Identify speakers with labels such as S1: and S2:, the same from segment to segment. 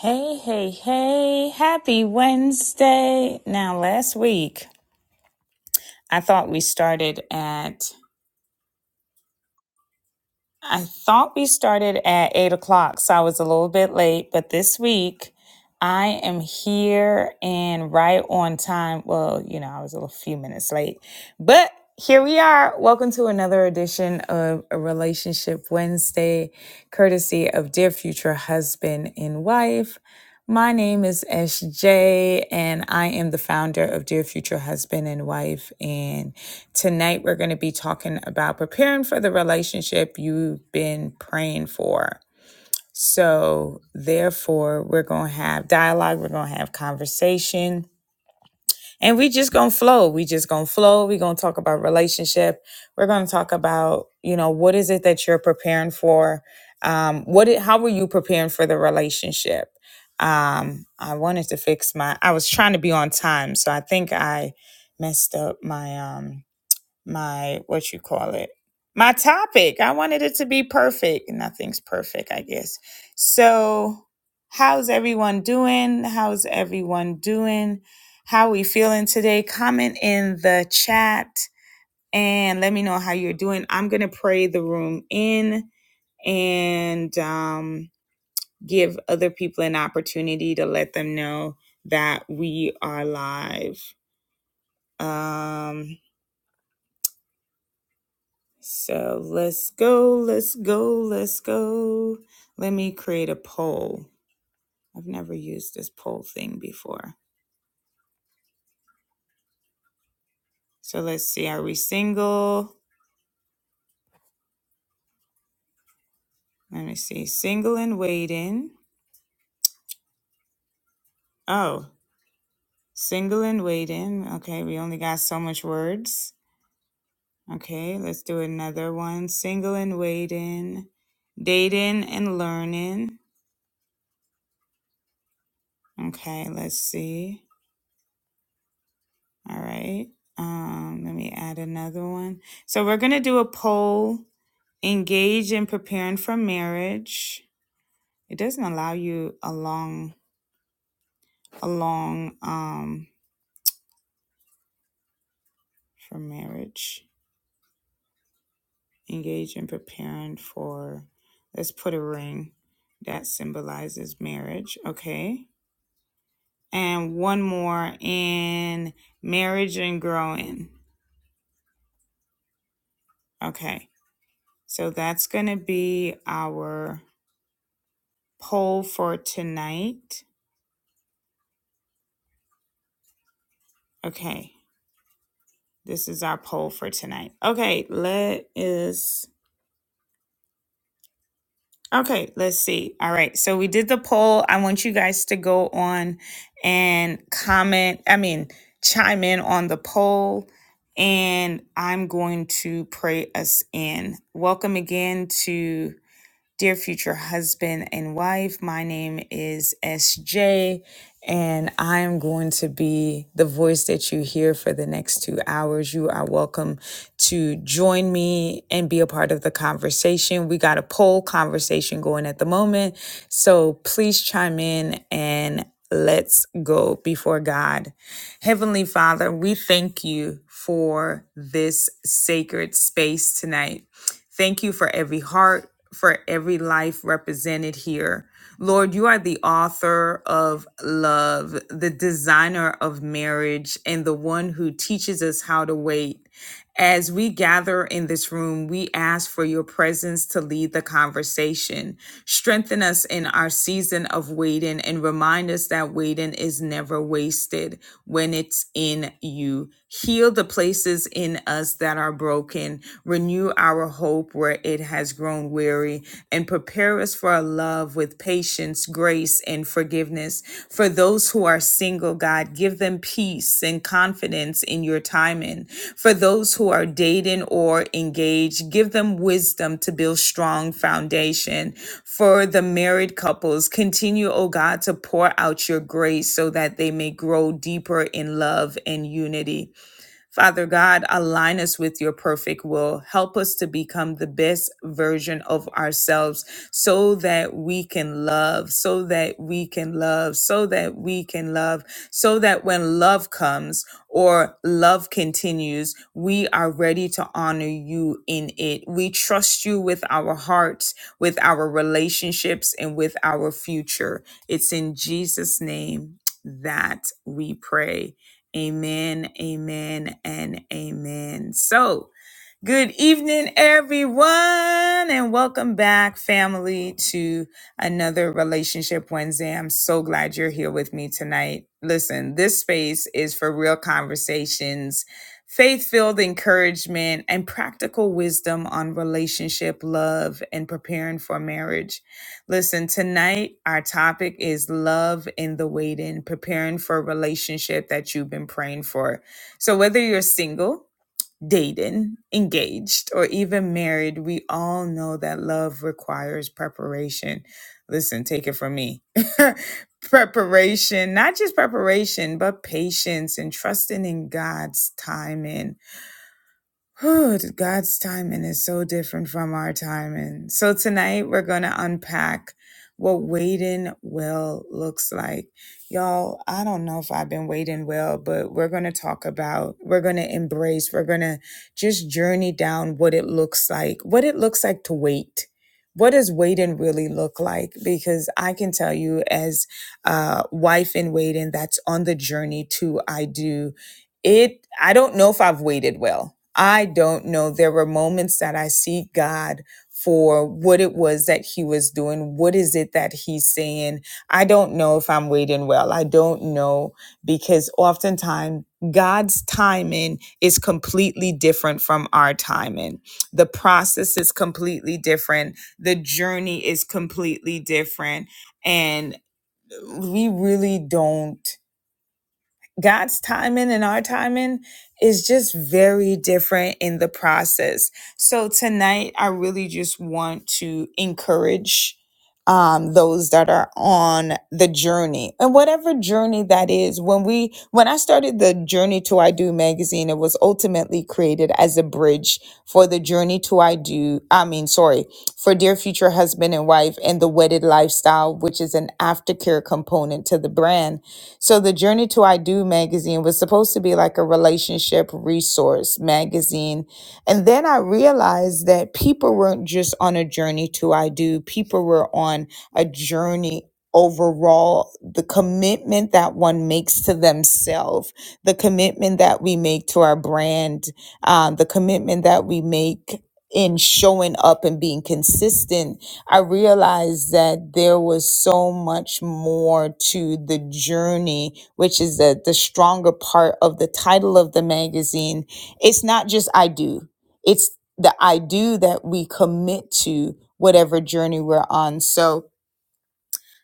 S1: Hey, hey, hey, happy Wednesday. Now, last week, I thought we started at, I thought we started at eight o'clock, so I was a little bit late, but this week, I am here and right on time. Well, you know, I was a little few minutes late, but here we are. Welcome to another edition of a Relationship Wednesday, courtesy of Dear Future Husband and Wife. My name is SJ, and I am the founder of Dear Future Husband and Wife. And tonight we're going to be talking about preparing for the relationship you've been praying for. So, therefore, we're going to have dialogue, we're going to have conversation and we just gonna flow we just gonna flow we gonna talk about relationship we're gonna talk about you know what is it that you're preparing for um what it, how were you preparing for the relationship um i wanted to fix my i was trying to be on time so i think i messed up my um my what you call it my topic i wanted it to be perfect nothing's perfect i guess so how's everyone doing how's everyone doing how we feeling today comment in the chat and let me know how you're doing i'm gonna pray the room in and um, give other people an opportunity to let them know that we are live um So let's go, let's go, let's go. Let me create a poll. I've never used this poll thing before. So let's see, are we single? Let me see, single and waiting. Oh, single and waiting. Okay, we only got so much words. Okay, let's do another one. Single and waiting, dating and learning. Okay, let's see. All right. Um, let me add another one. So we're gonna do a poll engage in preparing for marriage. It doesn't allow you a long, a long um for marriage. Engage in preparing for. Let's put a ring that symbolizes marriage. Okay, and one more in marriage and growing. Okay, so that's gonna be our poll for tonight. Okay, this is our poll for tonight. Okay, let is Okay, let's see. All right, so we did the poll. I want you guys to go on and comment, I mean, chime in on the poll, and I'm going to pray us in. Welcome again to. Dear future husband and wife, my name is SJ, and I am going to be the voice that you hear for the next two hours. You are welcome to join me and be a part of the conversation. We got a poll conversation going at the moment, so please chime in and let's go before God. Heavenly Father, we thank you for this sacred space tonight. Thank you for every heart, for every life represented here. Lord, you are the author of love, the designer of marriage, and the one who teaches us how to wait. As we gather in this room, we ask for your presence to lead the conversation. Strengthen us in our season of waiting and remind us that waiting is never wasted when it's in you heal the places in us that are broken, renew our hope where it has grown weary, and prepare us for a love with patience, grace, and forgiveness. For those who are single, God, give them peace and confidence in your timing. For those who are dating or engaged, give them wisdom to build strong foundation. For the married couples, continue, oh God, to pour out your grace so that they may grow deeper in love and unity. Father God, align us with your perfect will. Help us to become the best version of ourselves so that we can love, so that we can love, so that we can love, so that when love comes or love continues, we are ready to honor you in it. We trust you with our hearts, with our relationships, and with our future. It's in Jesus' name that we pray. Amen, amen, and amen. So, Good evening, everyone, and welcome back, family, to another Relationship Wednesday. I'm so glad you're here with me tonight. Listen, this space is for real conversations, faith filled encouragement, and practical wisdom on relationship, love, and preparing for marriage. Listen, tonight our topic is love in the waiting, preparing for a relationship that you've been praying for. So, whether you're single, dating, engaged, or even married, we all know that love requires preparation. Listen, take it from me. preparation, not just preparation, but patience and trusting in God's timing Whew, God's timing is so different from our timing. So tonight we're going to unpack what waiting well looks like. Y'all, I don't know if I've been waiting well, but we're going to talk about, we're going to embrace, we're going to just journey down what it looks like, what it looks like to wait. What does waiting really look like? Because I can tell you, as a wife in waiting that's on the journey to I do, it i don't know if i've waited well i don't know there were moments that i see god for what it was that he was doing what is it that he's saying i don't know if i'm waiting well i don't know because oftentimes god's timing is completely different from our timing the process is completely different the journey is completely different and we really don't God's timing and our timing is just very different in the process. So tonight, I really just want to encourage um, those that are on the journey and whatever journey that is. When we, when I started the Journey to I Do magazine, it was ultimately created as a bridge for the Journey to I Do. I mean, sorry, for Dear Future Husband and Wife and the Wedded Lifestyle, which is an aftercare component to the brand so the Journey to I Do magazine was supposed to be like a relationship resource magazine. And then I realized that people weren't just on a journey to I Do, people were on a journey overall the commitment that one makes to themselves the commitment that we make to our brand um, the commitment that we make in showing up and being consistent I realized that there was so much more to the journey, which is the, the stronger part of the title of the magazine. It's not just I do, it's the I do that we commit to whatever journey we're on. So,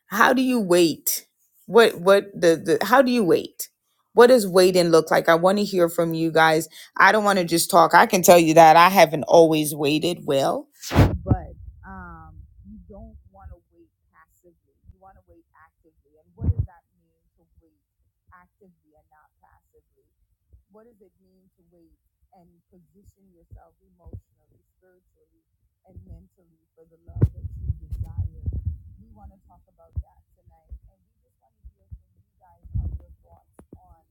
S1: how do you wait what what the, the how do you wait what does waiting look like i want to hear from you guys i don't want to just talk i can tell you that i haven't always waited well but um you don't want to wait passively you want to wait actively and what does that mean to wait actively and not passively what does it mean to wait and position yourself emotionally, spiritually, and mentally for the love that you desire? We want to talk about that tonight, and we just want to hear from you guys on your thoughts on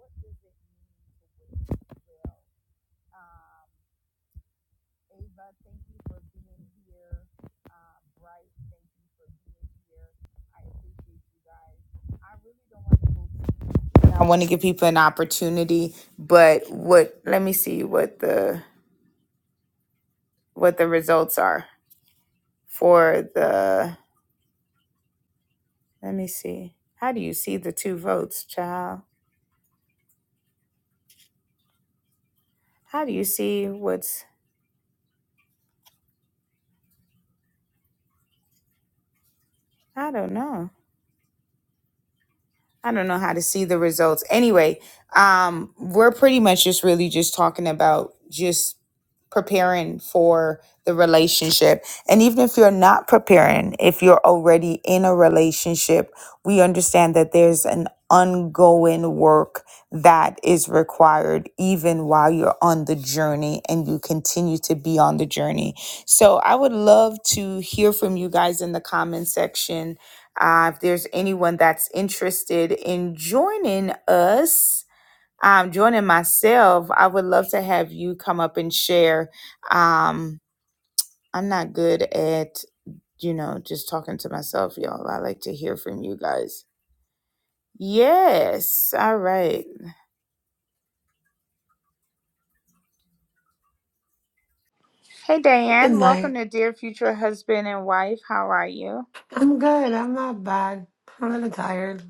S1: what does it mean to wait well. Um, Ava, thank you for being here. Uh, Bryce, thank you for being here. I appreciate you guys. I really don't want to go I want to give people an opportunity, but what let me see what the what the results are for the let me see. How do you see the two votes, child? How do you see what's I don't know. I don't know how to see the results. Anyway, um, we're pretty much just really just talking about just preparing for the relationship. And even if you're not preparing, if you're already in a relationship, we understand that there's an ongoing work that is required even while you're on the journey and you continue to be on the journey. So I would love to hear from you guys in the comment section uh, if there's anyone that's interested in joining us, um, joining myself, I would love to have you come up and share. Um, I'm not good at, you know, just talking to myself, y'all. I like to hear from you guys. Yes. All right. Hey,
S2: Good
S1: Diane. Welcome
S2: night.
S1: to Dear Future Husband and Wife. How are you?
S2: I'm good. I'm not bad. I'm a little tired.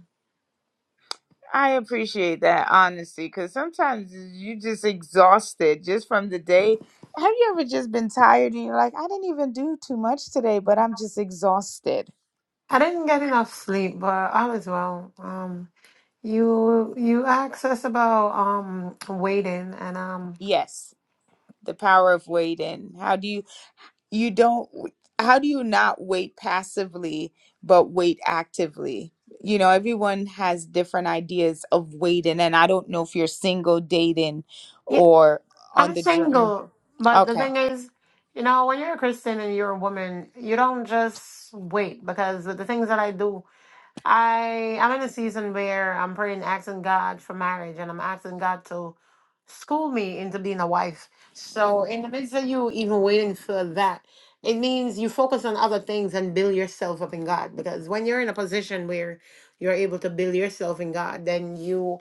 S1: I appreciate that honesty because sometimes you just exhausted just from the day. Have you ever just been tired and you're like, I didn't even do too much today, but I'm just exhausted?
S2: I didn't get enough sleep, but all is well. Um, you you asked us about um waiting, and um,
S1: Yes, the power of waiting. How do you you don't how do you not wait passively but wait actively? You know, everyone has different ideas of waiting, and I don't know if you're single, dating,
S2: yeah,
S1: or on
S2: I'm
S1: the journey.
S2: single. But the
S1: Okay.
S2: thing is, you know, when you're a Christian and you're a woman, you don't just wait because the things that I do I I'm in a season where I'm praying, asking God for marriage, and I'm asking God to school me into being a wife. So in the midst of you even waiting for that, it means you focus on other things and build yourself up in God. Because when you're in a position where you're able to build yourself in God, then you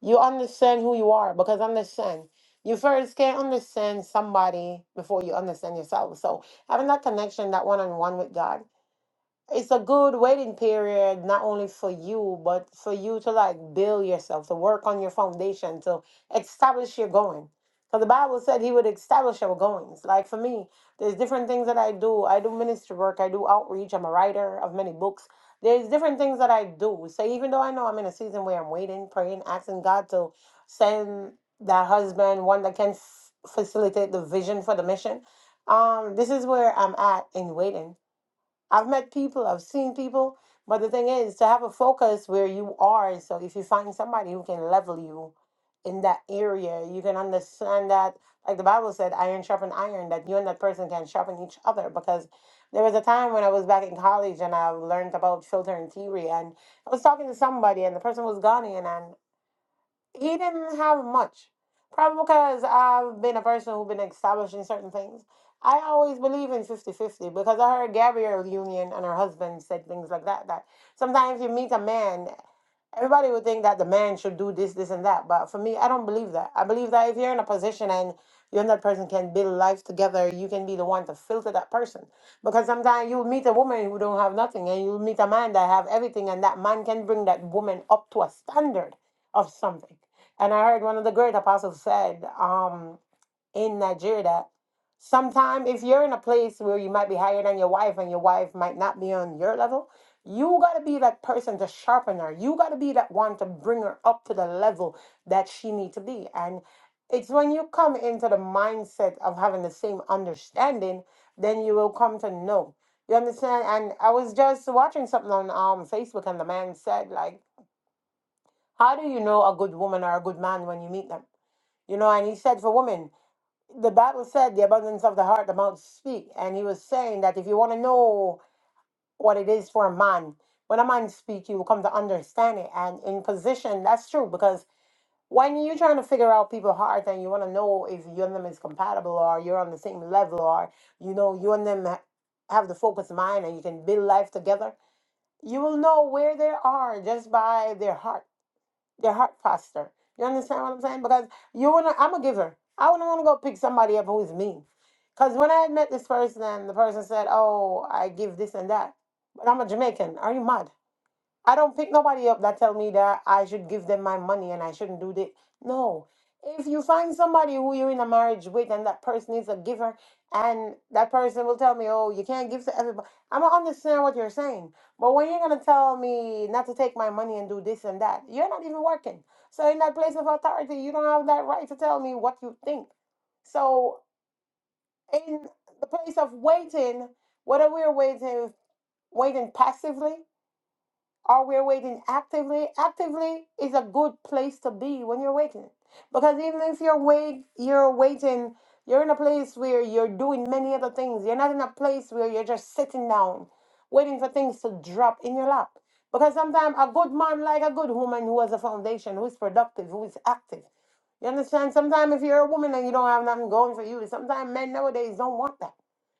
S2: you understand who you are. Because understand. You first can't understand somebody before you understand yourself. So having that connection, that one on one with God it's a good waiting period not only for you but for you to like build yourself to work on your foundation to establish your going because the bible said he would establish our goings like for me there's different things that i do i do ministry work i do outreach i'm a writer of many books there's different things that i do so even though i know i'm in a season where i'm waiting praying asking god to send that husband one that can f- facilitate the vision for the mission um this is where i'm at in waiting I've met people, I've seen people, but the thing is to have a focus where you are. So if you find somebody who can level you in that area, you can understand that, like the Bible said, iron sharpen iron, that you and that person can sharpen each other. Because there was a time when I was back in college and I learned about filter and theory, and I was talking to somebody, and the person was Ghanaian, and he didn't have much. Probably because I've been a person who's been establishing certain things. I always believe in fifty-fifty because I heard Gabrielle Union and her husband said things like that. That sometimes you meet a man, everybody would think that the man should do this, this, and that. But for me, I don't believe that. I believe that if you're in a position and you and that person can build life together, you can be the one to filter that person. Because sometimes you'll meet a woman who don't have nothing and you'll meet a man that have everything and that man can bring that woman up to a standard of something. And I heard one of the great apostles said um, in Nigeria that sometime if you're in a place where you might be higher than your wife and your wife might not be on your level, you got to be that person to sharpen her. You got to be that one to bring her up to the level that she need to be. And it's when you come into the mindset of having the same understanding, then you will come to know. You understand? And I was just watching something on um, Facebook and the man said like, how do you know a good woman or a good man when you meet them? You know, and he said for women, the Bible said the abundance of the heart, the mouth speak. And he was saying that if you want to know what it is for a man, when a man speaks, you will come to understand it. And in position, that's true because when you're trying to figure out people's heart and you want to know if you and them is compatible or you're on the same level or, you know, you and them ha- have the focused mind and you can build life together, you will know where they are just by their heart your heart posture. You understand what I'm saying? Because you wanna, I'm a giver. I wouldn't want to go pick somebody up who is mean. Because when I had met this person, and the person said, "Oh, I give this and that," but I'm a Jamaican. Are you mad? I don't pick nobody up that tell me that I should give them my money and I shouldn't do that. No. If you find somebody who you're in a marriage with and that person is a giver and that person will tell me, oh, you can't give to everybody. I don't understand what you're saying. But when you're going to tell me not to take my money and do this and that, you're not even working. So in that place of authority, you don't have that right to tell me what you think. So in the place of waiting, whether we're waiting, waiting passively are we waiting actively. Actively is a good place to be when you're waiting. Because even if you're wait you're waiting, you're in a place where you're doing many other things. You're not in a place where you're just sitting down, waiting for things to drop in your lap. Because sometimes a good man like a good woman who has a foundation, who is productive, who is active. You understand? Sometimes if you're a woman and you don't have nothing going for you, sometimes men nowadays don't want that.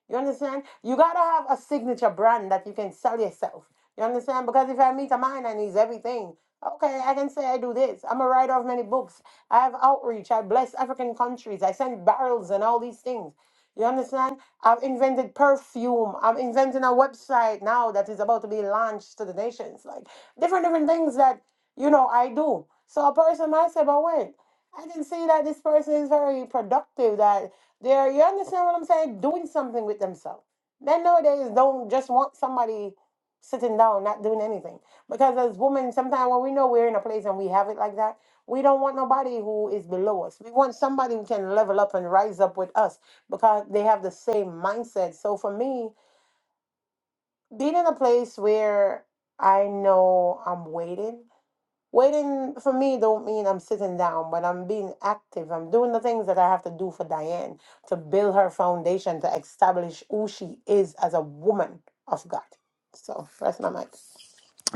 S2: You understand? You gotta have a signature brand that you can sell yourself. You understand? Because if I meet a man and he's everything, okay, I can say I do this. I'm a writer of many books. I have outreach. I bless African countries. I send barrels and all these things. You understand? I've invented perfume. I'm inventing a website now that is about to be launched to the nations. Like different different things that you know I do. So a person might say, but wait, I can see that this person is very productive, that they're you understand what I'm saying, doing something with themselves. Men nowadays don't just want somebody sitting down, not doing anything. Because as women, sometimes when we know we're in a place and we have it like that, we don't want nobody who is below us. We want somebody who can level up and rise up with us because they have the same mindset. So for me, being in a place where I know I'm waiting, waiting for me don't mean I'm sitting down, but I'm being active. I'm doing the things that I have to do for Diane to build her foundation to establish who she is as a woman of God. So that's my mic.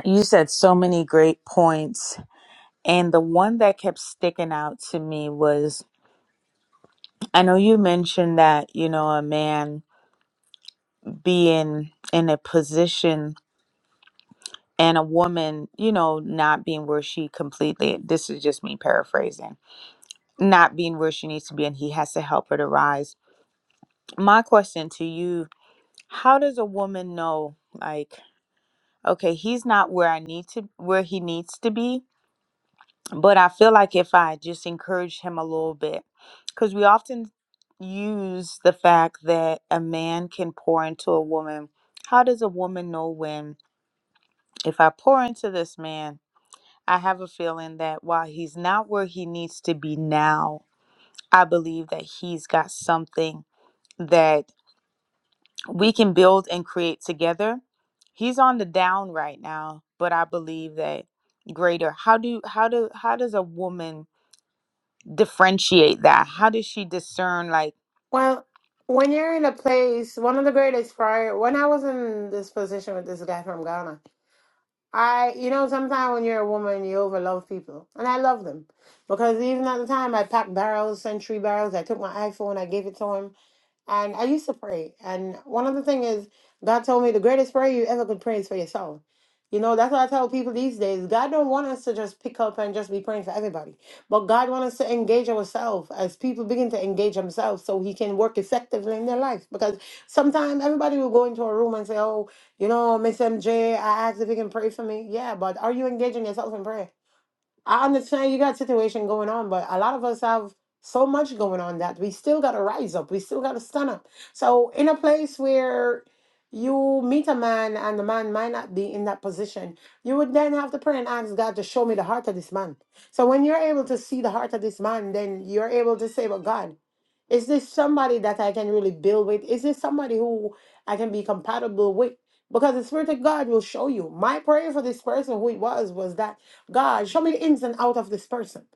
S1: You said so many great points. And the one that kept sticking out to me was I know you mentioned that, you know, a man being in a position and a woman, you know, not being where she completely, this is just me paraphrasing, not being where she needs to be and he has to help her to rise. My question to you how does a woman know, like, okay, he's not where I need to, where he needs to be? but I feel like if I just encourage him a little bit, because we often use the fact that a man can pour into a woman. How does a woman know when, if I pour into this man, I have a feeling that while he's not where he needs to be now, I believe that he's got something that we can build and create together. He's on the down right now, but I believe that greater. How do how do how does a woman differentiate that? How does she discern like
S2: Well, when you're in a place, one of the greatest prior, when I was in this position with this guy from Ghana, I, you know, sometimes when you're a woman, you overlove people, and I love them because even at the time I packed barrels, century barrels. I took my iPhone, I gave it to him, and I used to pray. And one of the thing is, God told me the greatest prayer you ever could pray is for yourself. You know, that's what I tell people these days. God don't want us to just pick up and just be praying for everybody, but God wants us to engage ourselves as people begin to engage themselves, so He can work effectively in their life. Because sometimes everybody will go into a room and say, "Oh." You know, Miss MJ, I asked if you can pray for me. Yeah, but are you engaging yourself in prayer? I understand you got situation going on, but a lot of us have so much going on that we still gotta rise up. We still gotta stand up. So in a place where you meet a man and the man might not be in that position, you would then have to pray and ask God to show me the heart of this man. So when you're able to see the heart of this man, then you're able to say, Well, God. Is this somebody that I can really build with? Is this somebody who I can be compatible with? Because the Spirit of God will show you. My prayer for this person, who it was, was that God, show me the ins and out of this person.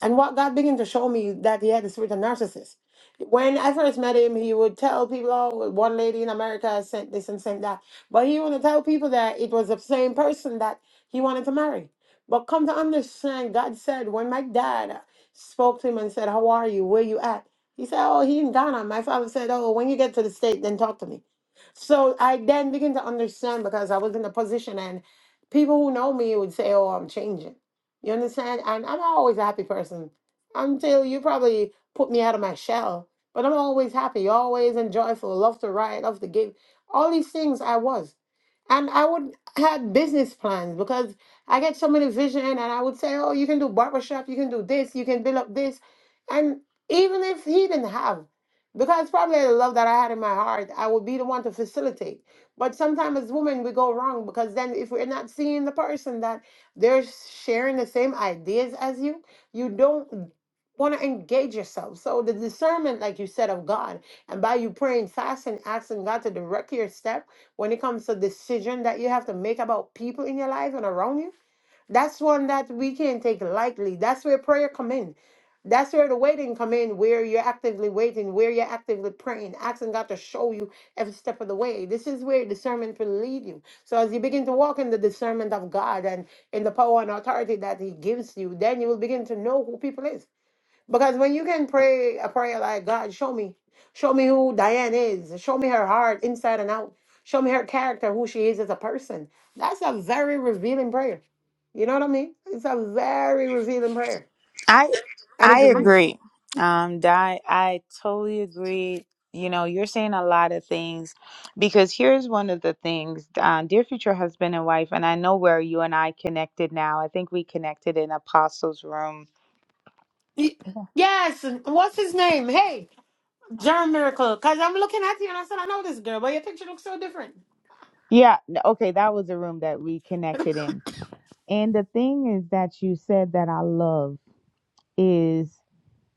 S2: And what God began to show me that he had the spirit of narcissist. When I first met him, he would tell people, oh, one lady in America sent this and sent that. But he wanted to tell people that it was the same person that he wanted to marry. But come to understand, God said, when my dad spoke to him and said, how are you? Where you at? He said, oh, he in Ghana. My father said, oh, when you get to the state, then talk to me. So I then began to understand because I was in a position and people who know me would say, oh, I'm changing. You understand? And I'm always a happy person until you probably put me out of my shell. But I'm always happy, always and joyful, love to write, love to give. All these things I was. And I would have business plans because I get so many vision and I would say, oh, you can do barbershop, you can do this, you can build up this. And even if he didn't have, because probably the love that I had in my heart, I would be the one to facilitate. But sometimes as women, we go wrong because then if we're not seeing the person that they're sharing the same ideas as you. You don't want to engage yourself. So the discernment, like you said, of God, and by you praying, fasting, asking God to direct your step when it comes to decision that you have to make about people in your life and around you. That's one that we can't take lightly. That's where prayer come in. That's where the waiting come in, where you're actively waiting, where you're actively praying, asking God to show you every step of the way. This is where discernment will lead you. So as you begin to walk in the discernment of God and in the power and authority that he gives you, then you will begin to know who people is. Because when you can pray a prayer like, God, show me, show me who Diane is, show me her heart inside and out, show me her character, who she is as a person, that's a very revealing prayer. You know what I mean? It's a very revealing prayer.
S1: I
S2: And it
S1: I
S2: brings.
S1: agree. Um, Di, I totally agree. You know, you're saying a lot of things because here's one of the things, uh, dear future husband and wife, and I know where you and I connected now. I think we connected in Apostles' room.
S2: Y- Yes, what's his name? Hey, John Miracle. Because I'm looking at you and I said, I know this girl, but your picture looks so different.
S1: Yeah, n- okay, that was a room that we connected in. And the thing is that you said that I love is.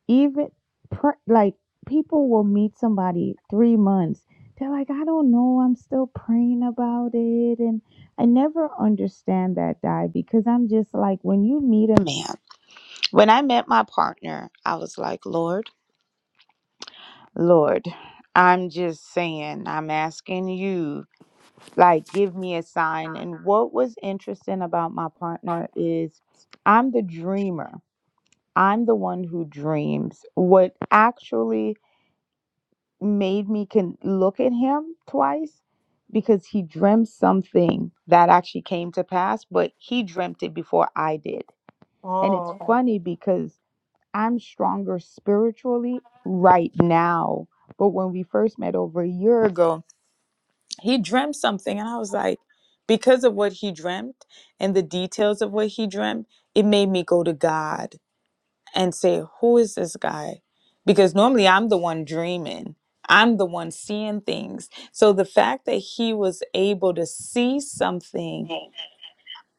S1: even pr- like people will meet somebody three months they're like i don't know i'm still praying about it and i never understand that Di, because i'm just like when you meet a man when i met my partner i was like lord lord i'm just saying i'm asking you like give me a sign and what was interesting about my partner is i'm the dreamer i'm the one who dreams what actually made me can look at him twice because he dreamt something that actually came to pass, but he dreamt it before I did. And it's
S2: Oh, okay.
S1: funny because I'm stronger spiritually right now. But when we first met over a year ago, he dreamt something. And I was like, because of what he dreamt and the details of what he dreamt, it made me go to God and say, Who is this guy? Because normally I'm the one dreaming, I'm the one seeing things. So the fact that he was able to see something,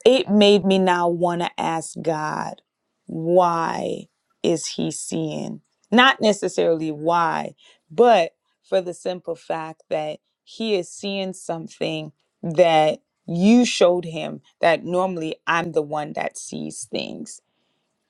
S1: it made me now want to ask God, Why is he seeing? Not necessarily why, but for the simple fact that he is seeing something that you showed him that normally I'm the one that sees things.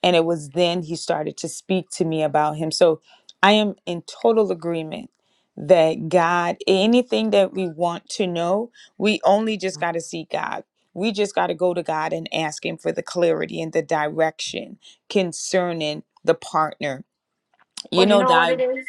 S1: And it was then he started to speak to me about him. So I am in total agreement that God, anything that we want to know, we only just got to seek God. We just got to go to God and ask Him for the clarity and the direction concerning the partner. You
S2: Well, you
S1: know,
S2: know what
S1: Di,
S2: it is?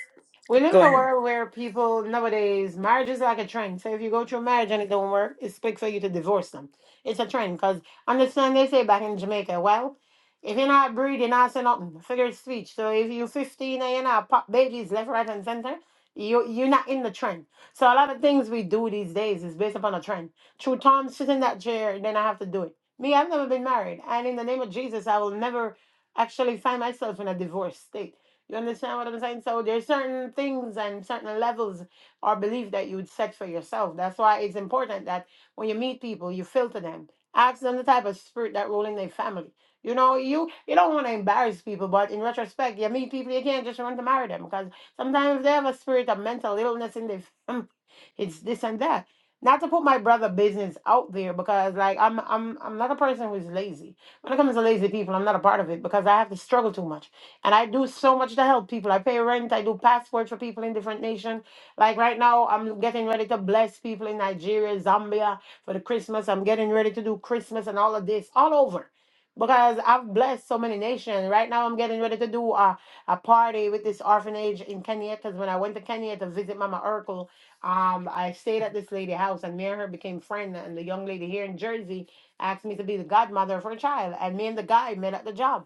S2: We live in
S1: go
S2: a
S1: ahead.
S2: world where people nowadays, marriage is like a trend. So if you go to a marriage and it don't work, it's quick for you to divorce them. It's a trend because understand they say back in Jamaica, well, if you're not breed, you're not saying nothing. Figure of speech. So if you're 15 and you're not pop babies left, right, and center, you you're not in the trend. So a lot of things we do these days is based upon a trend. True Tom sit in that chair, then I have to do it. Me, I've never been married, and in the name of Jesus, I will never actually find myself in a divorce state. You understand what I'm saying? So there's certain things and certain levels or belief that you would set for yourself. That's why it's important that when you meet people, you filter them. Ask them the type of spirit that rule in their family. You know, you you don't want to embarrass people, but in retrospect, you meet people you can't just want to marry them because sometimes they have a spirit of mental illness in their family. It's this and that. Not to put my brother business out there because like I'm I'm I'm not a person who's lazy. When it comes to lazy people, I'm not a part of it because I have to struggle too much. And I do so much to help people. I pay rent. I do passports for people in different nations. Like right now, I'm getting ready to bless people in Nigeria, Zambia for the Christmas. I'm getting ready to do Christmas and all of this all over. Because I've blessed so many nations. Right now, I'm getting ready to do a, a party with this orphanage in Kenya. Because when I went to Kenya to visit Mama Urkel, um, I stayed at this lady's house, and me and her became friends. And the young lady here in Jersey asked me to be the godmother for a child, and me and the guy met at the job.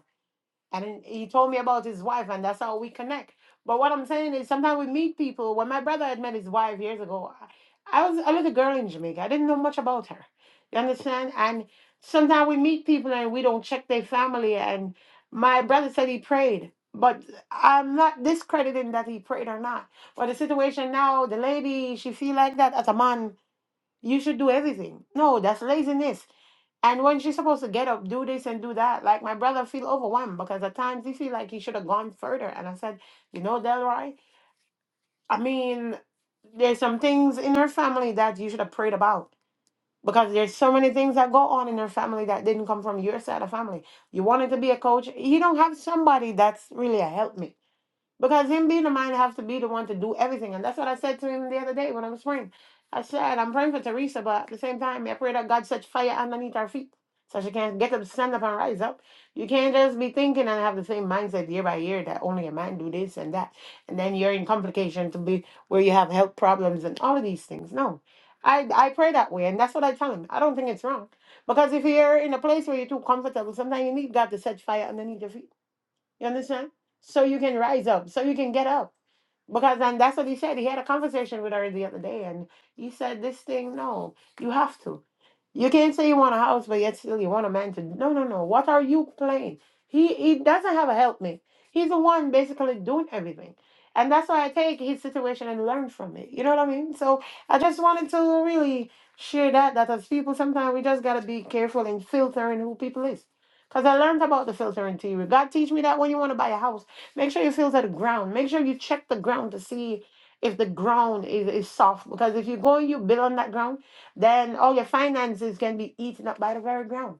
S2: And then he told me about his wife, and that's how we connect. But what I'm saying is, sometimes we meet people. When my brother had met his wife years ago, I, I was a little girl in Jamaica. I didn't know much about her. You understand? And sometimes we meet people and we don't check their family. And my brother said he prayed, but I'm not discrediting that he prayed or not. But the situation now, the lady, she feel like that as a man you should do everything. No, that's laziness. And when she's supposed to get up, do this and do that, like my brother feel overwhelmed because at times he feel like he should have gone further. And I said, you know, Delroy, I mean, there's some things in her family that you should have prayed about because there's so many things that go on in her family that didn't come from your side of family. You wanted to be a coach. You don't have somebody that's really a helpmeet. Because him being the mind has to be the one to do everything. And that's what I said to him the other day when I was praying. I said, I'm praying for Teresa, but at the same time, I pray that God sets fire underneath her feet so she can get up, stand up, and rise up. You can't just be thinking and have the same mindset year by year that only a man do this and that. And then you're in complication to be where you have health problems and all of these things. No. I, I pray that way, and that's what I tell him. I don't think it's wrong. Because if you're in a place where you're too comfortable, sometimes you need God to set fire underneath your feet. You understand? So you can rise up, so you can get up. Because and that's what he said. He had a conversation with her the other day and he said this thing, no, you have to. You can't say you want a house, but yet still you want a mansion. No, no, no. What are you playing? He he doesn't have a helpmate. He's the one basically doing everything. And that's why I take his situation and learn from it. You know what I mean? So I just wanted to really share that that as people sometimes we just gotta be careful in filtering who people is. Because I learned about the filtering theory. God teach me that when you want to buy a house, make sure you filter the ground. Make sure you check the ground to see if the ground is, is soft. Because if you go and you build on that ground, then all your finances can be eaten up by the very ground.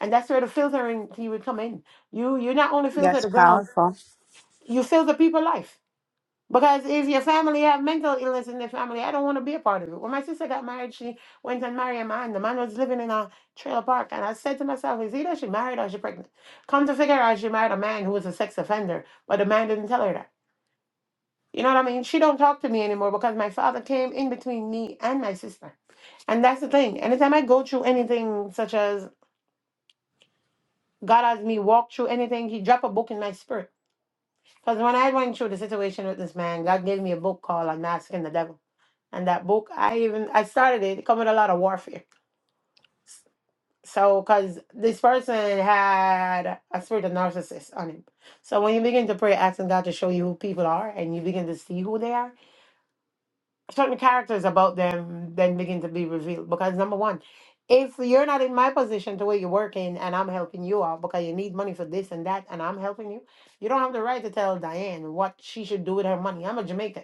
S2: And that's where the filtering key would come in. You you not only filter
S1: That's
S2: the ground,
S1: powerful.
S2: you filter people's life. Because if your family have mental illness in their family, I don't want to be a part of it. When my sister got married, she went and married a man. The man was living in a trailer park. And I said to myself, is either she married or she pregnant? Come to figure out she married a man who was a sex offender, but the man didn't tell her that. You know what I mean? She don't talk to me anymore because my father came in between me and my sister. And that's the thing. Anytime I go through anything such as God has me walk through anything, he drop a book in my spirit. Because when I went through the situation with this man, God gave me a book called Unmasking the Devil. And that book, I even, I started it, it come with a lot of warfare. So, because this person had a spirit of narcissist on him. So when you begin to pray, asking God to show you who people are and you begin to see who they are, certain characters about them then begin to be revealed. Because number one, if you're not in my position to where you're working and I'm helping you out because you need money for this and that and I'm helping you, you don't have the right to tell Diane what she should do with her money. I'm a Jamaican.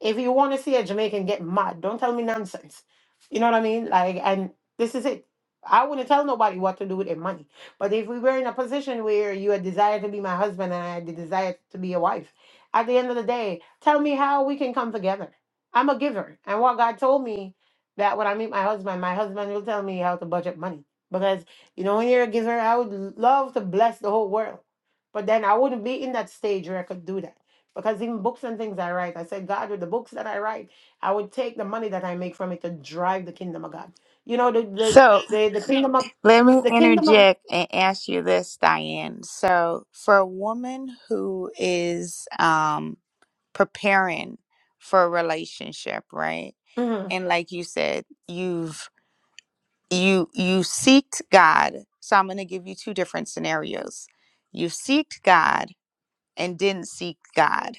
S2: If you want to see a Jamaican get mad, don't tell me nonsense. You know what I mean? Like, and this is it. I wouldn't tell nobody what to do with their money. But if we were in a position where you had desire to be my husband and I had the desire to be your wife, at the end of the day, tell me how we can come together I'm a giver. And what God told me that when I meet my husband, my husband will tell me how to budget money. Because, you know, when you're a giver, I would love to bless the whole world. But then I wouldn't be in that stage where I could do that. Because even books and things I write, I said, God, with the books that I write, I would take the money that I make from it to drive the kingdom of God. You know, the the
S1: So
S2: the, the kingdom of
S1: let me
S2: the kingdom of
S1: interject and ask you this, Diane. So for a woman who is um. preparing for a relationship, right?
S2: mhm,
S1: And like you said, you've you you seeked God. So I'm going to give you two different scenarios. You seeked God and didn't seek God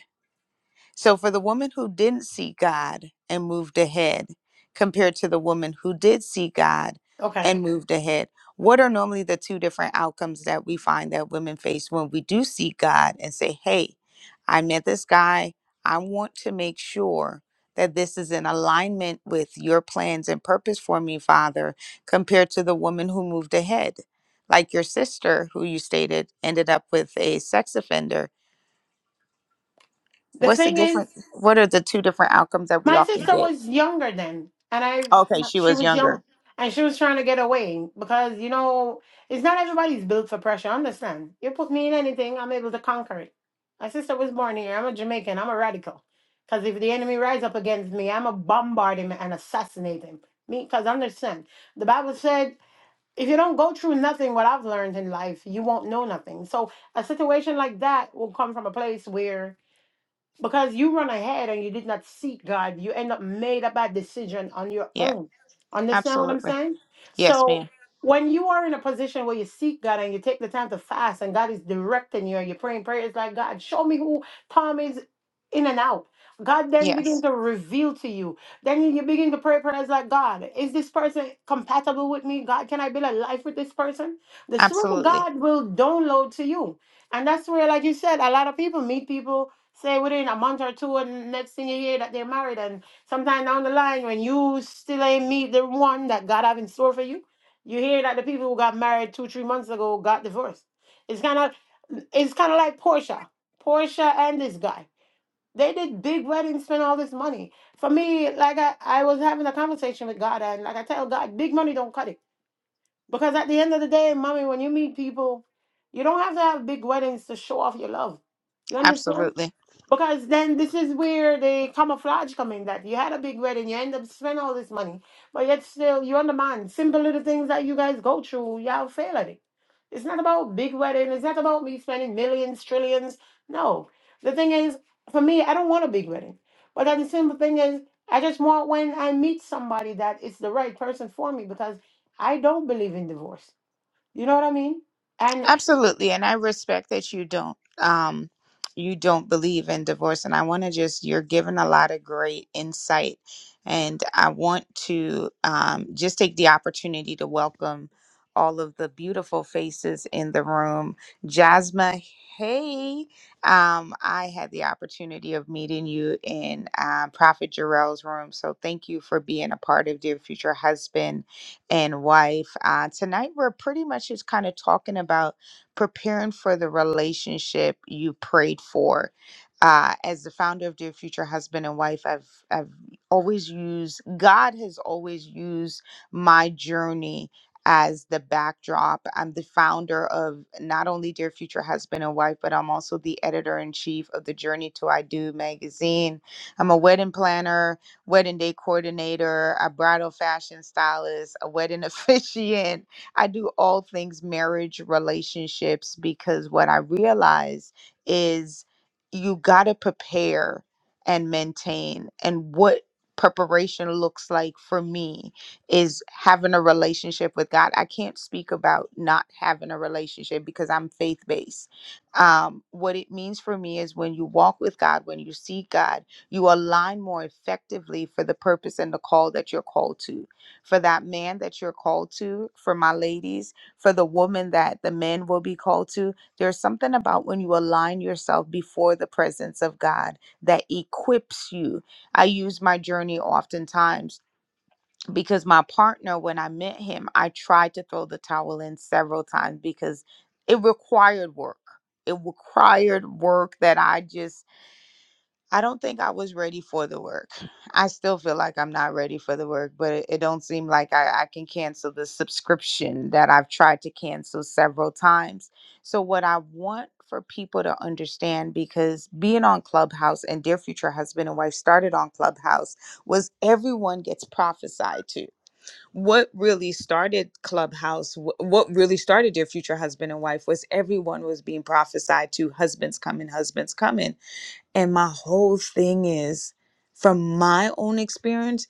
S1: so, for the woman who didn't see God and moved ahead, compared to the woman who did see God
S2: okay.
S1: and moved ahead, what are normally the two different outcomes that we find that women face when we do see God and say, Hey, I met this guy. I want to make sure that this is in alignment with your plans and purpose for me, Father, compared to the woman who moved ahead. Like your sister, who you stated ended up with a sex offender
S2: The
S1: What's the
S2: thing
S1: different?
S2: is
S1: What are the two different outcomes that we
S2: My
S1: often
S2: sister
S1: get?
S2: was younger then, and I
S1: Okay, she
S2: she
S1: was
S2: was
S1: younger.
S2: young, and she was trying to get away because you know it's not everybody's built for pressure. Understand? You put me in anything, I'm able to conquer it. My sister was born here. I'm a Jamaican. I'm a radical. Because if the enemy rise up against me, I'm a bombard him and assassinate him. Me, because understand, the Bible said. If you don't go through nothing, what I've learned in life, you won't know nothing. So, a situation like that will come from a place where because you run ahead and you did not seek God, you end up made a bad decision on your
S1: Yeah,
S2: own. Understand what I'm
S1: absolutely.
S2: saying?
S1: Yes,
S2: So
S1: ma'am.
S2: when you are in a position where you seek God and you take the time to fast and God is directing you and you're praying prayers like God, show me who Tom is in and out. God then begin
S1: Yes,
S2: to reveal to you. Then you begin to pray prayers like God, is this person compatible with me? God, can I build a life with this person? The Spirit of
S1: absolutely.
S2: God will download to you. And that's where, like you said, a lot of people meet people Say within a month or two, and next thing you hear that they're married, and sometime down the line, when you still ain't meet the one that God have in store for you, you hear that the people who got married two, three months ago got divorced. It's kind of, it's kind of like Portia, Portia and this guy. They did big weddings, spent all this money. For me, like I, I was having a conversation with God, and like I tell God, big money don't cut it, because at the end of the day, mommy, when you meet people, you don't have to have big weddings to show off your love. You understand?
S1: Absolutely.
S2: Because then this is where the camouflage come in that you had a big wedding, you end up spending all this money, but yet still you undermine simple little things that you guys go through, y'all fail at it. It's not about big wedding, it's not about me spending millions, trillions. No. The thing is, for me, I don't want a big wedding. But then the simple thing is, I just want when I meet somebody that it's the right person for me because I don't believe in divorce. You know what I mean? And
S1: Absolutely, and I respect that you don't um you don't believe in divorce and I want to just you're giving a lot of great insight and I want to um just take the opportunity to welcome all of the beautiful faces in the room. Jasma, hey. Um I had the opportunity of meeting you in uh, Prophet Jarrell's room, so thank you for being a part of Dear Future Husband and Wife. Uh tonight we're pretty much just kind of talking about preparing for the relationship you prayed for. Uh, as the founder of Dear Future Husband and Wife, I've I've always used God has always used my journey as the backdrop. I'm the founder of not only Dear Future Husband and Wife, but I'm also the editor in chief of the Journey to I Do magazine. I'm a wedding planner, wedding day coordinator, a bridal fashion stylist, a wedding officiant, I do all things marriage relationships because what I realize is you got to prepare and maintain. And what preparation looks like for me is having a relationship with God. I can't speak about not having a relationship because I'm faith based. Um, what it means for me is when you walk with God, when you seek God, you align more effectively for the purpose and the call that you're called to for that man that you're called to, for my ladies, for the woman that the men will be called to. There's something about when you align yourself before the presence of God that equips you. I use my journey oftentimes because my partner, when I met him, I tried to throw the towel in several times because it required work. It required work that I just I don't think I was ready for the work. I still feel like I'm not ready for the work, but it, it don't seem like I, I can cancel the subscription that I've tried to cancel several times. So what I want for people to understand because being on Clubhouse and Dear Future Husband and Wife started on Clubhouse was everyone gets prophesied to. What really started Clubhouse, wh- what really started Dear Future Husband and Wife was everyone was being prophesied to husbands coming, husbands coming and my whole thing is from my own experience,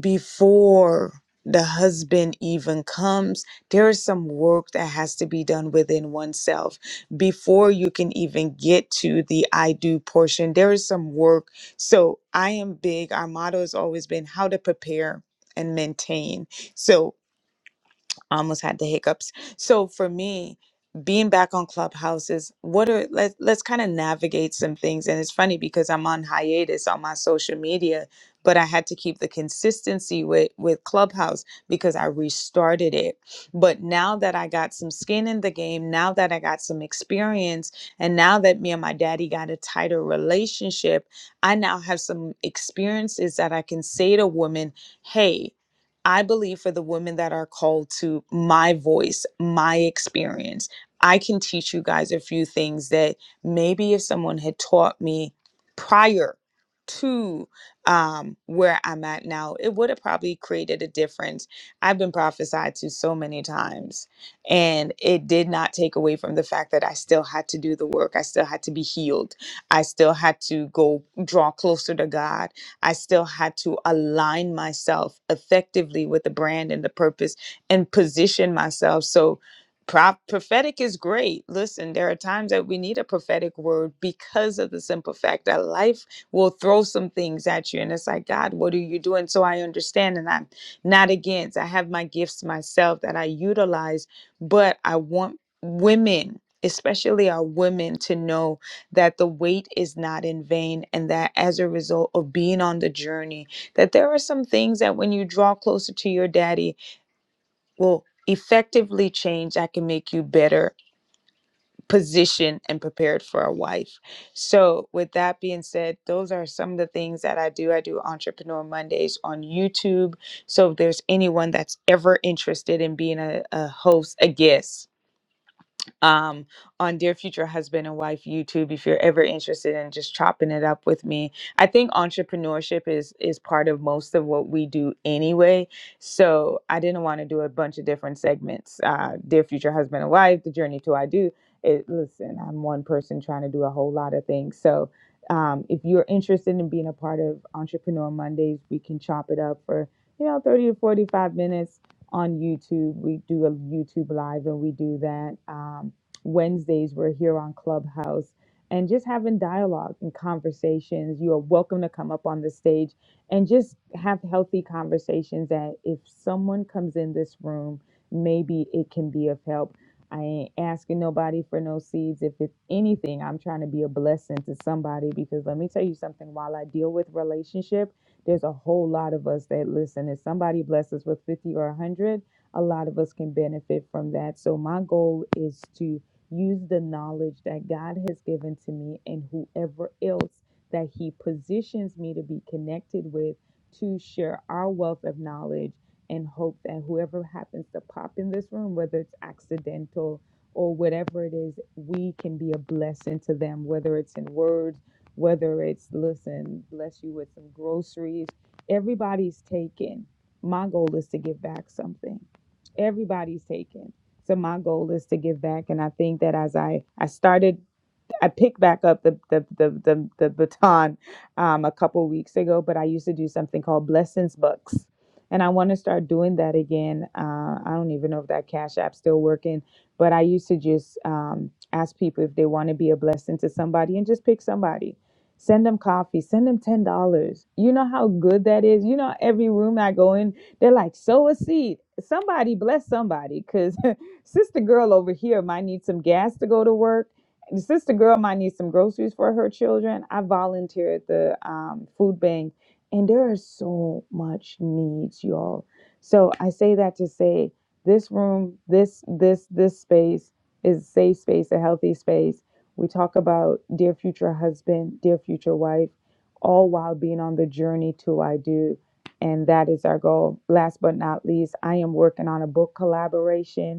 S1: before the husband even comes, there is some work that has to be done within oneself. Before you can even get to the I do portion, there is some work. So I am big. Our motto has always been how to prepare and maintain. So I almost had the hiccups. So for me, being back on Clubhouse is what are let let's kind of navigate some things. And it's funny because I'm on hiatus on my social media, but I had to keep the consistency with with Clubhouse because I restarted it. But now that I got some skin in the game, now that I got some experience, and now that me and my daddy got a tighter relationship, I now have some experiences that I can say to women, hey. I believe for the women that are called to my voice, my experience, I can teach you guys a few things that maybe if someone had taught me prior to um, where I'm at now, it would have probably created a difference. I've been prophesied to so many times, and it did not take away from the fact that I still had to do the work. I still had to be healed. I still had to go draw closer to God. I still had to align myself effectively with the brand and the purpose and position myself. So, pro- prophetic is great. Listen, there are times that we need a prophetic word because of the simple fact that life will throw some things at you. And it's like, God, what are you doing? So, I understand and I'm not against. I have my gifts myself that I utilize, but I want women. Especially our women to know that the wait is not in vain and that as a result of being on the journey that there are some things that when you draw closer to your daddy will effectively change that can make you better positioned and prepared for a wife so with that being said those are some of the things that i do i do entrepreneur mondays on youtube so if there's anyone that's ever interested in being a, a host a guest um, on Dear Future Husband and Wife YouTube if you're ever interested in just chopping it up with me. I think entrepreneurship is is part of most of what we do anyway. So I didn't want to do a bunch of different segments. Uh, Dear Future Husband and Wife, The Journey to I Do. It, listen, I'm one person trying to do a whole lot of things. So um, if you're interested in being a part of Entrepreneur Mondays, we can chop it up for you know 30 to 45 minutes on YouTube. We do a YouTube live and we do that. Um, Wednesdays, we're here on Clubhouse and just having dialogue and conversations. You are welcome to come up on the stage and just have healthy conversations that if someone comes in this room, maybe it can be of help. I ain't asking nobody for no seeds. If it's anything, I'm trying to be a blessing to somebody because let me tell you something while I deal with relationship. There's a whole lot of us that listen. If somebody blesses with 50 or 100, a lot of us can benefit from that. So my goal is to use the knowledge that God has given to me and whoever else that he positions me to be connected with to share our wealth of knowledge and hope that whoever happens to pop in this room, whether it's accidental or whatever it is, we can be a blessing to them, whether it's in words whether it's listen, bless you with some groceries. Everybody's taken. My goal is to give back something. Everybody's taken. So my goal is to give back. And I think that as I I started I picked back up the the the the, the baton um, a couple weeks ago, but I used to do something called blessings bucks, and I want to start doing that again. Uh, I don't even know if that Cash App's still working, but I used to just um, ask people if they want to be a blessing to somebody and just pick somebody. Send them coffee. Send them ten dollars. You know how good that is. You know every room I go in, they're like, "Sow a seed." Somebody bless somebody, cause sister girl over here might need some gas to go to work the sister girl might need some groceries for her children. I volunteer at the um, food bank, and there are so much needs, y'all. So I say that to say this room, this this this space is a safe space, a healthy space. We talk about dear future husband, dear future wife, all while being on the journey to I do. And that is our goal. Last but not least, I am working on a book collaboration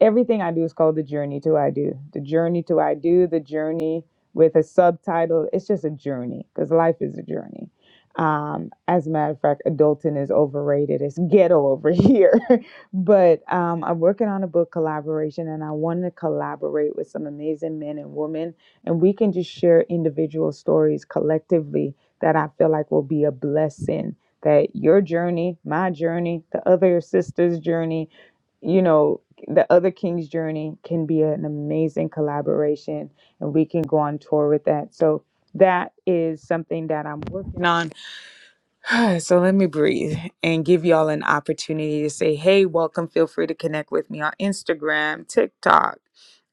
S1: everything I do is called the journey to I do. The journey to I do, the journey with a subtitle. It's just a journey because life is a journey. Um, as a matter of fact, adulting is overrated. It's ghetto over here. but um, I'm working on a book collaboration and I want to collaborate with some amazing men and women. And we can just share individual stories collectively that I feel like will be a blessing. That your journey, my journey, the other sister's journey, you know the other king's journey can be an amazing collaboration and we can go on tour with that so that is something that i'm working on So let me breathe and give y'all an opportunity to say, hey, welcome. Feel free to connect with me on Instagram, TikTok.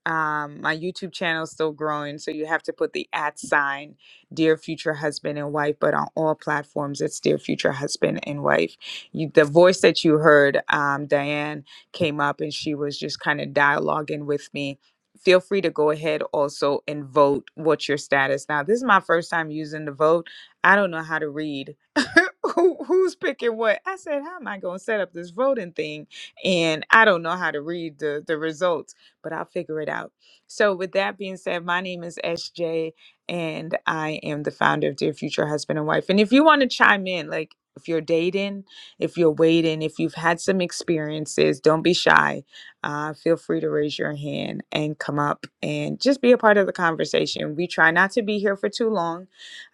S1: Um, my YouTube channel is still growing, so you have to put the at sign, Dear Future Husband and Wife, but on all platforms, it's Dear Future Husband and Wife. You, the voice that you heard, um, Diane, came up and she was just kind of dialoguing with me. Feel free to go ahead also and vote what's your status. Now, this is my first time using the vote. I don't know how to read. who, who's picking what? I said, how am I going to set up this voting thing? And I don't know how to read the, the results, but I'll figure it out. So, with that being said, my name is SJ, and I am the founder of Dear Future Husband and Wife. And if you want to chime in, like if you're dating, if you're waiting, if you've had some experiences, don't be shy. Uh, feel free to raise your hand and come up and just be a part of the conversation. We try not to be here for too long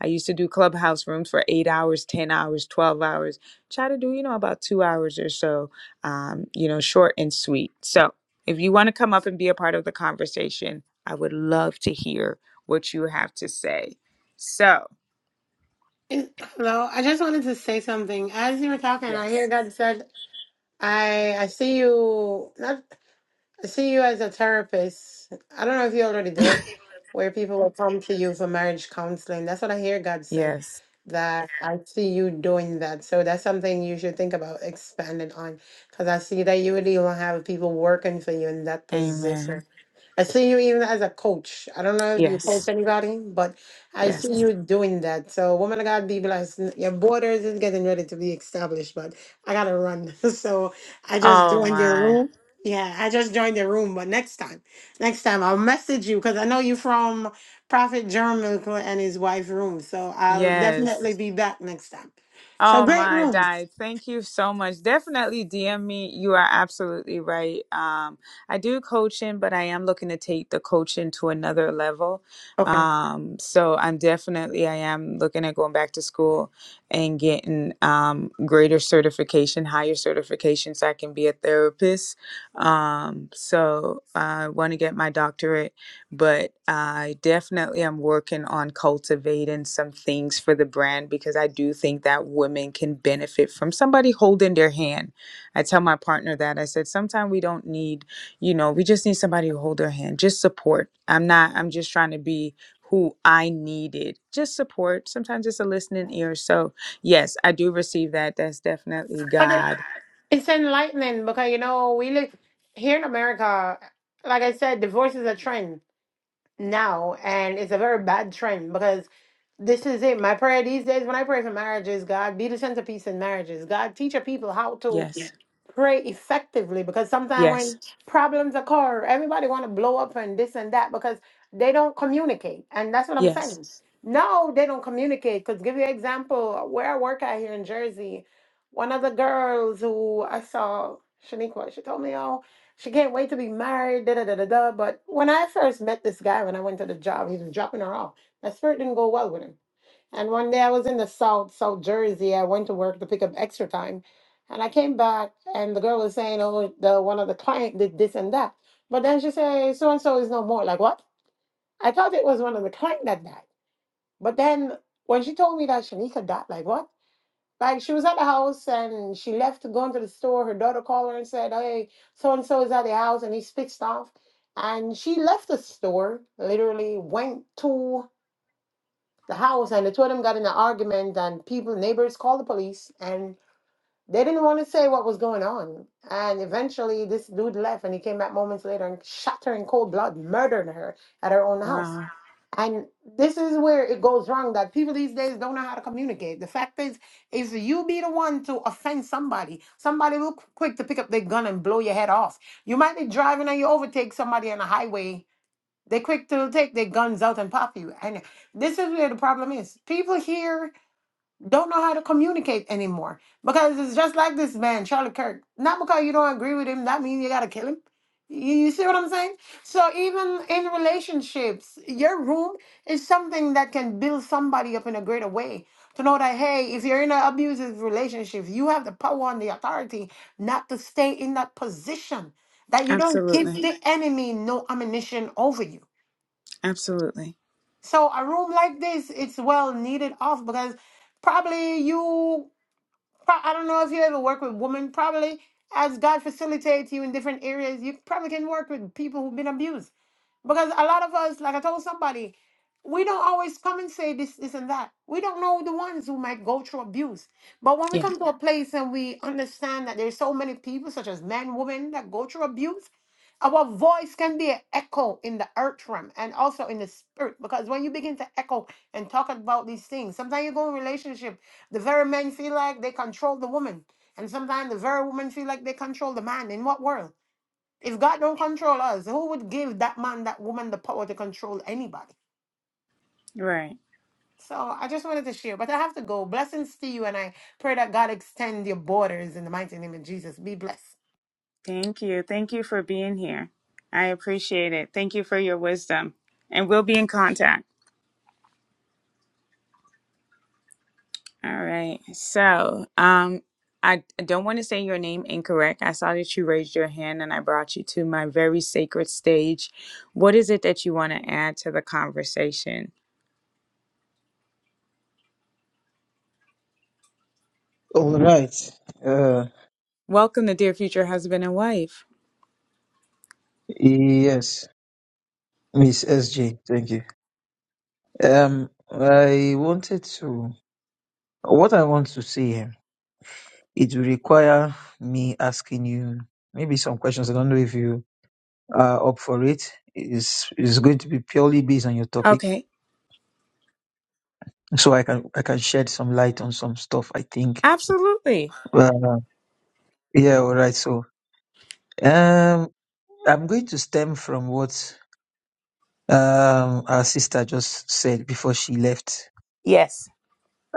S1: I used to do clubhouse rooms for eight hours, 10 hours, 12 hours. Try to do, you know, about two hours or so, um, you know, short and sweet. So if you want to come up and be a part of the conversation, I would love to hear what you have to say. So,
S2: Is- Hello, I just wanted to say something. As you were talking, I hear
S1: yes.
S2: God said. I I see you not I see you as a therapist. I don't know if you already do it, where people will come to you for marriage counseling. That's what I hear God said,
S1: Yes.
S2: that I see you doing that. So that's something you should think about expanding on, because I see that you would even have people working for you in that position.
S1: Amen.
S2: I see you even as a coach. I don't know if you
S1: Yes.
S2: coach anybody, but I
S1: Yes.
S2: see you doing that. So, woman of God, be blessed. N- Your borders is getting ready to be established, but I gotta run. So, I just
S1: Oh,
S2: joined your
S1: my.
S2: room. Yeah, I just joined your room, but next time, next time I'll message you because I know you from Prophet Jeremiah and his wife room. So, I'll
S1: Yes.
S2: definitely be back next time. So,
S1: Oh
S2: great
S1: my
S2: room.
S1: God. Thank you so much. Definitely DM me. You are absolutely right. Um, I do coaching, but I am looking to take the coaching to another level.
S2: Okay.
S1: Um, so I'm definitely, I am looking at going back to school and getting um, greater certification, higher certification, so I can be a therapist. Um, so I want to get my doctorate but I definitely am working on cultivating some things for the brand because I do think that women can benefit from somebody holding their hand. I tell my partner that I said sometimes we don't need, you know, we just need somebody to hold their hand, just support. I'm not, I'm just trying to be who I needed, just support. Sometimes it's a listening ear. So, yes, I do receive that. That's definitely
S2: But it,
S1: God.
S2: it's enlightening because you know we live here in America. Like I said, divorce is a trend now, and it's a very bad trend because this is it. My prayer these days when I pray for marriages, God be the centerpiece in marriages. God teach your people how to Yeah.
S1: Yes,
S2: pray effectively because sometimes
S1: yes,
S2: when problems occur, everybody want to blow up and this and that because they don't communicate. And that's what I'm
S1: yes.
S2: saying. No, they don't communicate. Because give you an example, where I work at here in Jersey, one of the girls who I saw, Shaniqua, she told me, oh, she can't wait to be married, da da da da da. But when I first met this guy, when I went to the job, he was dropping her off. My spirit didn't go well with him. And one day I was in the South, South Jersey. I went to work to pick up extra time. And I came back and the girl was saying, Oh, the one of the client did this and that. But then she said, So and so is no more. Like what? I thought it was one of the client that died. But then when she told me that Shanika died, like what? Like she was at the house and she left to go into the store. Her daughter called her and said, Hey, so and so is at the house and he's pissed off. And she left the store, literally went to the house and the two of them got in an argument and people neighbors called the police and they didn't want to say what was going on and eventually this dude left and he came back moments later and shot her in cold blood murdered her at her own house
S1: Wow.
S2: and this is where it goes wrong that people these days don't know how to communicate the fact is if you be the one to offend somebody somebody will quick to pick up their gun and blow your head off you might be driving and you overtake somebody on a highway they quick to take their guns out and pop you. And this is where the problem is. People here don't know how to communicate anymore. Because it's just like this man, Charlie Kirk. Not because you don't agree with him, that means you gotta kill him. You, you see what I'm saying? So even in relationships, your room is something that can build somebody up in a greater way. To know that hey, if you're in an abusive relationship, you have the power and the authority not to stay in that position. That you don't give
S1: Absolutely.
S2: the enemy no ammunition over you.
S1: Absolutely.
S2: So a room like this, it's well needed off because probably you, pro- I don't know if you ever work with women, probably as God facilitates you in different areas, you probably can work with people who've been abused. Because a lot of us, like I told somebody, we don't always come and say this, this, and that. We don't know the ones who might go through abuse. But when we
S1: Yeah.
S2: come to a place and we understand that there's so many people, such as men, women, that go through abuse, our voice can be an echo in the earth realm and also in the spirit. Because when you begin to echo and talk about these things, sometimes you go in relationship, the very men feel like they control the woman. And sometimes the very woman feel like they control the man. In what world? If God don't control us, who would give that man, that woman, the power to control anybody?
S1: Right.
S2: So I just wanted to share, but I have to go. Blessings to you, and I pray that God extend your borders in the mighty name of Jesus. Be blessed.
S1: Thank you. Thank you for being here. I appreciate it. Thank you for your wisdom. And we'll be in contact. All right. So, um, I I don't want to say your name incorrect. I saw that you raised your hand and I brought you to my very sacred stage. What is it that you want to add to the conversation?
S3: All right. Uh,
S1: Welcome to Dear Future Husband and Wife.
S3: yes, Miss SJ, thank you. Um, I wanted to. What I want to say here, it will require me asking you maybe some questions. I don't know if you are up for it. It's, it's going to be purely based on your topic,
S1: Okay.
S3: so I can I can shed some light on some stuff. I think.
S1: Absolutely.
S3: Uh, yeah. All right. So, um, I'm going to stem from what um our sister just said before she left
S1: Yes.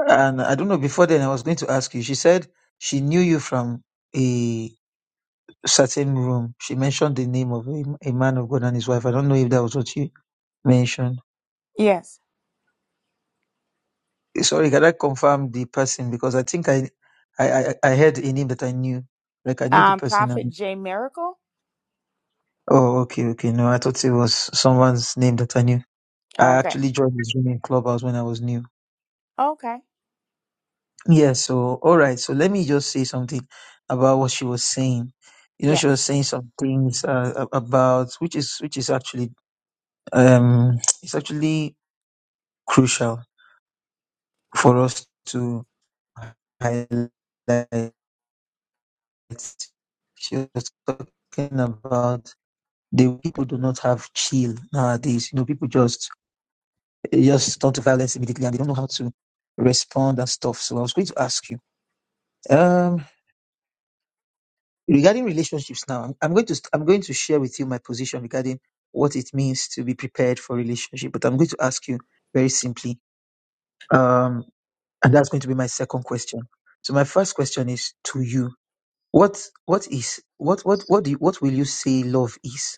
S3: And I don't know, before then I was going to ask you. She said she knew you from a certain room. She mentioned the name of a, a man of God and his wife. I don't know if that was what you mentioned.
S1: Yes.
S3: Sorry, can I confirm the person? Because I think I, I, I, I heard a name that I knew. Like I knew the
S1: Um,
S3: person.
S1: Prophet
S3: And,
S1: J Miracle.
S3: oh, okay, okay. No, I thought it was someone's name that I knew.
S1: Oh,
S3: I
S1: okay.
S3: actually joined this room in Clubhouse when I was new.
S1: Okay.
S3: Yeah, so all right, so let me just say something about what she was saying. You know, she was
S1: Yes.
S3: saying some things uh, a- about which is which is actually um it's actually crucial for us to highlight. She was talking about the way people do not have chill nowadays. You know, people just they just turn to violence immediately and they don't know how to respond and stuff. So I was going to ask you. Um, regarding relationships now i'm going to st- i'm going to share with you my position regarding what it means to be prepared for relationship but i'm going to ask you very simply um and that's going to be my second question so my first question is to you what what is what what what do you, what will you say love is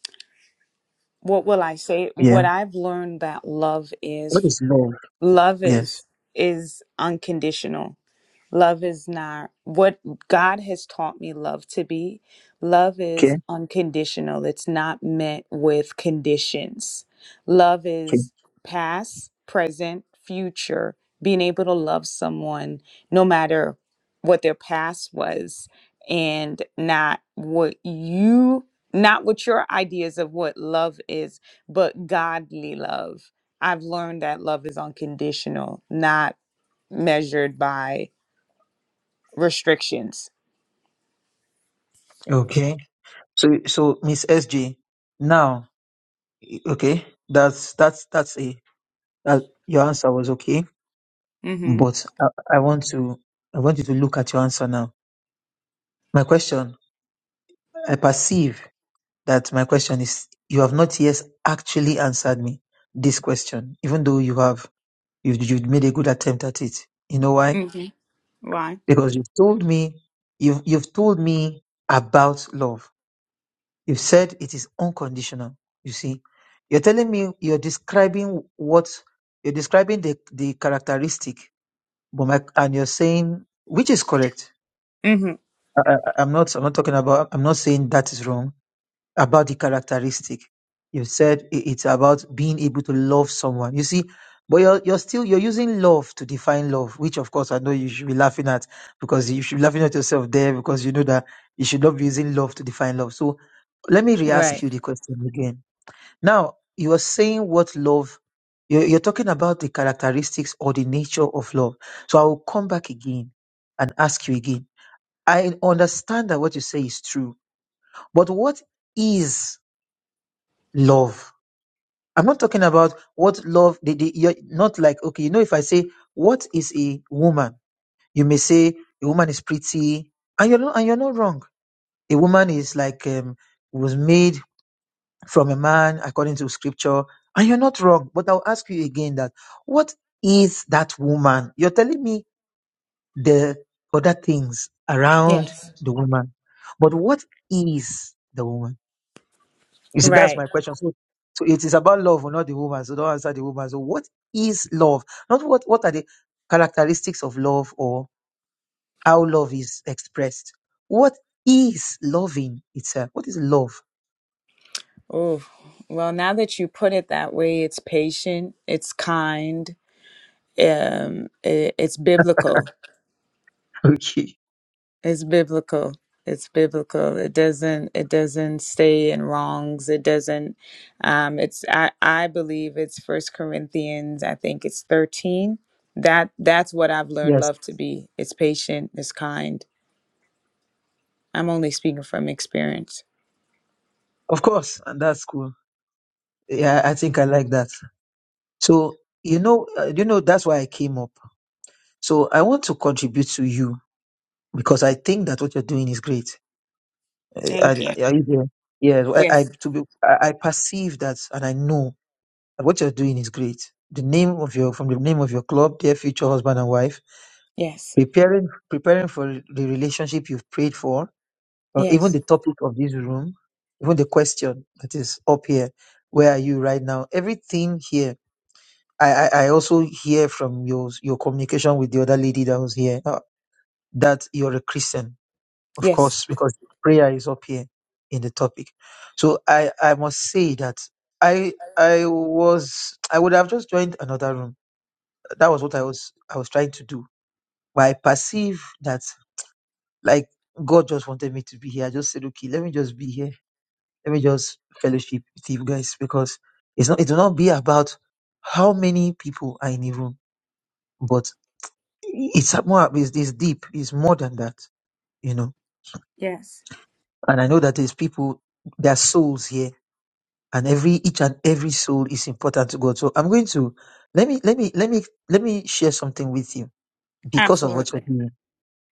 S1: what will I say? What
S3: yeah
S1: I've learned that love
S3: what
S1: is
S3: is love
S1: love
S3: yes
S1: is is unconditional. Love is not what God has taught me love to be. Love is
S3: okay
S1: unconditional, it's not met with conditions. Love
S3: okay
S1: is past, present, future, being able to love someone no matter what their past was and not what you not what your ideas of what love is but godly love i've learned that love is unconditional not measured by restrictions.
S3: okay so so miss sj now okay that's that's that's a that your answer was okay
S1: Mm-hmm.
S3: But I, I want to I want you to look at your answer now. My question, I perceive that my question is you have not yet actually answered me this question, even though you have you've, you've made a good attempt at it. You know why?
S1: Mm-hmm. Why?
S3: Because you've told me you've you've told me about love. You've said it is unconditional. You see, you're telling me you're describing what you're describing the the characteristic, but my, and you're saying which is correct
S1: Mm-hmm.
S3: I, I, I'm not. I'm not talking about. I'm not saying that is wrong. About the characteristic, you said i- it's about being able to love someone. You see, but you're you're still you're using love to define love, which of course I know you should be laughing at because you should be laughing at yourself there because you know that you should not be using love to define love. So let me re-ask
S1: Right.
S3: you the question again. Now you are saying what love. You're, you're talking about the characteristics or the nature of love. So I will come back again and ask you again I understand that what you say is true, but what is love? I'm not talking about what love. The, the, you're not like okay, you know, if I say what is a woman, you may say a woman is pretty, and you're not, and you're not wrong. A woman is like um, was made from a man according to scripture, and you're not wrong. But I'll ask you again that what is that woman? You're telling me the other things around
S1: Yes.
S3: the woman, but what is the woman? You see, that's
S1: Right.
S3: my question. So, so it is about love, not the woman. So don't answer the woman. So what is love? Not what what are the characteristics of love or how love is expressed. What is loving itself? What is love?
S1: Oh, well, now that you put it that way, it's patient, it's kind, um, it, it's biblical.
S3: Okay.
S1: It's biblical. It's biblical. It doesn't. It doesn't stay in wrongs. It doesn't. Um, it's. I. I believe it's First Corinthians. I think it's thirteen. That. That's what I've learned
S3: Yes.
S1: love to be. It's patient. It's kind. I'm only speaking from experience.
S3: Of course, and that's cool. Yeah, I think I like that. So you know, uh, you know, that's why I came up. So I want to contribute to you because I think that what you're doing is great. Uh, I,
S1: Thank you.
S3: I, I- yeah, yeah, I, I
S1: Yes.
S3: to be, I, I perceive that, and I know And what you're doing is great. The name of your from the name of your club, dear future husband and wife,
S1: Yes.
S3: preparing preparing for the relationship you've prayed for, or even
S1: Yes.
S3: the topic of this room, even the question that is up here, where are you right now? Everything here. I, I, I also hear from your your communication with the other lady that was here uh, that you're a Christian, of
S1: Yes.
S3: course, because prayer is up here in the topic. So I, I must say that I I was I would have just joined another room That was what I was I was trying to do. But I perceive that like God just wanted me to be here. I just said, okay, let me just be here. Let me just fellowship with you guys because it's not it will not be about how many people are in the room, but it's more it's, it's deep, it's more than that, you know.
S1: Yes.
S3: And I know that there's people, there are souls here, and every each and every soul is important to God. So I'm going to let me let me let me let me share something with you because of what you're
S1: Absolutely.
S3: doing.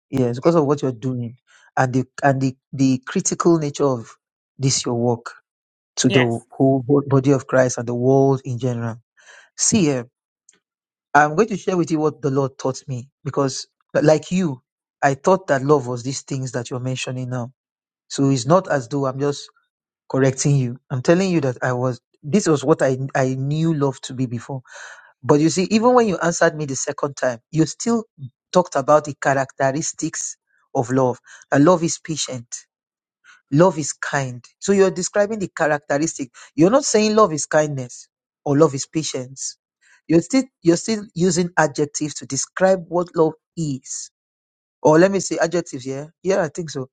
S3: Yes, because of what you're doing and the and the, the critical nature of this your work to the
S1: Yes.
S3: whole bo- body of Christ and the world in general. See, eh, I'm going to share with you what the Lord taught me because, li- like you, I thought that love was these things that you're mentioning now. So it's not as though I'm just correcting you. I'm telling you that I was. This was what I I knew love to be before but you see, even when you answered me the second time, you still talked about the characteristics of love. That love is patient, love is kind. So you're describing the characteristic. You're not saying love is kindness or love is patience. You're still you're still using adjectives to describe what love is. Or let me say adjectives, yeah. Yeah, I think so.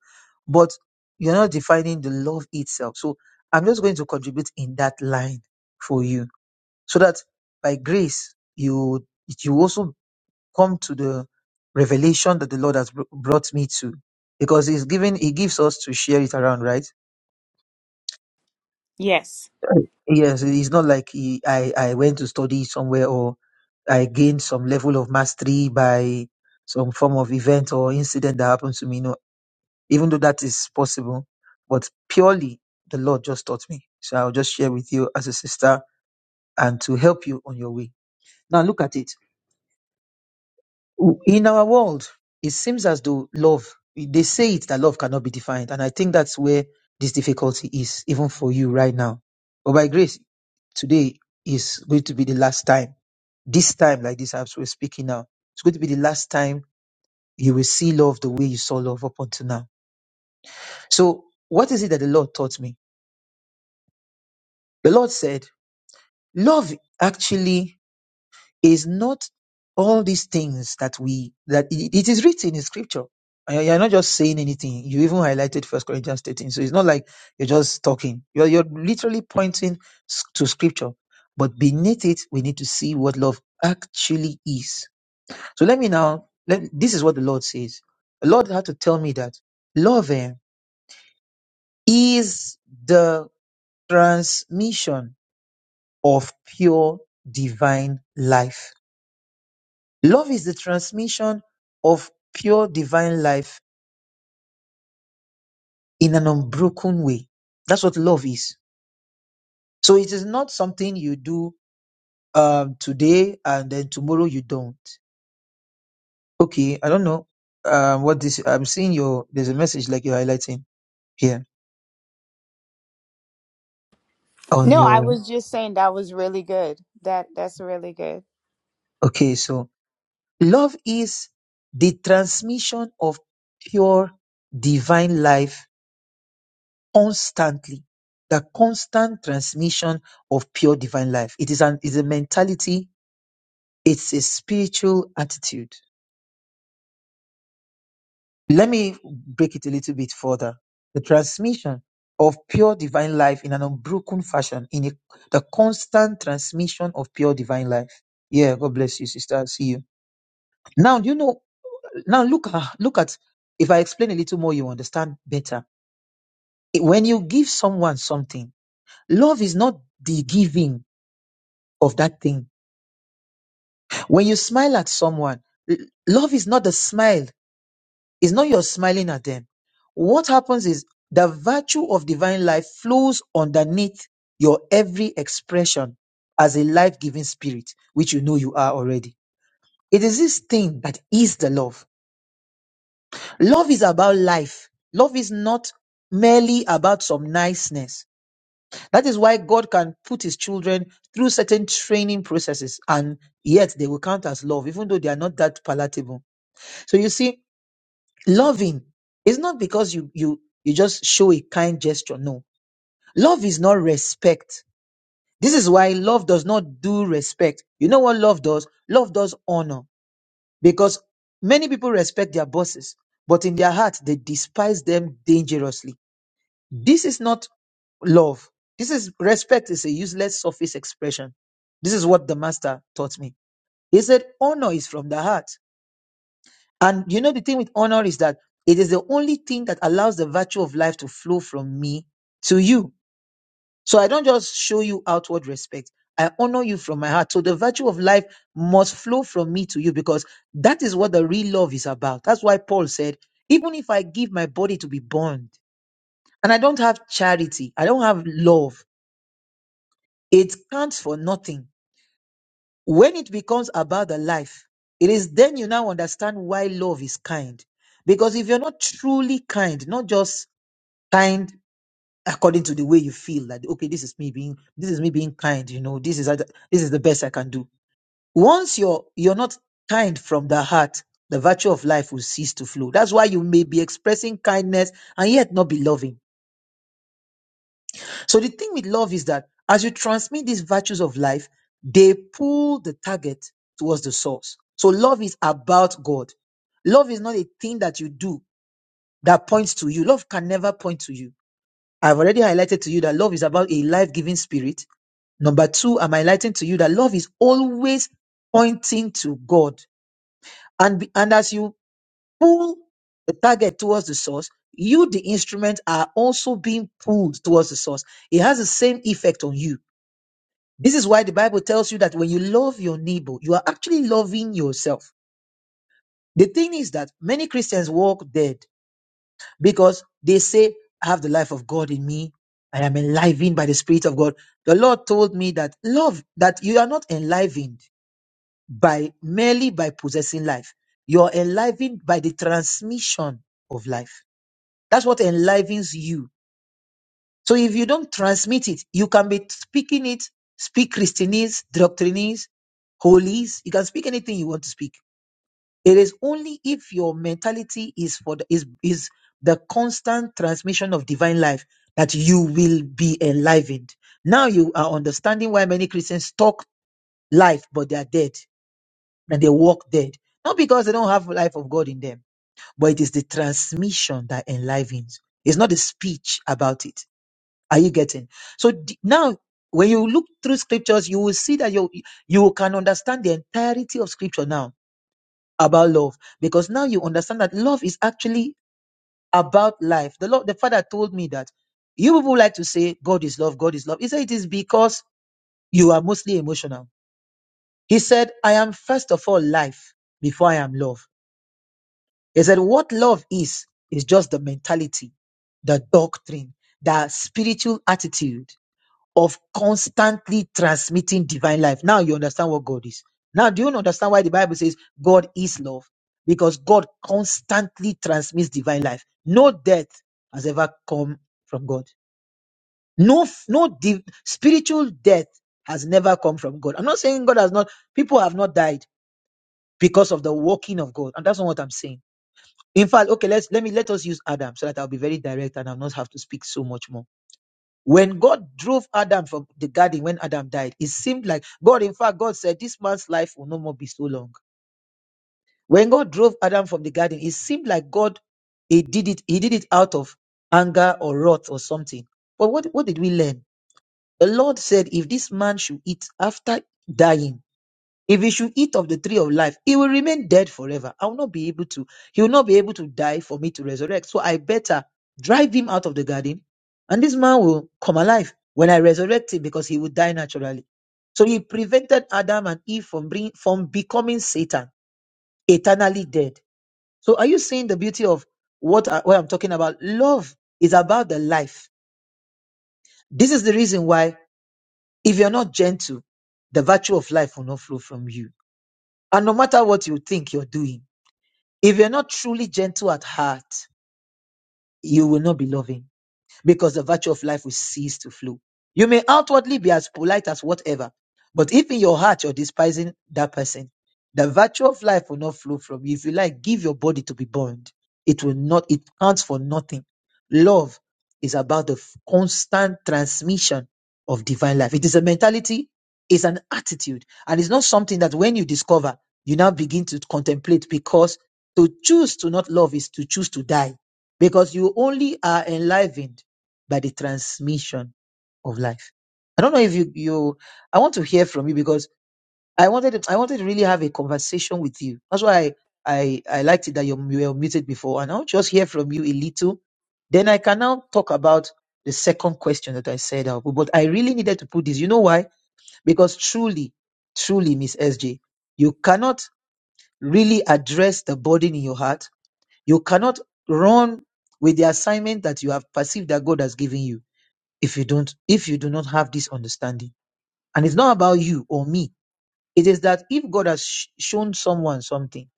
S3: But you're not defining the love itself. So I'm just going to contribute in that line for you so that by grace you you also come to the revelation that the Lord has br- brought me to, because He's given He gives us to share it around, right?
S1: Yes.
S3: Right. Yes, it's not like he, I I went to study somewhere or I gained some level of mastery by some form of event or incident that happened to me. No, even though that is possible, but purely the Lord just taught me. So I'll just share with you as a sister and to help you on your way. Now look at it. in our world, it seems as though love, they say it that love cannot be defined. And I think that's where this difficulty is, even for you right now. But by grace, today is going to be the last time. This time, like this, as we're speaking now, it's going to be the last time you will see love the way you saw love up until now. So, what is it that the Lord taught me? The Lord said, Love actually. is not all these things that we that it it is written in scripture. And You're not just saying anything. You even highlighted First Corinthians 13. So it's not like you're just talking. You're, you're literally pointing s- to scripture. But beneath it, we need to see what love actually is. So let me now, let, this is what the Lord says. The Lord had to tell me that love eh, is the transmission of pure divine life Love is the transmission of pure divine life in an unbroken way. That's what love is. So it is not something you do um, today and then tomorrow you don't. Okay, I don't know um, what this. I'm seeing your. There's a message like you're highlighting here on
S1: No, I
S3: your.
S1: was just saying that was really good. That that's really good.
S3: Okay, so love is the transmission of pure divine life constantly the constant transmission of pure divine life it is an is a mentality it's a spiritual attitude let me break it a little bit further the transmission of pure divine life in an unbroken fashion in a, the constant transmission of pure divine life yeah god bless you sister i see you now you know now look at look at if i explain a little more you understand better when you give someone something love is not the giving of that thing When you smile at someone, l- love is not the smile, it's not your smiling at them. What happens is the virtue of divine life flows underneath your every expression as a life giving spirit, which you know you are already. It is this thing that is the love. Love is about life, love is not merely about some niceness. That is why God can put his children through certain training processes and yet they will count as love, even though they are not that palatable So you see, loving is not because you you you just show a kind gesture. No, love is not respect. This is why love does not do respect. You know what love does? Love does honor because many people respect their bosses, but in their heart they despise them dangerously. This is not love. This is respect is a useless surface expression. This is what the master taught me. He said honor is from the heart. And you know, the thing with honor is that it is the only thing that allows the virtue of life to flow from me to you. So I don't just show you outward respect. I honor you from my heart. So the virtue of life must flow from me to you because that is what the real love is about. That's why Paul said, even if I give my body to be burned and I don't have charity, I don't have love, it counts for nothing when it becomes about the life, it is then you now understand why love is kind. Because if you're not truly kind, not just kind according to the way you feel, like okay, this is me being this is me being kind, you know, this is this is the best I can do. Once you're you're not kind from the heart, the virtue of life will cease to flow. That's why you may be expressing kindness and yet not be loving So the thing with love is that as you transmit these virtues of life, they pull the target towards the source. So love is about God. Love is not a thing that you do that points to you. Love can never point to you. I've already highlighted to you that love is about a life giving spirit. Number two, I'm highlighting to you that love is always pointing to God. And, be- and as you pull the target towards the source, you, the instrument, are also being pulled towards the source. It has the same effect on you. This is why the Bible tells you that when you love your neighbor, you are actually loving yourself. The thing is that many Christians walk dead because they say, I have the life of God in me. I am enlivened by the Spirit of God. The Lord told me that love, that you are not enlivened by merely by possessing life. You are enlivened by the transmission of life. That's what enlivens you. So if you don't transmit it, you can be speaking it, speak Christianese, doctrinese, holies. You can speak anything you want to speak. It is only if your mentality is for the, is is the constant transmission of divine life that you will be enlivened. Now you are understanding why many Christians talk life, but they are dead and they walk dead. Not because they don't have life of God in them, but it is the transmission that enlivens. It's not the speech about it. Are you getting? So d- now, when you look through scriptures, you will see that you you can understand the entirety of scripture now about love because now you understand that love is actually about life. The Lord, the Father told me that you people like to say God is love, God is love. He said it is because you are mostly emotional. He said, I am first of all life before I am love. He said, what love is is just the mentality, the doctrine, the spiritual attitude of constantly transmitting divine life. Now you understand what God is. Now, do you understand why the Bible says God is love? Because God constantly transmits divine life. No death has ever come from God. No, no div- spiritual death has never come from God. I'm not saying God has not, people have not died because of the working of God. And that's not what I'm saying. In fact, okay, let's let me let us use Adam so that I'll be very direct and I'll not have to speak so much more. When God drove Adam from the garden when Adam died, it seemed like God, in fact, God said, This man's life will no more be so long. When God drove Adam from the garden, it seemed like God he did it, he did it out of anger or wrath or something. But what, what did we learn? The Lord said, If this man should eat after dying, if he should eat of the tree of life, he will remain dead forever. I will not be able to, he will not be able to die for me to resurrect. So I better drive him out of the garden, and this man will come alive when I resurrect him because he will die naturally. So he prevented Adam and Eve from bring, from becoming Satan, eternally dead. So are you seeing the beauty of what, I, what I'm talking about? Love is about the life. This is the reason why if you're not gentle, the virtue of life will not flow from you. And no matter what you think you're doing, If you're not truly gentle at heart, you will not be loving because the virtue of life will cease to flow. You may outwardly be as polite as whatever, but if in your heart you're despising that person, the virtue of life will not flow from you. If you like, give your body to be burned. It will not, it counts for nothing. Love is about the f- constant transmission of divine life. It is a mentality, it's an attitude, and it's not something that when you discover, you now begin to contemplate because to choose to not love is to choose to die because you only are enlivened by the transmission of life. I don't know if you you I want to hear from you because I wanted to, I wanted to really have a conversation with you. That's why I I, I liked it that you were muted before, and I'll just hear from you a little. Then I can now talk about the second question that I said out. But I really needed to put this. You know why? Because truly, truly, Miss SJ, you cannot really address the burden in your heart. You cannot run with the assignment that you have perceived that God has given you if you don't if you do not have this understanding and it's not about you or me it is that if god has sh- shown someone something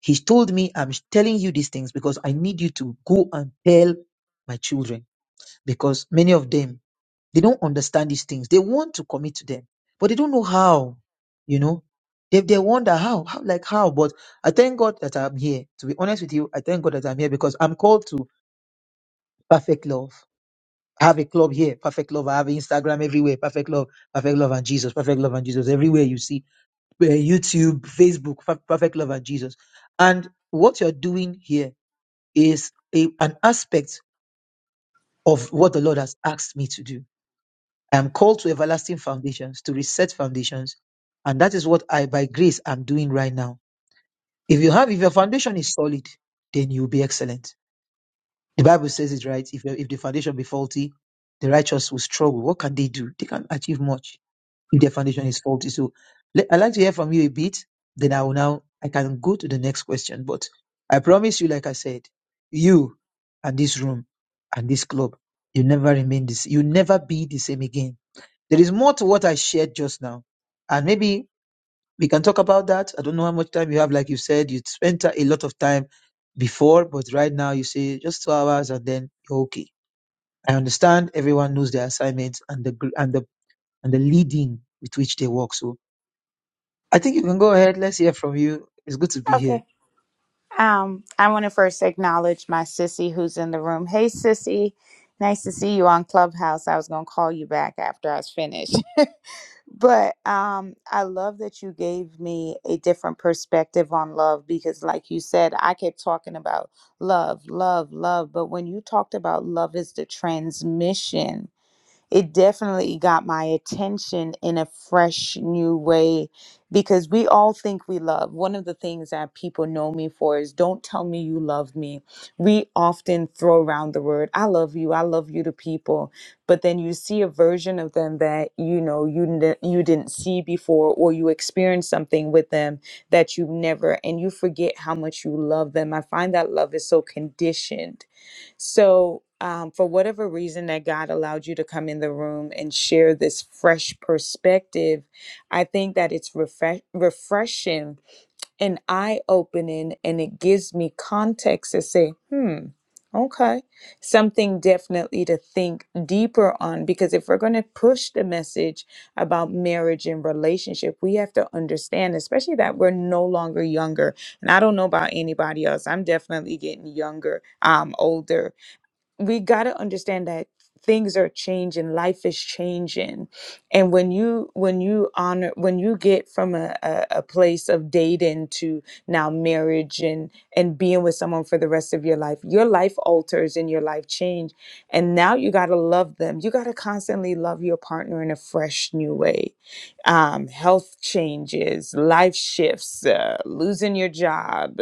S3: he's told me i'm telling you these things because i need you to go and tell my children because many of them they don't understand these things they want to commit to them but they don't know how you know they, they wonder how how like how but i thank god that i'm here to be honest with you i thank god that i'm here because i'm called to perfect love I have a club here, perfect love. I have Instagram everywhere, perfect love, perfect love and Jesus, perfect love and Jesus. Everywhere you see, uh, YouTube, Facebook, Per- perfect love and Jesus. And what you're doing here is a, an aspect of what the Lord has asked me to do. I am called to everlasting foundations, to reset foundations. And that is what I, by grace, am doing right now. If you have, if your foundation is solid, then you'll be excellent. The Bible says it right. If, your- if the foundation be faulty, the righteous will struggle. What can they do? They can achieve much if their foundation is faulty. So le- I'd like to hear from you a bit, then I will now I can go to the next question. But I promise you, like I said, you and this room and this club, you never remain this you never be the same again. There is more to what I shared just now. And maybe we can talk about that. I don't know how much time you have. Like you said, you spent a lot of time before, but right now you say just two hours and then you're okay. I understand everyone knows their assignments and the gr- and the and the leading with which they work. So I think you can go ahead. Let's hear from you. It's good to be here.
S1: Okay. Um, I want to first acknowledge my sissy who's in the room. Hey, sissy, nice to see you on Clubhouse. I was gonna call you back after I was finished. But um, I love that you gave me a different perspective on love because, like you said, I kept talking about love, love, love. But when you talked about love is the transmission it definitely got my attention in a fresh new way because we all think we love. One of the things that people know me for is don't tell me you love me. We often throw around the word I love you, I love you to people, but then you see a version of them that you know you n- you didn't see before or you experience something with them that you've never and you forget how much you love them. I find that love is so conditioned so, um, for whatever reason that God allowed you to come in the room and share this fresh perspective, I think that it's refresh- refreshing and eye opening, and it gives me context to say, hmm, okay, something definitely to think deeper on. Because if we're going to push the message about marriage and relationship, we have to understand, especially that we're no longer younger. And I don't know about anybody else, I'm definitely getting younger, um, older we got to understand that things are changing life is changing and when you when you honor when you get from a, a, a place of dating to now marriage and and being with someone for the rest of your life your life alters and your life change and now you got to love them you got to constantly love your partner in a fresh new way um, health changes life shifts uh, losing your job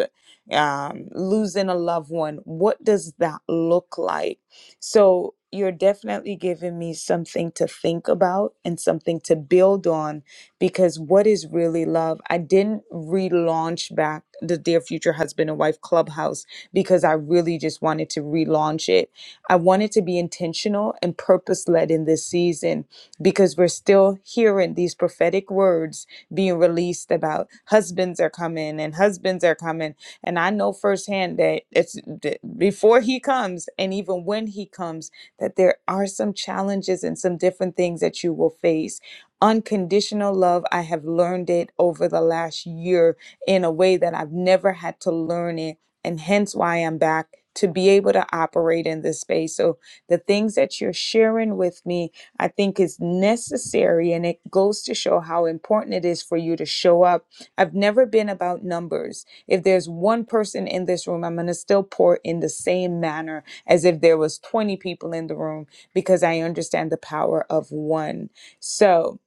S1: um, losing a loved one. What does that look like? So you're definitely giving me something to think about and something to build on because what is really love? I didn't relaunch back the Dear Future Husband and Wife Clubhouse because I really just wanted to relaunch it. I wanted to be intentional and purpose led in this season because we're still hearing these prophetic words being released about husbands are coming and husbands are coming and I know firsthand that it's that before he comes and even when he comes, that there are some challenges and some different things that you will face. Unconditional love, I have learned it over the last year in a way that I've never had to learn it. And hence why I'm back to be able to operate in this space. So the things that you're sharing with me, I think is necessary and it goes to show how important it is for you to show up. I've never been about numbers. If there's one person in this room, I'm going to still pour in the same manner as if there was 20 people in the room because I understand the power of one. So,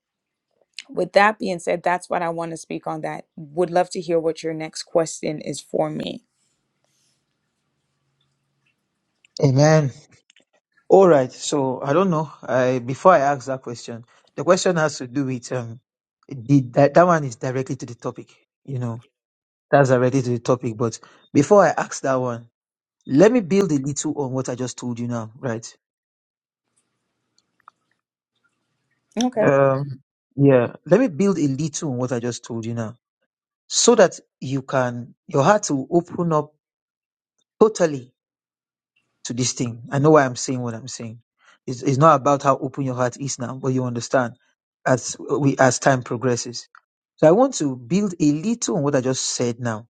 S1: with that being said, that's what I want to speak on that. Would love to hear what your next question is for me.
S3: Amen. All right. So I don't know. I before I ask that question, the question has to do with um the that, that one is directly to the topic. You know, that's directly to the topic. But before I ask that one, let me build a little on what I just told you now. Right.
S1: Okay.
S3: Um. Yeah. Let me build a little on what I just told you now, so that you can your heart will open up totally to this thing. I know why I'm saying what I'm saying. It's, it's not about how open your heart is now, but you understand as we as time progresses. So I want to build a little on what I just said now.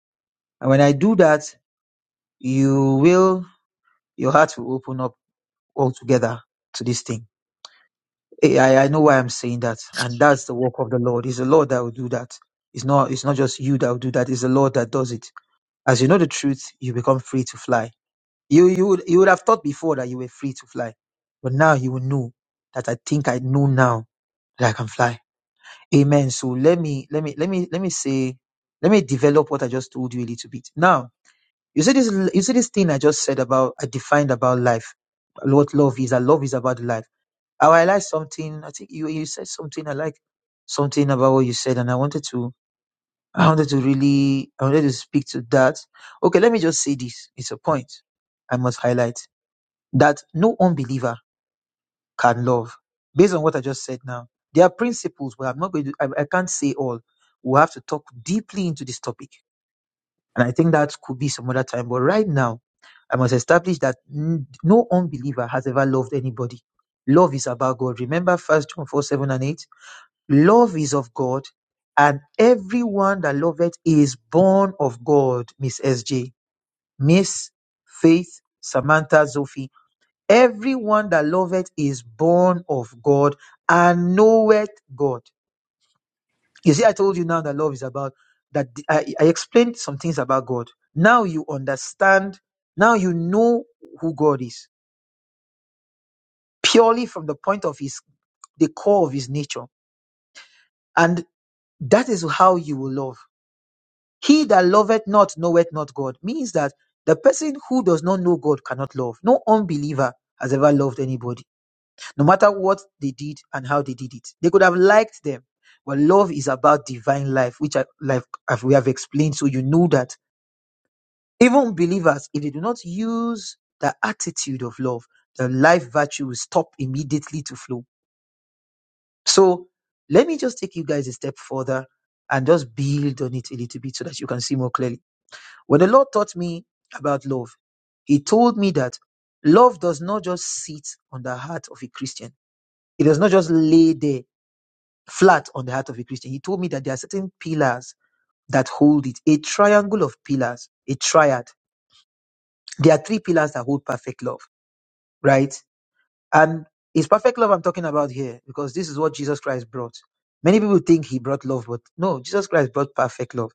S3: And when I do that, you will your heart will open up altogether to this thing. Eh, I, I know why I'm saying that. And that's the work of the Lord. It's the Lord that will do that. It's not it's not just you that will do that, it's the Lord that does it. As you know the truth, you become free to fly You you would you would have thought before that you were free to fly, but now you will know that I think I know now that I can fly. Amen. So let me let me let me let me say let me develop what I just told you a little bit. Now you see this you see this thing I just said about I defined about life, what love is. That love is about life. I realized something. I think you you said something. I like something about what you said, and I wanted to I wanted to really I wanted to speak to that. Okay, let me just say this. It's a point I must highlight that no unbeliever can love. Based on what I just said now, there are principles where I'm not going to, I, I can't say all. We'll have to talk deeply into this topic. And I think that could be some other time. But right now, I must establish that n- no unbeliever has ever loved anybody. Love is about God. Remember First John 4 7 and 8? Love is of God, and everyone that loveth is born of God, Miss SJ. Miss Faith, Samantha, Sophie. Everyone that loveth is born of God and knoweth God. You see, I told you now that love is about that. I, I explained some things about God. Now you understand. Now you know who God is purely from the point of his, the core of his nature. And that is how you will love. He that loveth not knoweth not God means that the person who does not know God cannot love. No unbeliever has ever loved anybody no matter what they did and how they did it. They could have liked them, but love is about divine life, which I, like as we have explained. So you know that even believers, if they do not use the attitude of love, the life virtue will stop immediately to flow. So let me just take you guys a step further and just build on it a little bit so that you can see more clearly. When the Lord taught me about love, He told me that love does not just sit on the heart of a Christian. It does not just lay there flat on the heart of a Christian. He told me that there are certain pillars that hold it, a triangle of pillars, a triad. There are three pillars that hold perfect love, right? And it's perfect love I'm talking about here because this is what Jesus Christ brought. Many people think he brought love, but no, Jesus Christ brought perfect love.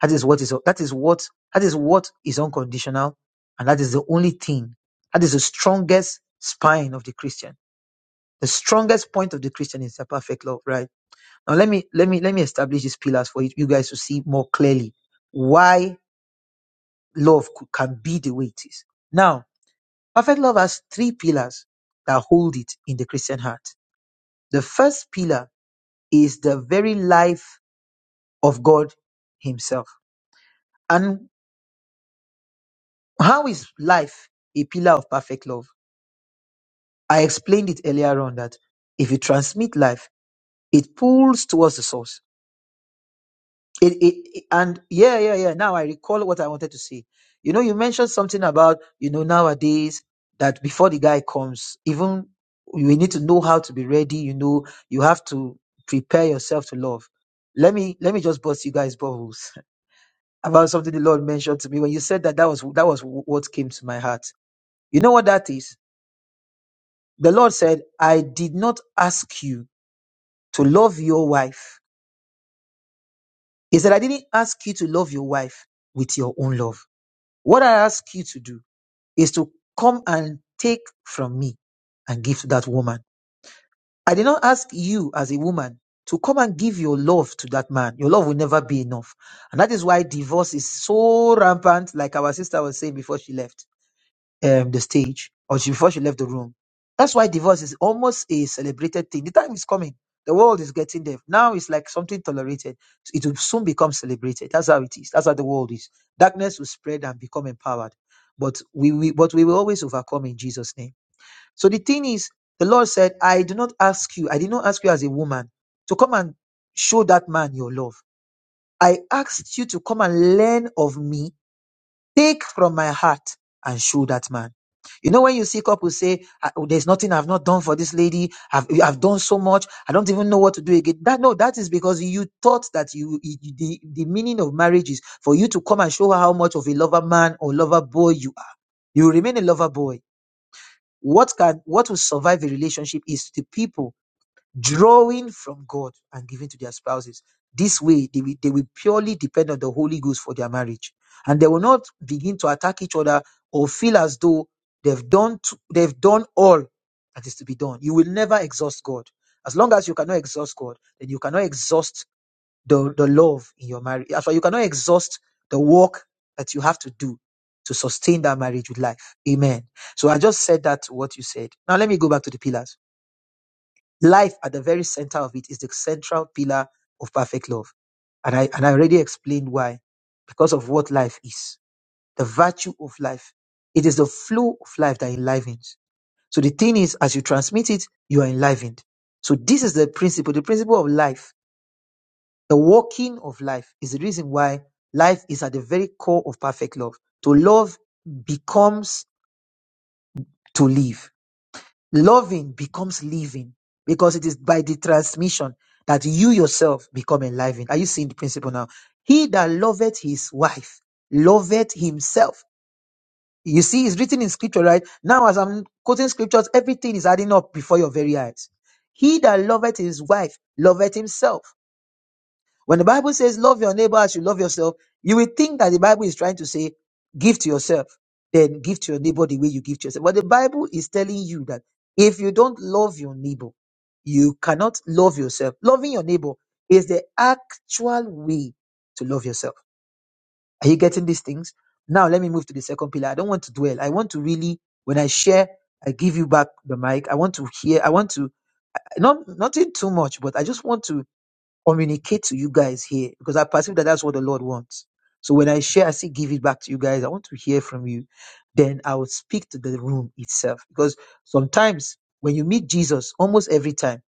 S3: That is what is that is what that is what is unconditional, and that is the only thing that is the strongest spine of the Christian. The strongest point of the Christian is the perfect love, right? Now let me let me let me establish these pillars for you, you guys to see more clearly why love could, can be the way it is. Now, perfect love has three pillars that hold it in the Christian heart. The first pillar is the very life of God Himself. And how is life a pillar of perfect love? I explained it earlier on that if you transmit life, it pulls towards the source. It, it, it- and yeah, yeah, yeah. Now I recall what I wanted to say. You know, you mentioned something about you know nowadays that before the guy comes, even you need to know how to be ready. You know, you have to prepare yourself to love. Let me let me just bust you guys bubbles about something the Lord mentioned to me when you said that. That was that was what came to my heart. You know what that is? The Lord said, "I did not ask you to love your wife." He said, "I didn't ask you to love your wife with your own love." What I ask you to do is to come and take from me and give to that woman. I did not ask you as a woman to come and give your love to that man. Your love will never be enough. And that is why divorce is so rampant, like our sister was saying before she left um the stage or she before she left the room. That's why divorce is almost a celebrated thing. The time is coming. The world is getting there. Now it's like something tolerated. It will soon become celebrated. That's how it is. That's how the world is. Darkness will spread and become empowered. But we, we but we will always overcome in Jesus' name. So the thing is, the Lord said, I do not ask you, I did not ask you as a woman to come and show that man your love. I asked you to come and learn of me Take from my heart and show that man. You know, when you see couples say, "Ah, oh, There's nothing I've not done for this lady, I've, I've done so much, I don't even know what to do again. That No, that is because you thought that you, you- you- the, the meaning of marriage is for you to come and show her how much of a lover man or lover boy you are. You remain a lover boy. What can what will survive a relationship is the people drawing from God and giving to their spouses. This way, they will, they will purely depend on the Holy Ghost for their marriage. And they will not begin to attack each other or feel as though they've done, to, they've done all that is to be done. You will never exhaust God. As long as you cannot exhaust God, then you cannot exhaust the, the love in your marriage. That's why you cannot exhaust the work that you have to do to sustain that marriage with life. Amen. So I just said that to what you said. Now let me go back to the pillars life at the very center of it is the central pillar of perfect love. And I, and I already explained why. Because of what life is, the virtue of life. It is the flow of life that enlivens. So the thing is, as you transmit it, you are enlivened. So this is the principle, the principle of life, the walking of life is the reason why life is at the very core of perfect love. To love becomes to live. Loving becomes living because it is by the transmission that you yourself become enlivened. Are you seeing the principle now? He that loveth his wife loveth himself. You see, it's written in scripture, right? Now, as I'm quoting scriptures, everything is adding up before your very eyes. He that loveth his wife loveth himself. When the Bible says love your neighbor as you love yourself, you will think that the Bible is trying to say give to yourself, then give to your neighbor the way you give to yourself. But the Bible is telling you that if you don't love your neighbor, you cannot love yourself. Loving your neighbor is the actual way to love yourself. Are you getting these things? Now let me move to the second pillar. I don't want to dwell. I want to really, when I share, I give you back the mic. I want to hear. I want to not nothing too much, but I just want to communicate to you guys here because I perceive that that's what the Lord wants. So when I share, I still give it back to you guys. I want to hear from you. Then I will speak to the room itself because sometimes when you meet Jesus, almost every time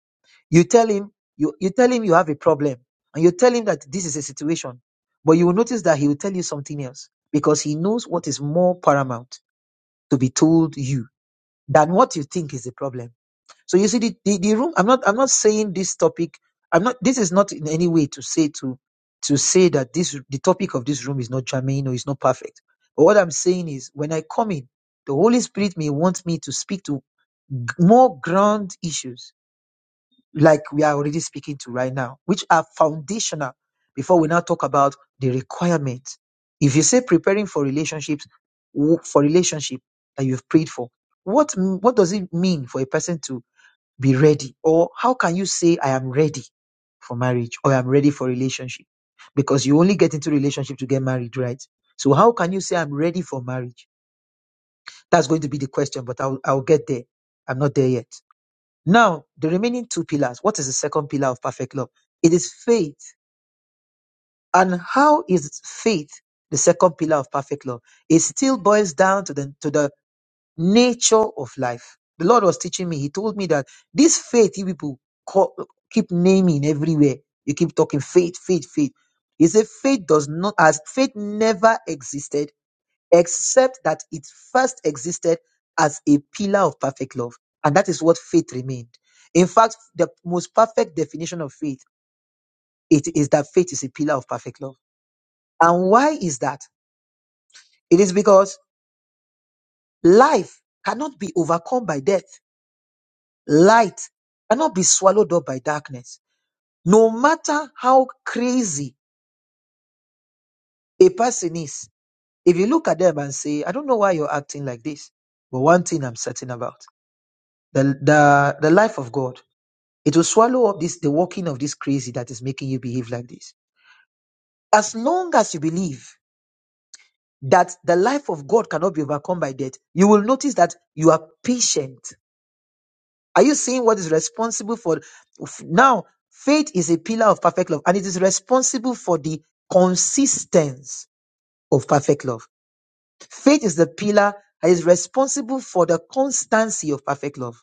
S3: you tell him you, you tell him you have a problem and you tell him that this is a situation, but you will notice that he will tell you something else because he knows what is more paramount to be told you than what you think is the problem. So you see the, the, the room I'm not I'm not saying this topic I'm not this is not in any way to say to to say that this the topic of this room is not germane or is not perfect. But what I'm saying is when I come in, the Holy Spirit may want me to speak to g- more ground issues like we are already speaking to right now, which are foundational before we now talk about the requirements. If you say preparing for relationships, w- for relationship that you've prayed for, what m- what does it mean for a person to be ready? Or how can you say, I am ready for marriage or I'm ready for relationship? Because you only get into relationship to get married, right? So how can you say I'm ready for marriage? That's going to be the question, but I'll, I'll get there. I'm not there yet. Now, the remaining two pillars. What is the second pillar of perfect love? It is faith. And how is faith the second pillar of perfect love? It still boils down to the, to the nature of life. The Lord was teaching me. He told me that this faith you people call, keep naming everywhere. You keep talking faith, faith, faith. He said faith does not as faith never existed except that it first existed as a pillar of perfect love, and that is what faith remained. In fact, the most perfect definition of faith it is that faith is a pillar of perfect love. And why is that? It is because life cannot be overcome by death. Light cannot be swallowed up by darkness. No matter how crazy a person is, if you look at them and say, I don't know why you're acting like this, but one thing I'm certain about the, the, the life of God, it will swallow up this, the working of this crazy that is making you behave like this. As long as you believe that the life of God cannot be overcome by death, you will notice that you are patient Are you seeing what is responsible for f- now? Faith is a pillar of perfect love, and it is responsible for the consistency of perfect love. Faith is the pillar that is responsible for the constancy of perfect love,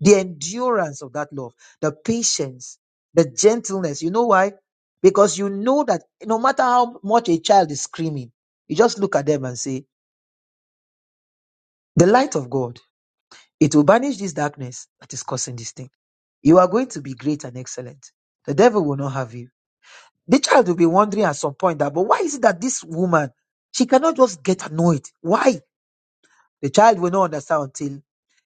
S3: the endurance of that love, the patience, the gentleness. You know why? Because you know that no matter how much a child is screaming, you just look at them and say, The light of God. It will banish this darkness that is causing this thing. You are going to be great and excellent. The devil will not have you. The child will be wondering at some point that, but why is it that this woman, she cannot just get annoyed? Why? The child will not understand until,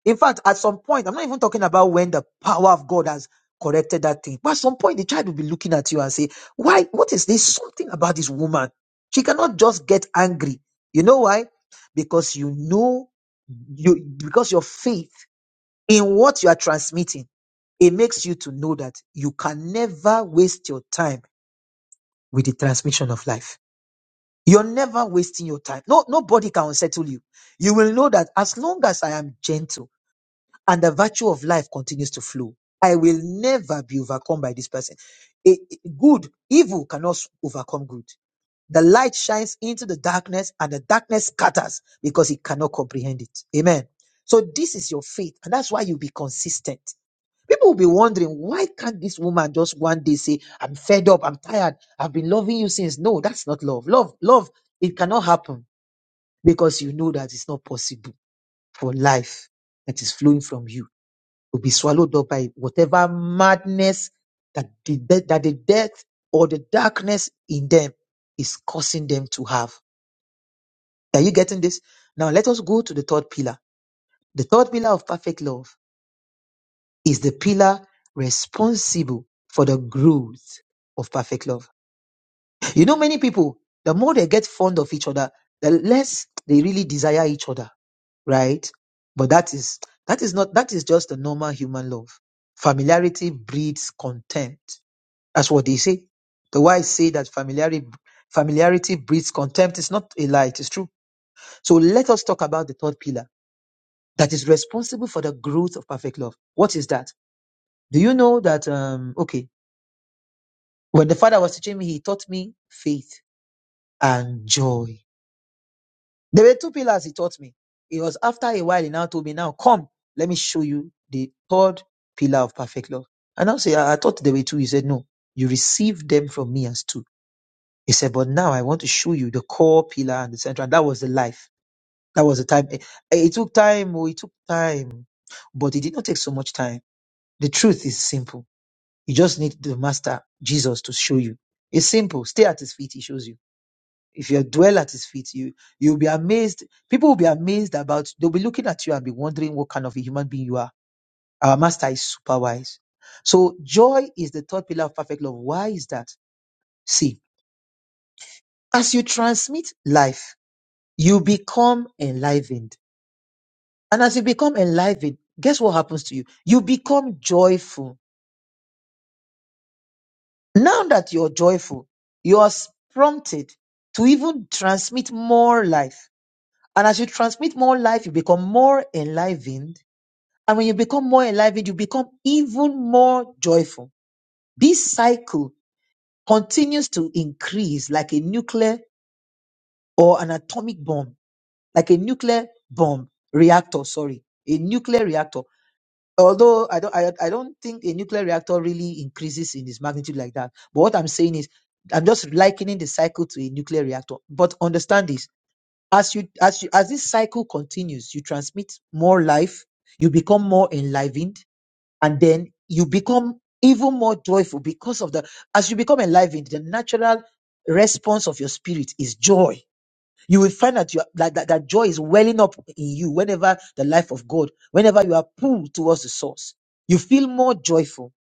S3: in fact, at some point, I'm not even talking about when the power of God has corrected that thing. But at some point, the child will be looking at you and say, why? What is this? Something about this woman. She cannot just get angry. You know why? Because you know, you, because your faith in what you are transmitting, it makes you to know that you can never waste your time with the transmission of life. You're never wasting your time. No, nobody can unsettle you. You will know that as long as I am gentle and the virtue of life continues to flow, I will never be overcome by this person. A- a- good, evil cannot overcome good. The light shines into the darkness and the darkness scatters because it cannot comprehend it. Amen. So this is your faith, and that's why you be consistent. People will be wondering, why can't this woman just one day say, I'm fed up, I'm tired, I've been loving you since? No, that's not love. Love, love, it cannot happen because you know that it's not possible for life that is flowing from you to be swallowed up by whatever madness that the, de- that the death or the darkness in them is causing them to have. Are you getting this? Now let us go to the third pillar. The third pillar of perfect love is the pillar responsible for the growth of perfect love. You know, many people, the more they get fond of each other, the less they really desire each other, right? But that is that is not that is just the normal human love. Familiarity breeds contempt. That's what they say. The wise say that familiarity familiarity breeds contempt. It's not a lie, it is true. So let us talk about the third pillar that is responsible for the growth of perfect love. What is that? Do you know that um okay When the Father was teaching me, He taught me faith and joy. There were two pillars He taught me. It was after a while He now told me, Now come, let me show you the third pillar of perfect love. And I say, I I thought there were two. He said, No, you received them from me as two. He said, But now I want to show you the core pillar and the central. And that was the life. That was the time. It, it took time. Oh, it took time. But it did not take so much time. The truth is simple. You just need the Master, Jesus, to show you. It's simple. Stay at His feet. He shows you. If you dwell at his feet, you you'll be amazed. People will be amazed about they'll be looking at you and be wondering what kind of a human being you are. Our master is super wise. So joy is the third pillar of perfect love. Why is that? See, as you transmit life, you become enlivened. And as you become enlivened, guess what happens to you? You become joyful. Now that you're joyful, you are s- prompted to even transmit more life. And as you transmit more life, you become more enlivened And when you become more enlivened, you become even more joyful. This cycle continues to increase like a nuclear or an atomic bomb, like a nuclear bomb reactor, sorry, a nuclear reactor. Although I don't, I, I don't think a nuclear reactor really increases in its magnitude like that. But what I'm saying is, I'm just likening the cycle to a nuclear reactor. But understand this: as you, as you, as this cycle continues, you transmit more life, you become more enlivened, and then you become even more joyful because of the as you become enlivened the natural response of your spirit is joy you will find that, you are, that, that that joy is welling up in you whenever the life of god whenever you are pulled towards the source you feel more joyful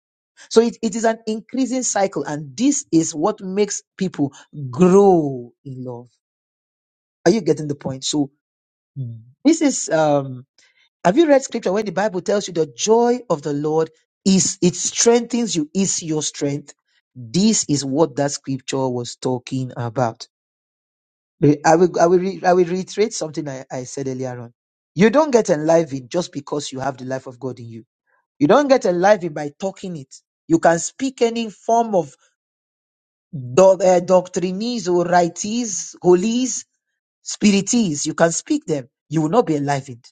S3: so it, it is an increasing cycle and this is what makes people grow in love are you getting the point so this is um. Have you read scripture where the Bible tells you the joy of the Lord is it strengthens you, is your strength? This is what that scripture was talking about. Re- I will, I will, re- I will reiterate something I, I said earlier on. You don't get enlivened just because you have the life of God in you. You don't get enlivened by talking it. You can speak any form of do, uh, doctrinese or rites, holies, spirites. You can speak them. You will not be enlivened.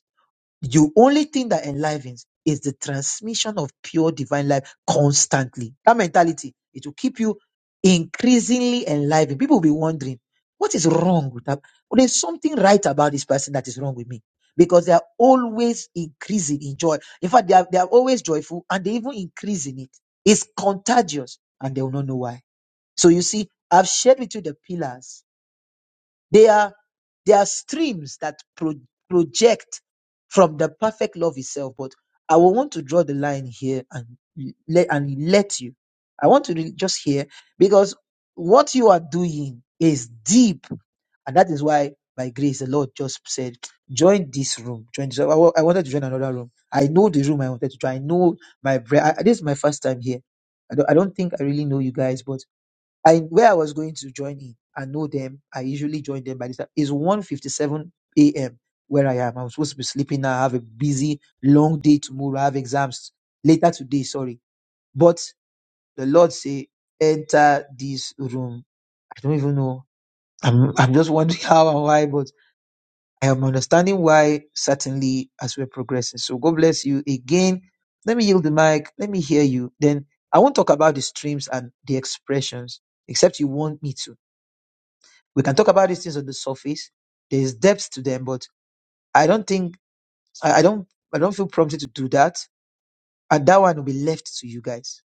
S3: You only thing that enlivens is the transmission of pure divine life constantly. That mentality, it will keep you increasingly enlivened. People will be wondering, what is wrong with that? Well, there's something right about this person that is wrong with me. Because they are always increasing in joy. In fact, they are, they are always joyful and they even increase in it. It's contagious and they will not know why. So you see, I've shared with you the pillars they are, they are streams that pro- project from the perfect love itself. But I will want to draw the line here and let, and let you. I want to re- just hear because what you are doing is deep. And that is why, by grace, the Lord just said, join this room. Join this. I, wa- I wanted to join another room. I know the room I wanted to join. I know my, bre- I, this is my first time here. I don't, I don't think I really know you guys, but I where I was going to join in I know them, I usually join them by this time. It's 1.57 a.m. where I am. I'm supposed to be sleeping now. I have a busy, long day tomorrow. I have exams later today, sorry. But the Lord say, enter this room. I don't even know. I'm I'm just wondering how and why, but I am understanding why certainly as we're progressing. So God bless you again. Let me yield the mic. Let me hear you. Then I won't talk about the streams and the expressions, except you want me to we can talk about these things on the surface. There's depth to them, but I don't think I, I don't I don't feel prompted to do that. And that one will be left to you guys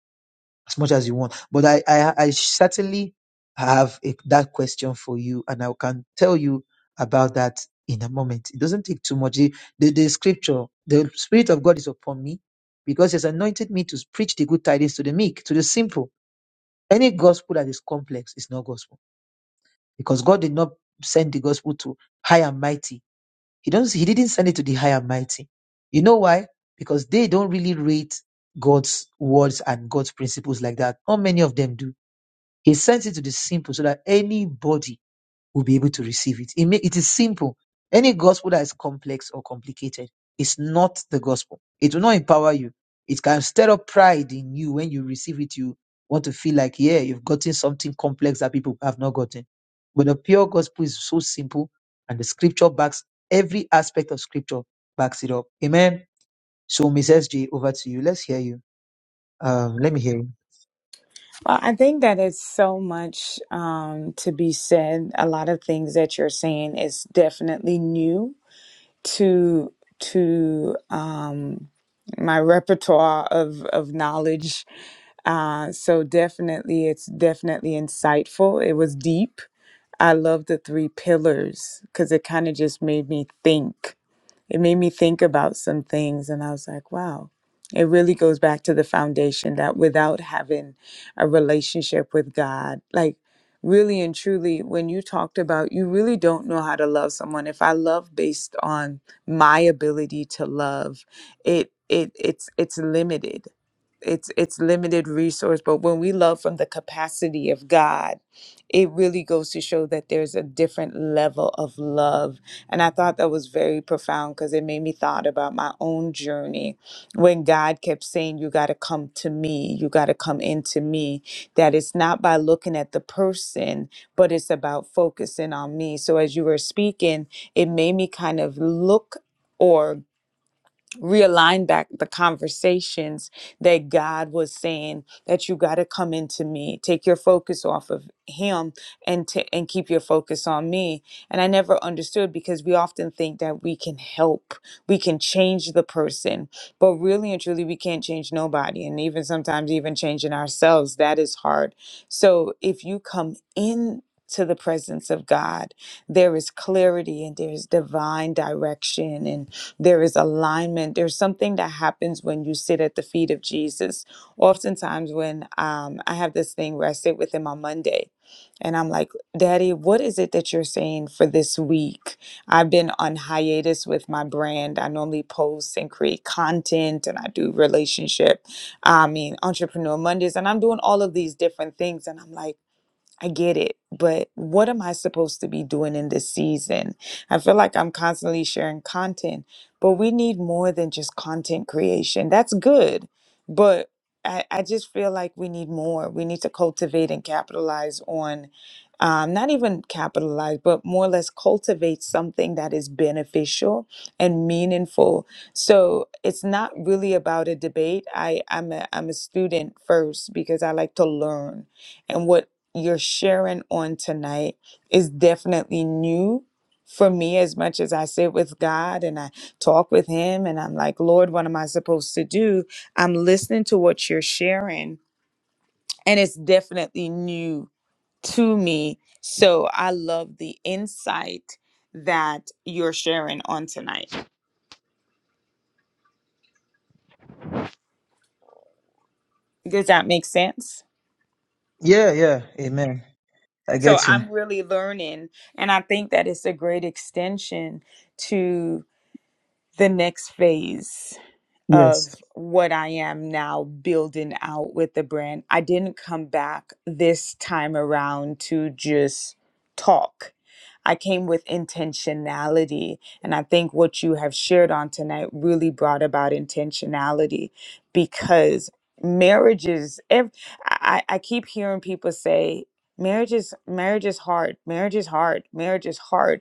S3: as much as you want. But I I, I certainly have a, that question for you, and I can tell you about that in a moment. It doesn't take too much. The, the, the scripture, the spirit of God is upon me, because He has anointed me to preach the good tidings to the meek, to the simple. Any gospel that is complex is not gospel, because God did not send the gospel to high and mighty He doesn't he didn't send it to the high and mighty. You know why? Because they don't really rate God's words and God's principles like that. Not many of them do. He sent it to the simple so that anybody will be able to receive it. It, may, it is simple. Any gospel that is complex or complicated is not the gospel. It will not empower you. It can stir up pride in you when you receive it. You want to feel like, yeah, you've gotten something complex that people have not gotten. But the pure gospel is so simple, and the scripture backs every aspect of scripture backs it up. Amen. So, Miss SJ, over to you. Let's hear you. Um, let me hear you.
S1: Well, I think that it's so much um, to be said. A lot of things that you're saying is definitely new to to um, my repertoire of of knowledge Uh, so definitely, it's definitely insightful. It was deep. I love the three pillars because it kind of just made me think it made me think about some things and i was like wow it really goes back to the foundation that without having a relationship with god like really and truly when you talked about you really don't know how to love someone if i love based on my ability to love it it it's it's limited it's it's limited resource but when we love from the capacity of god it really goes to show that there's a different level of love and I thought that was very profound because it made me thought about my own journey when God kept saying, You got to come to me, you got to come into me. That it's not by looking at the person, but it's about focusing on me. So as you were speaking, it made me kind of look. Or realign back the conversations that God was saying that you got to come into me take your focus off of him and to, and keep your focus on me and I never understood because we often think that we can help we can change the person but really and truly we can't change nobody and even sometimes even changing ourselves that is hard so if you come in to the presence of God, there is clarity and there's divine direction and. There is alignment. There's something that happens when you sit at the feet of Jesus. Oftentimes, when um, I have this thing where I sit with him on Monday and I'm like, Daddy, what is it that you're saying for this week? I've been on hiatus with my brand. I normally post and create content and I do relationship, I mean, entrepreneur Mondays, and I'm doing all of these different things. And I'm like, I get it, but what am I supposed to be doing in this season? I feel like I'm constantly sharing content, but we need more than just content creation. That's good, but I, I just feel like we need more. We need to cultivate and capitalize on, um, not even capitalize, but more or less cultivate something that is beneficial and meaningful. So it's not really about a debate. I, I'm a, I'm a student first because I like to learn. And what you're sharing on tonight is definitely new for me as much as I sit with God and I talk with Him and I'm like, Lord, what am I supposed to do? I'm listening to what you're sharing, and it's definitely new to me. So I love the insight that you're sharing on tonight. Does that make sense?
S3: Yeah, yeah. Amen. I
S1: So
S3: get you.
S1: I'm really learning, and I think that it's a great extension to the next phase
S3: Yes.
S1: of what I am now building out with the brand. I didn't come back this time around to just talk. I came with intentionality. And I think what you have shared on tonight really brought about intentionality because marriages, ev- I, I I keep hearing people say, marriage is marriage is hard marriage is hard marriage is hard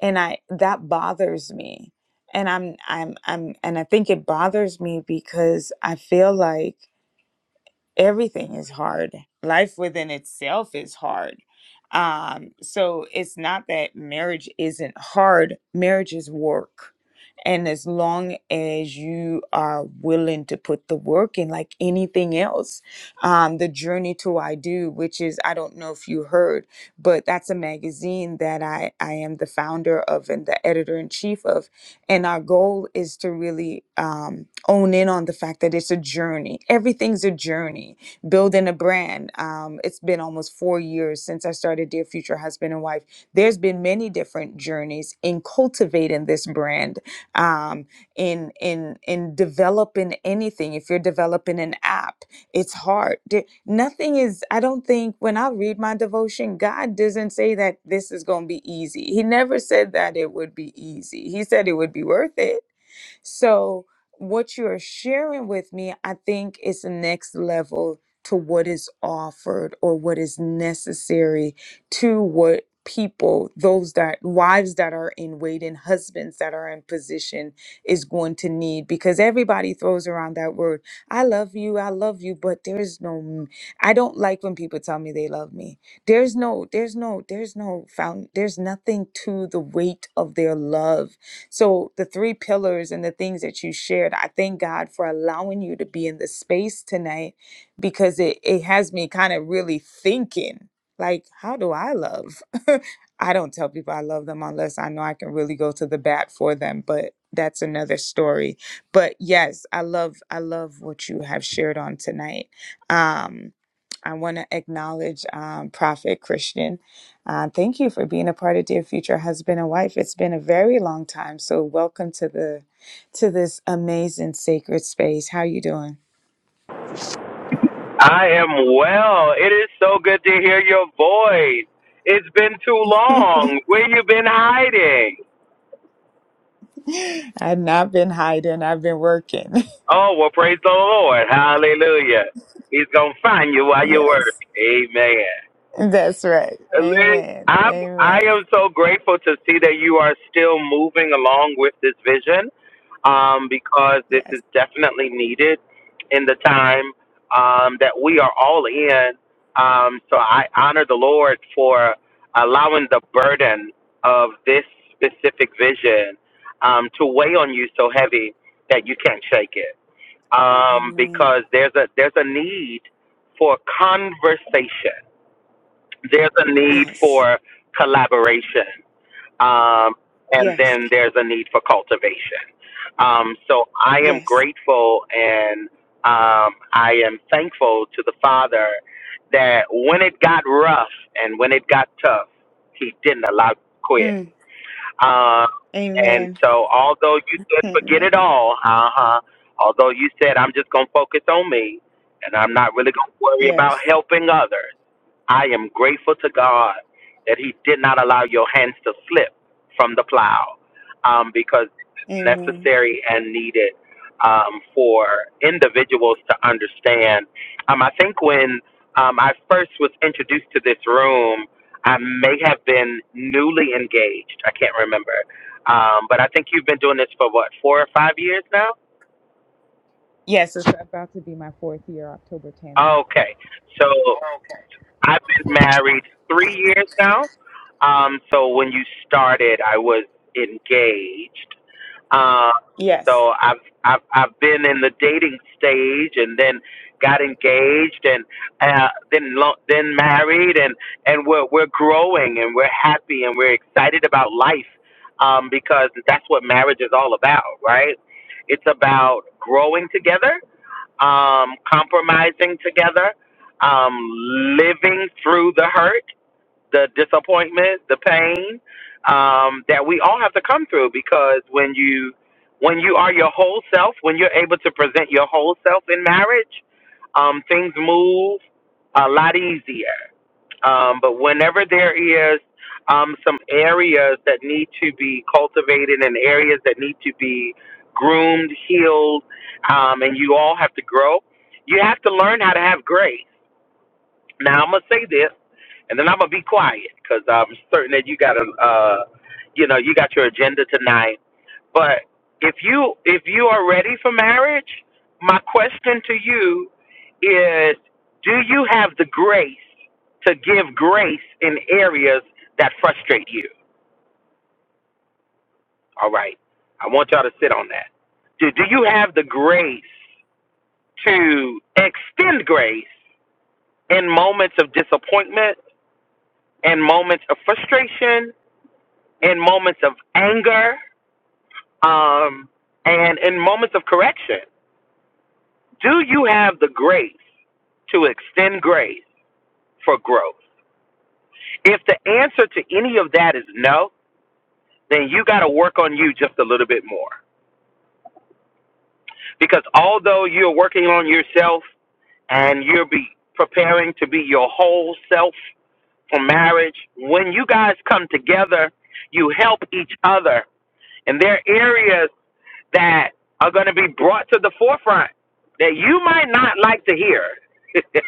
S1: and i that bothers me and i'm i'm i'm and i think it bothers me because i feel like everything is hard. Life within itself is hard. Um, so it's not that marriage isn't hard, marriage is work. And as long as you are willing to put the work in, like anything else, um, the journey to I do, which is I don't know if you heard, but that's a magazine that I I am the founder of and the editor in chief of and our goal is to really um, own in on the fact that it's a journey. Everything's a journey. Building a brand. Um, it's been almost four years since I started Dear Future Husband and Wife. There's been many different journeys in cultivating this brand, um, in in in developing anything. If you're developing an app it's hard. There- Nothing is, I don't think, when I read my devotion, God doesn't say that this is going to be easy. He never said that it would be easy. He said it would be worth it so, what you're sharing with me, I think, is the next level to what is offered or what is necessary to what people those that wives that are in waiting husbands that are in position is going to need because everybody throws around that word i love you i love you but there's no m- i don't like when people tell me they love me there's no there's no there's no found there's nothing to the weight of their love so, the three pillars and the things that you shared, I thank God for allowing you to be in the space tonight because it, it has me kind of really thinking like, how do I love? I don't tell people I love them unless I know I can really go to the bat for them, but that's another story. But yes, I love I love what you have shared on tonight. Um I want to acknowledge um, Prophet Christian. Uh, thank you for being a part of Dear Future Husband and Wife. It's been a very long time, so welcome to the to this amazing sacred space. How you doing?
S4: I am well. It is so good to hear your voice. It's been too long. Where you been hiding?
S1: I've not been hiding. I've been working.
S4: Oh, well, praise the Lord. Hallelujah. He's going to find you while you work.
S1: yes,
S4: Amen.
S1: that's right.
S4: Liz,
S1: Amen.
S4: I'm I
S1: Amen.
S4: am so grateful to see that you are still moving along with this vision, um, because this
S1: Yes.
S4: is definitely needed in the time um, that we are all in. Um, so I honor the Lord for allowing the burden of this specific vision um, to weigh on you so heavy that you can't shake it. Um,
S1: Amen.
S4: because there's a there's a need for conversation there's a need
S1: Yes.
S4: for collaboration, um, and
S1: Yes.
S4: then there's a need for cultivation. Um, so I am
S1: Yes.
S4: grateful and um, I am thankful to the Father that when it got rough and when it got tough, He didn't allow you to quit.
S1: Mm.
S4: Um, and
S1: Amen.
S4: so, although you said forget it
S1: Amen.
S4: all, uh huh, although you said I'm just going to focus on me and I'm not really going to worry about
S1: Yes.
S4: helping others I am grateful to God that He did not allow your hands to slip from the plow um, because it's
S1: Amen.
S4: necessary and needed um, for individuals to understand. Um, I think when um, I first was introduced to this room, I may have been newly engaged. I can't remember. Um, but I think you've been doing this for what, four or five years now?
S1: Yes, it's about to be my fourth year, October 10th.
S4: Okay. so. I've been married three years now. Um, so when you started, I was engaged. Uh,
S1: Yes.
S4: so I've I've I've been in the dating stage, and then got engaged, and uh, then lo- then married, and and we're we're growing, and we're happy, and we're excited about life, um, because that's what marriage is all about, right? It's about growing together um, compromising together, um, living through the hurt, the disappointment, the pain um, that we all have to come through. Because when you when you are your whole self, when you're able to present your whole self in marriage, um, things move a lot easier. Um, but whenever there is um, some areas that need to be cultivated and areas that need to be groomed, healed, um, and you all have to grow, you have to learn how to have grace now I'm gonna say this, and then I'm gonna be quiet because I'm certain that you got a, uh, you know, you got your agenda tonight. But if you if you are ready for marriage, my question to you is: Do you have the grace to give grace in areas that frustrate you? All right, I want y'all to sit on that. Do Do you have the grace to extend grace in moments of disappointment? in moments of frustration, in moments of anger, um, and in moments of correction. Do you have the grace to extend grace for growth? If the answer to any of that is no, then you got to work on you just a little bit more. Because although you're working on yourself and you're be preparing to be your whole self for marriage, when you guys come together, you help each other. And there are areas that are going to be brought to the forefront that you might not like to hear.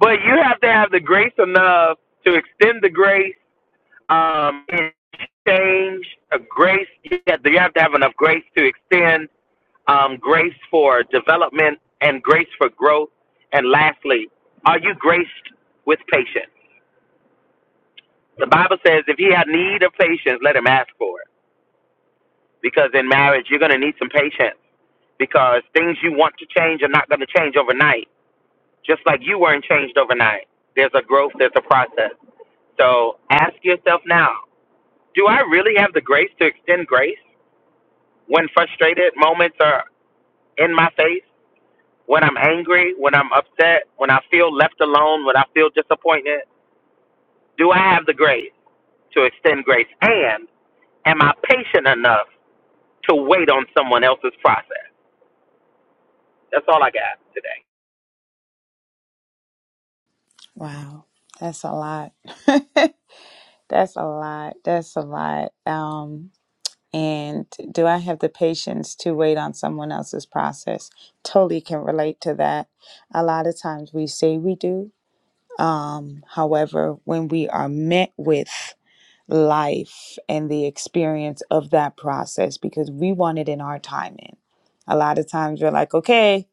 S4: but you have to have the grace enough to extend the grace um, and change a grace. You have to, you have to have enough grace to extend um, grace for development and grace for growth. And lastly, are you graced with patience? The Bible says if he had need of patience, let him ask for it. because in marriage you're going to need some patience because things you want to change are not going to change overnight just like you weren't changed overnight there's a growth there's a process so ask yourself now do i really have the grace to extend grace when frustrated moments are in my face when i'm angry when i'm upset when i feel left alone when i feel disappointed do i have the grace to extend grace and am i patient enough to wait on someone else's process that's all i got today
S1: Wow. That's a lot. That's a lot. That's a lot. Um, and do I have the patience to wait on someone else's process? Totally can relate to that. A lot of times we say we do. Um, however, when we are met with life and the experience of that process, because we want it in our timing, a lot of times we're like, okay,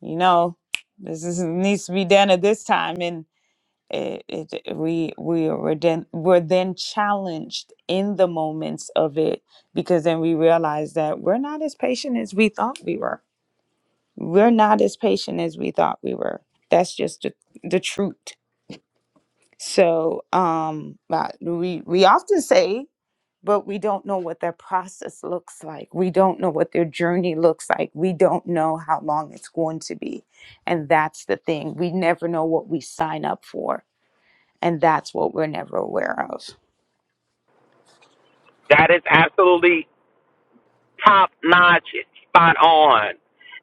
S1: you know, this is, needs to be done at this time it, it, it- we we were then we're then challenged in the moments of it because then we realize that we're not as patient as we thought we were. We're not as patient as we thought we were. That's just the, the truth. So um, but we we often say, but we don't know what their process looks like. We don't know what their journey looks like. We don't know how long it's going to be, and that's the thing. We never know what we sign up for and that's what we're never aware of.
S4: That is absolutely top notch, spot on.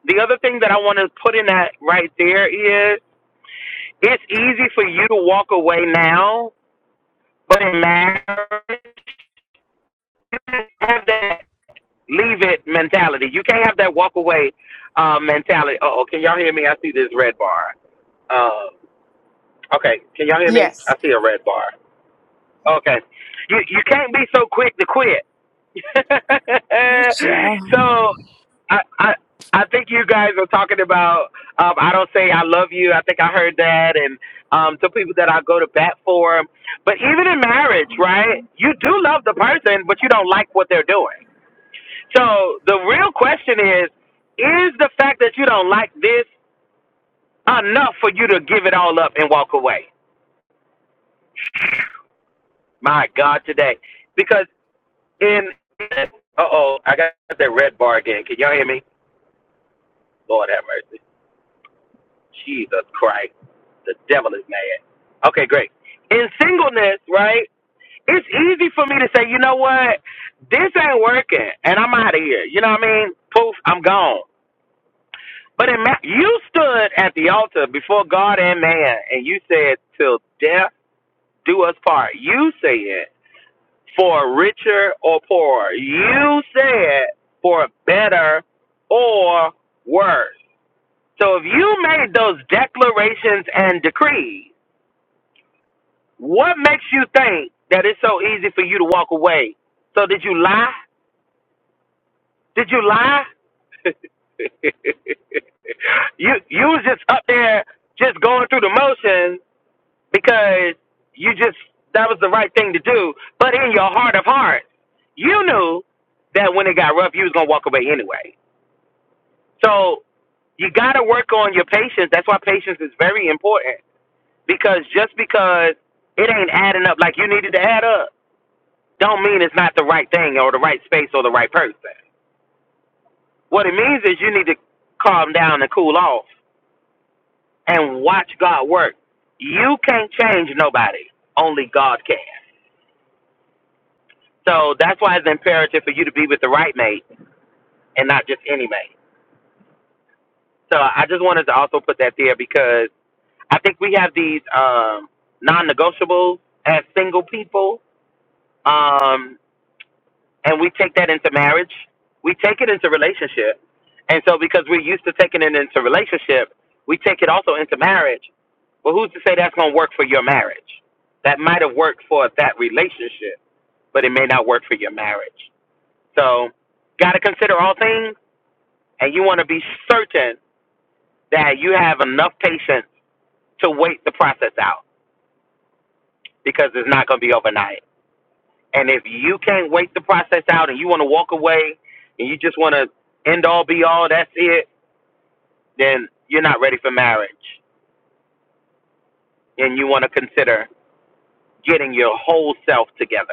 S4: The other thing that I want to put in that right there is it's easy for you to walk away now, but in marriage, you can't have that leave it mentality. You can't have that walk away uh, mentality. Oh, can y'all hear me? I see this red bar. Uh, okay, can y'all hear me?
S1: Yes.
S4: I see a red bar. Okay. You you can't be so quick to quit.
S1: Good job.
S4: so I I I think you guys are talking about um I don't say I love you. I think I heard that and um some people that I go to bat for. But even in marriage, right? You do love the person, but you don't like what they're doing. So the real question is is the fact that you don't like this enough for you to give it all up and walk away? My God, today. Because In uh oh, I got that red bar again. Can y'all hear me? Lord have mercy. Jesus Christ. The devil is mad. Okay, great. In singleness, right? It's easy for me to say, you know what, this ain't working, and I'm out of here. You know what I mean? Poof, I'm gone. But in ma- you stood at the altar before God and man, and you said, "Till death do us part." You said. for richer or poorer. You said for better or worse. So if you made those declarations and decrees, what makes you think that it's so easy for you to walk away? So did you lie? Did you lie? you you was just up there just going through the motions because you just that was the right thing to do. But in your heart of hearts, you knew that when it got rough, you was gonna walk away anyway. So you gotta work on your patience. That's why patience is very important because just because it ain't adding up like you needed to add up, don't mean it's not the right thing or the right space or the right person. What it means is you need to calm down and cool off and watch God work. You can't change nobody. Only God can. So that's why it's imperative for you to be with the right mate and not just any mate. So I just wanted to also put that there because I think we have these um, non-negotiables as single people, um, and we take that into marriage. We take it into relationship, and so because we're used to taking it into relationship, we take it also into marriage. But who's to say that's going to work for your marriage? That might have worked for that relationship, but it may not work for your marriage. So, got to consider all things and you want to be certain that you have enough patience to wait the process out because it's not going to be overnight. And if you can't wait the process out and you want to walk away and you just want to end all be all, that's it, then you're not ready for marriage and you want to consider getting your whole self together.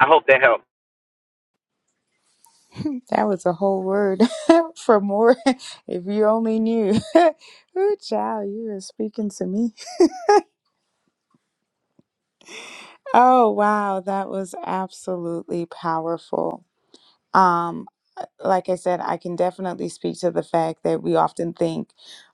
S4: I hope that helps.
S1: That was a whole word for more. If you only knew. Ooh, child, you are speaking to me. Oh, wow. That was absolutely powerful. Um, uh, like I said, I can definitely speak to the fact that we often think,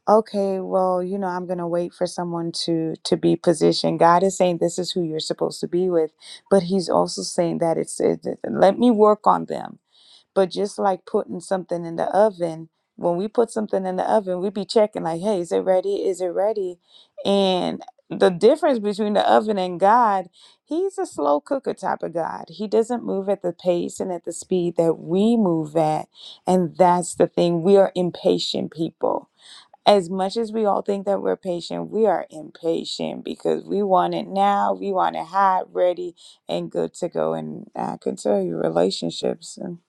S1: okay, well, you know, I'm going to wait for someone to to be positioned. God is saying this is who you're supposed to be with, but He's also saying that it's it, let me work on them. But just like putting something in the oven, when we put something in the oven, we be checking like, hey, is it ready? Is it ready? And the difference between the oven and God, he's a slow cooker type of God. He doesn't move at the pace and at the speed that we move at. And that's the thing. We are impatient people. As much as we all think that we're patient, we are impatient because we want it now. We want it hot, ready, and good to go. And I can tell you, relationships. and.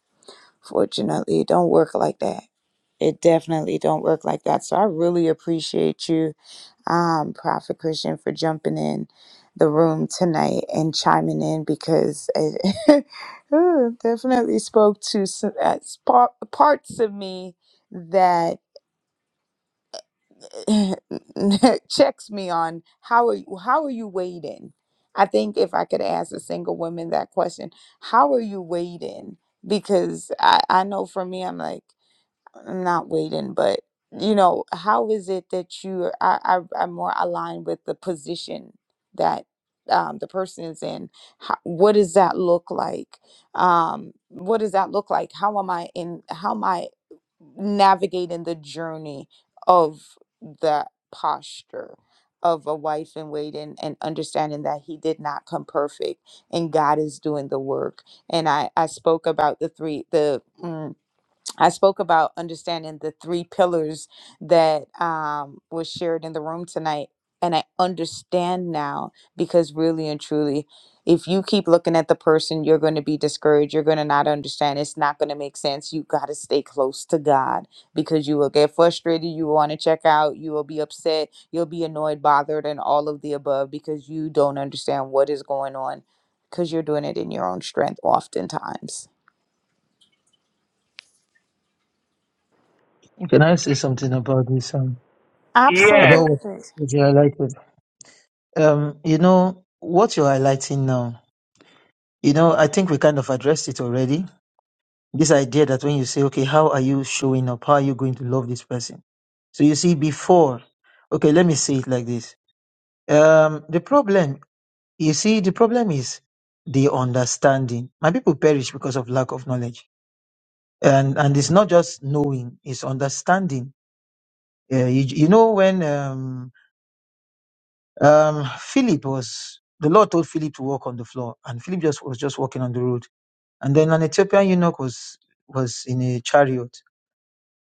S1: Fortunately, it don't work like that. It definitely don't work like that. So I really appreciate you, um, Prophet Christian, for jumping in the room tonight and chiming in because it ooh, definitely spoke to some, uh, spa- parts of me that checks me on how are you, how are you waiting? I think if I could ask a single woman that question, how are you waiting? Because I, I know for me, I'm like not waiting, but you know, how is it that you are, are, are more aligned with the position that um, the person is in? How, what does that look like? Um, what does that look like? How am I in? How am I navigating the journey of the posture? Of a wife in waiting and understanding that he did not come perfect and God is doing the work. And I, I spoke about the three, the, Mm, I spoke about understanding the three pillars that um, was shared in the room tonight. And I understand now because really and truly, if you keep looking at the person, you're going to be discouraged. You're going to not understand. It's not going to make sense. You got to stay close to God because you will get frustrated. You will want to check out. You will be upset. You'll be annoyed, bothered, and all of the above because you don't understand what is going on because you're doing it in your own strength oftentimes.
S3: Can I say something about this? Um,
S4: Yes,
S3: about
S1: Absolutely.
S3: what you highlighted. Um, you know, what you're highlighting now, you know, I think we kind of addressed it already. This idea that when you say, okay, how are you showing up? How are you going to love this person? So you see, before, okay, let me say it like this. Um, the problem, you see, the problem is the understanding. My people perish because of lack of knowledge. And, and it's not just knowing, it's understanding. Uh, you, you know, when, um. Um, Philip was the Lord told Philip to walk on the floor, and Philip just was just walking on the road. And then an Ethiopian eunuch was was in a chariot,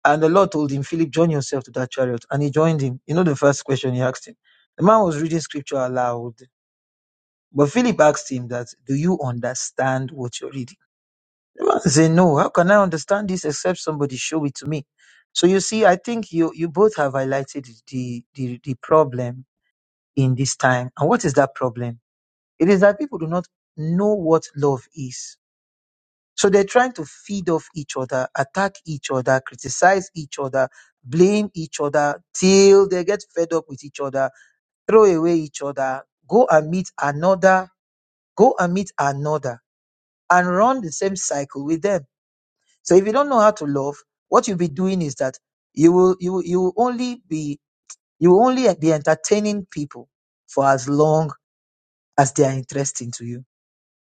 S3: and the Lord told him, Philip, join yourself to that chariot, and he joined him. You know the first question he asked him. The man was reading scripture aloud, but Philip asked him that, "Do you understand what you're reading?" The man said, "No. How can I understand this except somebody show it to me?" So you see, I think you you both have highlighted the the, the problem in this time, and what is that problem? It is that people do not know what love is. So they're trying to feed off each other, attack each other, criticize each other, blame each other till they get fed up with each other, throw away each other, go and meet another, go and meet another, and run the same cycle with them. So if you don't know how to love, what you'll be doing is that you will you will, you will only be you will only be entertaining people for as long as they are interesting to you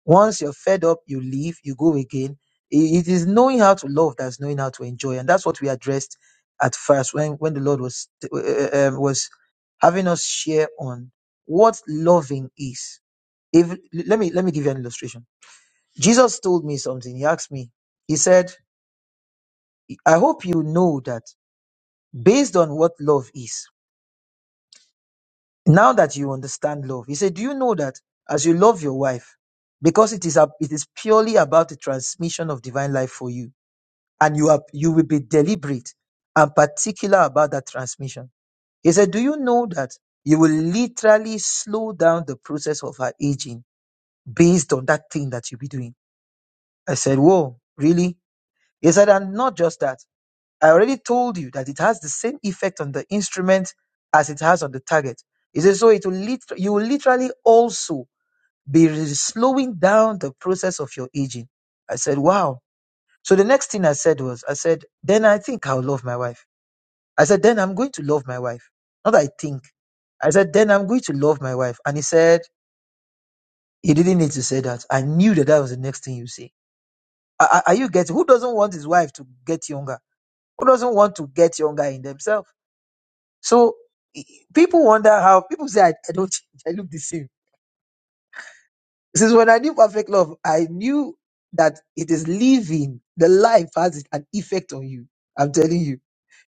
S3: Once you're fed up, you leave, you go again. I- It is knowing how to love that's knowing how to enjoy, and that's what we addressed at first when when the Lord was uh, uh, was having us share on what loving is. If let me let me give you an illustration. Jesus told me something. He asked me. He said, "I hope you know that based on what love is. Now that you understand love, he said, do you know that as you love your wife, because it is a, it is purely about the transmission of divine life for you." and you are you will be deliberate and particular about that transmission. He said, Do you know that you will literally slow down the process of her aging based on that thing that you'll be doing? I said, Whoa, really? He said, and not just that. I already told you that it has the same effect on the instrument as it has on the target. He said, so it will lit- you will literally also be re- slowing down the process of your aging. I said, wow. So the next thing I said was, I said, then I think I'll love my wife. I said, then I'm going to love my wife. Not I think. I said, then I'm going to love my wife. And he said, he didn't need to say that. I knew that that was the next thing you say. Are, are are you getting, who doesn't want his wife to get younger? Who doesn't want to get younger in themselves? So i- i- people wonder how, people say, I, I don't change. I look the same. Since when I knew perfect love, I knew that it is living. The life has an effect on you. I'm telling you.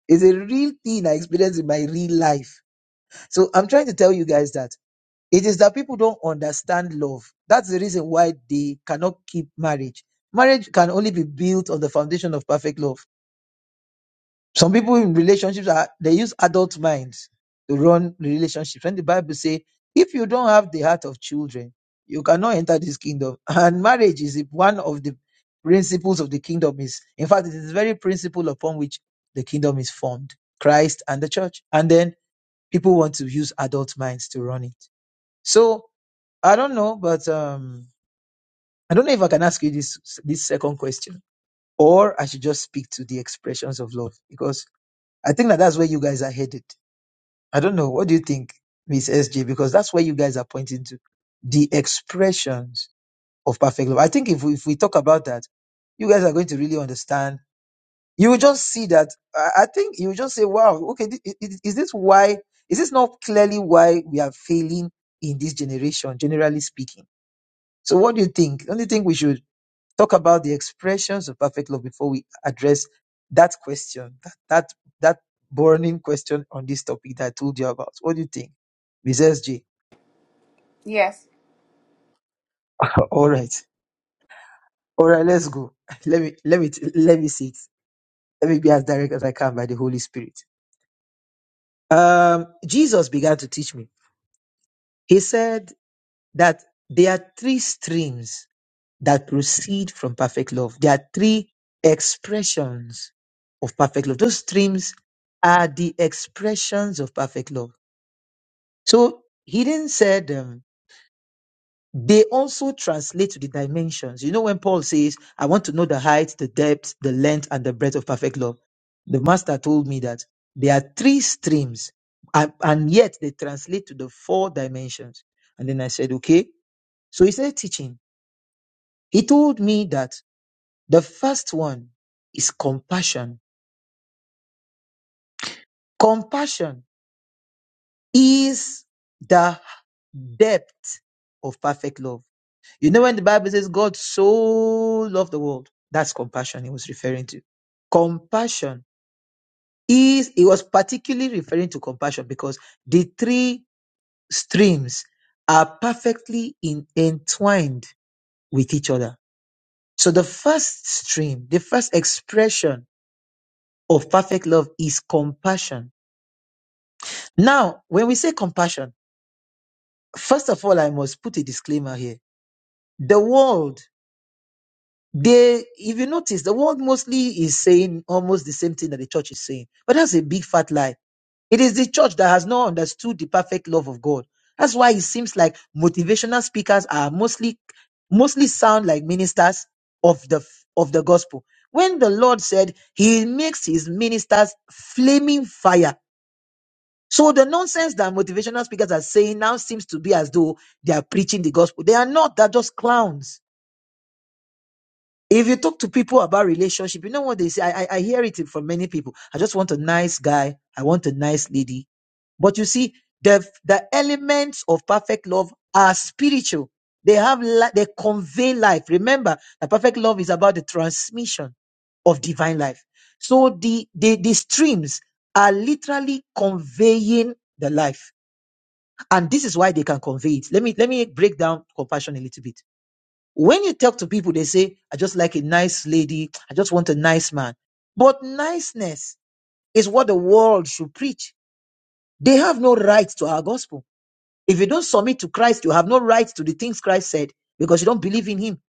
S3: It's a real thing I experienced in my real life. So I'm trying to tell you guys that. It is that people don't understand love. That's the reason why they cannot keep marriage. Marriage can only be built on the foundation of perfect love. Some people in relationships are they use adult minds to run relationships. When the Bible says, if you don't have the heart of children, you cannot enter this kingdom. And marriage is one of the principles of the kingdom is in fact it is the very principle upon which the kingdom is formed. Christ and the church. And then people want to use adult minds to run it. So I don't know, but um, I don't know if I can ask you this this second question, or I should just speak to the expressions of love because I think that that's where you guys are headed. I don't know. What do you think, Miss SJ? Because that's where you guys are pointing to the expressions of perfect love. I think if we, if we talk about that, you guys are going to really understand. You will just see that. I I think you will just say, "Wow, okay, thi- i- i- is this why? Is this not clearly why we are failing in this generation, generally speaking?" So, what do you think? Don't you think we should? talk about the expressions of perfect love before we address that question, that that, that burning question on this topic that I told you about. What do you think, Ms. SJ?
S1: yes.
S3: All right, all right, let's go. Let me let me let me see it. Let me be as direct as I can by the Holy Spirit. Um, Jesus began to teach me. He said that there are three streams that proceed from perfect love. There are three expressions of perfect love. Those streams are the expressions of perfect love. So he then said um, they also translate to the dimensions. You know, when Paul says, I want to know the height, the depth, the length, and the breadth of perfect love, the master told me that there are three streams and, and yet they translate to the four dimensions. And then I said, okay. So he started teaching. He told me that The first one is compassion. Compassion is the depth of perfect love. You know, when the Bible says God so loved the world, that's compassion he was referring to. Compassion is, he was particularly referring to compassion because the three streams are perfectly in, entwined with each other. So the first stream, the first expression of perfect love is compassion Now, when we say compassion, first of all, I must put a disclaimer here. The world, they, if you notice, the world mostly is saying almost the same thing that the church is saying, but that's a big fat lie. It is the church that has not understood the perfect love of God. That's why it seems like motivational speakers are mostly, mostly sound like ministers of the of the gospel. When the Lord said He makes His ministers flaming fire So the nonsense that motivational speakers are saying now seems to be as though they are preaching the gospel. They are not, they're just clowns. If you talk to people about relationship, you know what they say. I, I, I hear it from many people. I just want a nice guy. I want a nice lady. But you see, the, the elements of perfect love are spiritual. They have, li- they convey life. Remember the perfect love is about the transmission of divine life. So the, the, the streams are literally conveying the life. And this is why they can convey it. Let me let me break down compassion a little bit. When you talk to people, they say, I just like a nice lady, I just want a nice man. But niceness is what the world should preach. They have no right to our gospel. If you don't submit to Christ, you have no right to the things Christ said because you don't believe in him.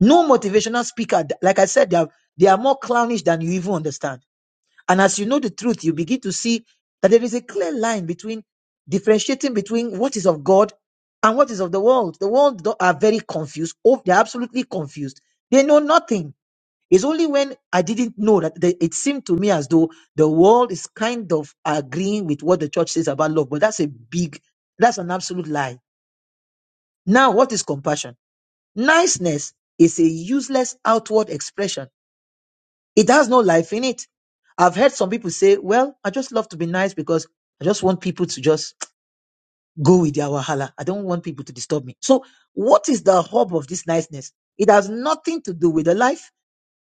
S3: No motivational speaker, like I said, they are, they are more clownish than you even understand. And as you know the truth, you begin to see that there is a clear line between differentiating between what is of God and what is of the world. The world do- are very confused. Oh, they're absolutely confused. They know nothing. It's only when I didn't know that they, it seemed to me as though the world is kind of agreeing with what the church says about love, but that's a big, that's an absolute lie. Now, what is compassion? Niceness is a useless outward expression it has no life in it. I've heard some people say, well, I just love to be nice because I just want people to just go with their wahala. I don't want people to disturb me. So what is the hub of this niceness? It has nothing to do with the life.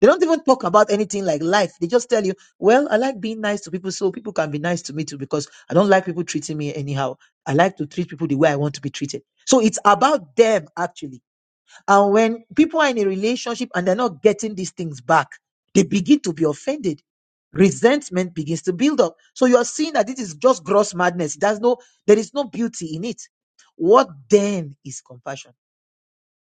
S3: They don't even talk about anything like life. They just tell you, well, I like being nice to people so people can be nice to me too because I don't like people treating me anyhow. I like to treat people the way I want to be treated. So it's about them actually and when people are in a relationship and they're not getting these things back, they begin to be offended. Resentment begins to build up. So you are seeing that this is just gross madness. There's no, there is no beauty in it. What then is compassion?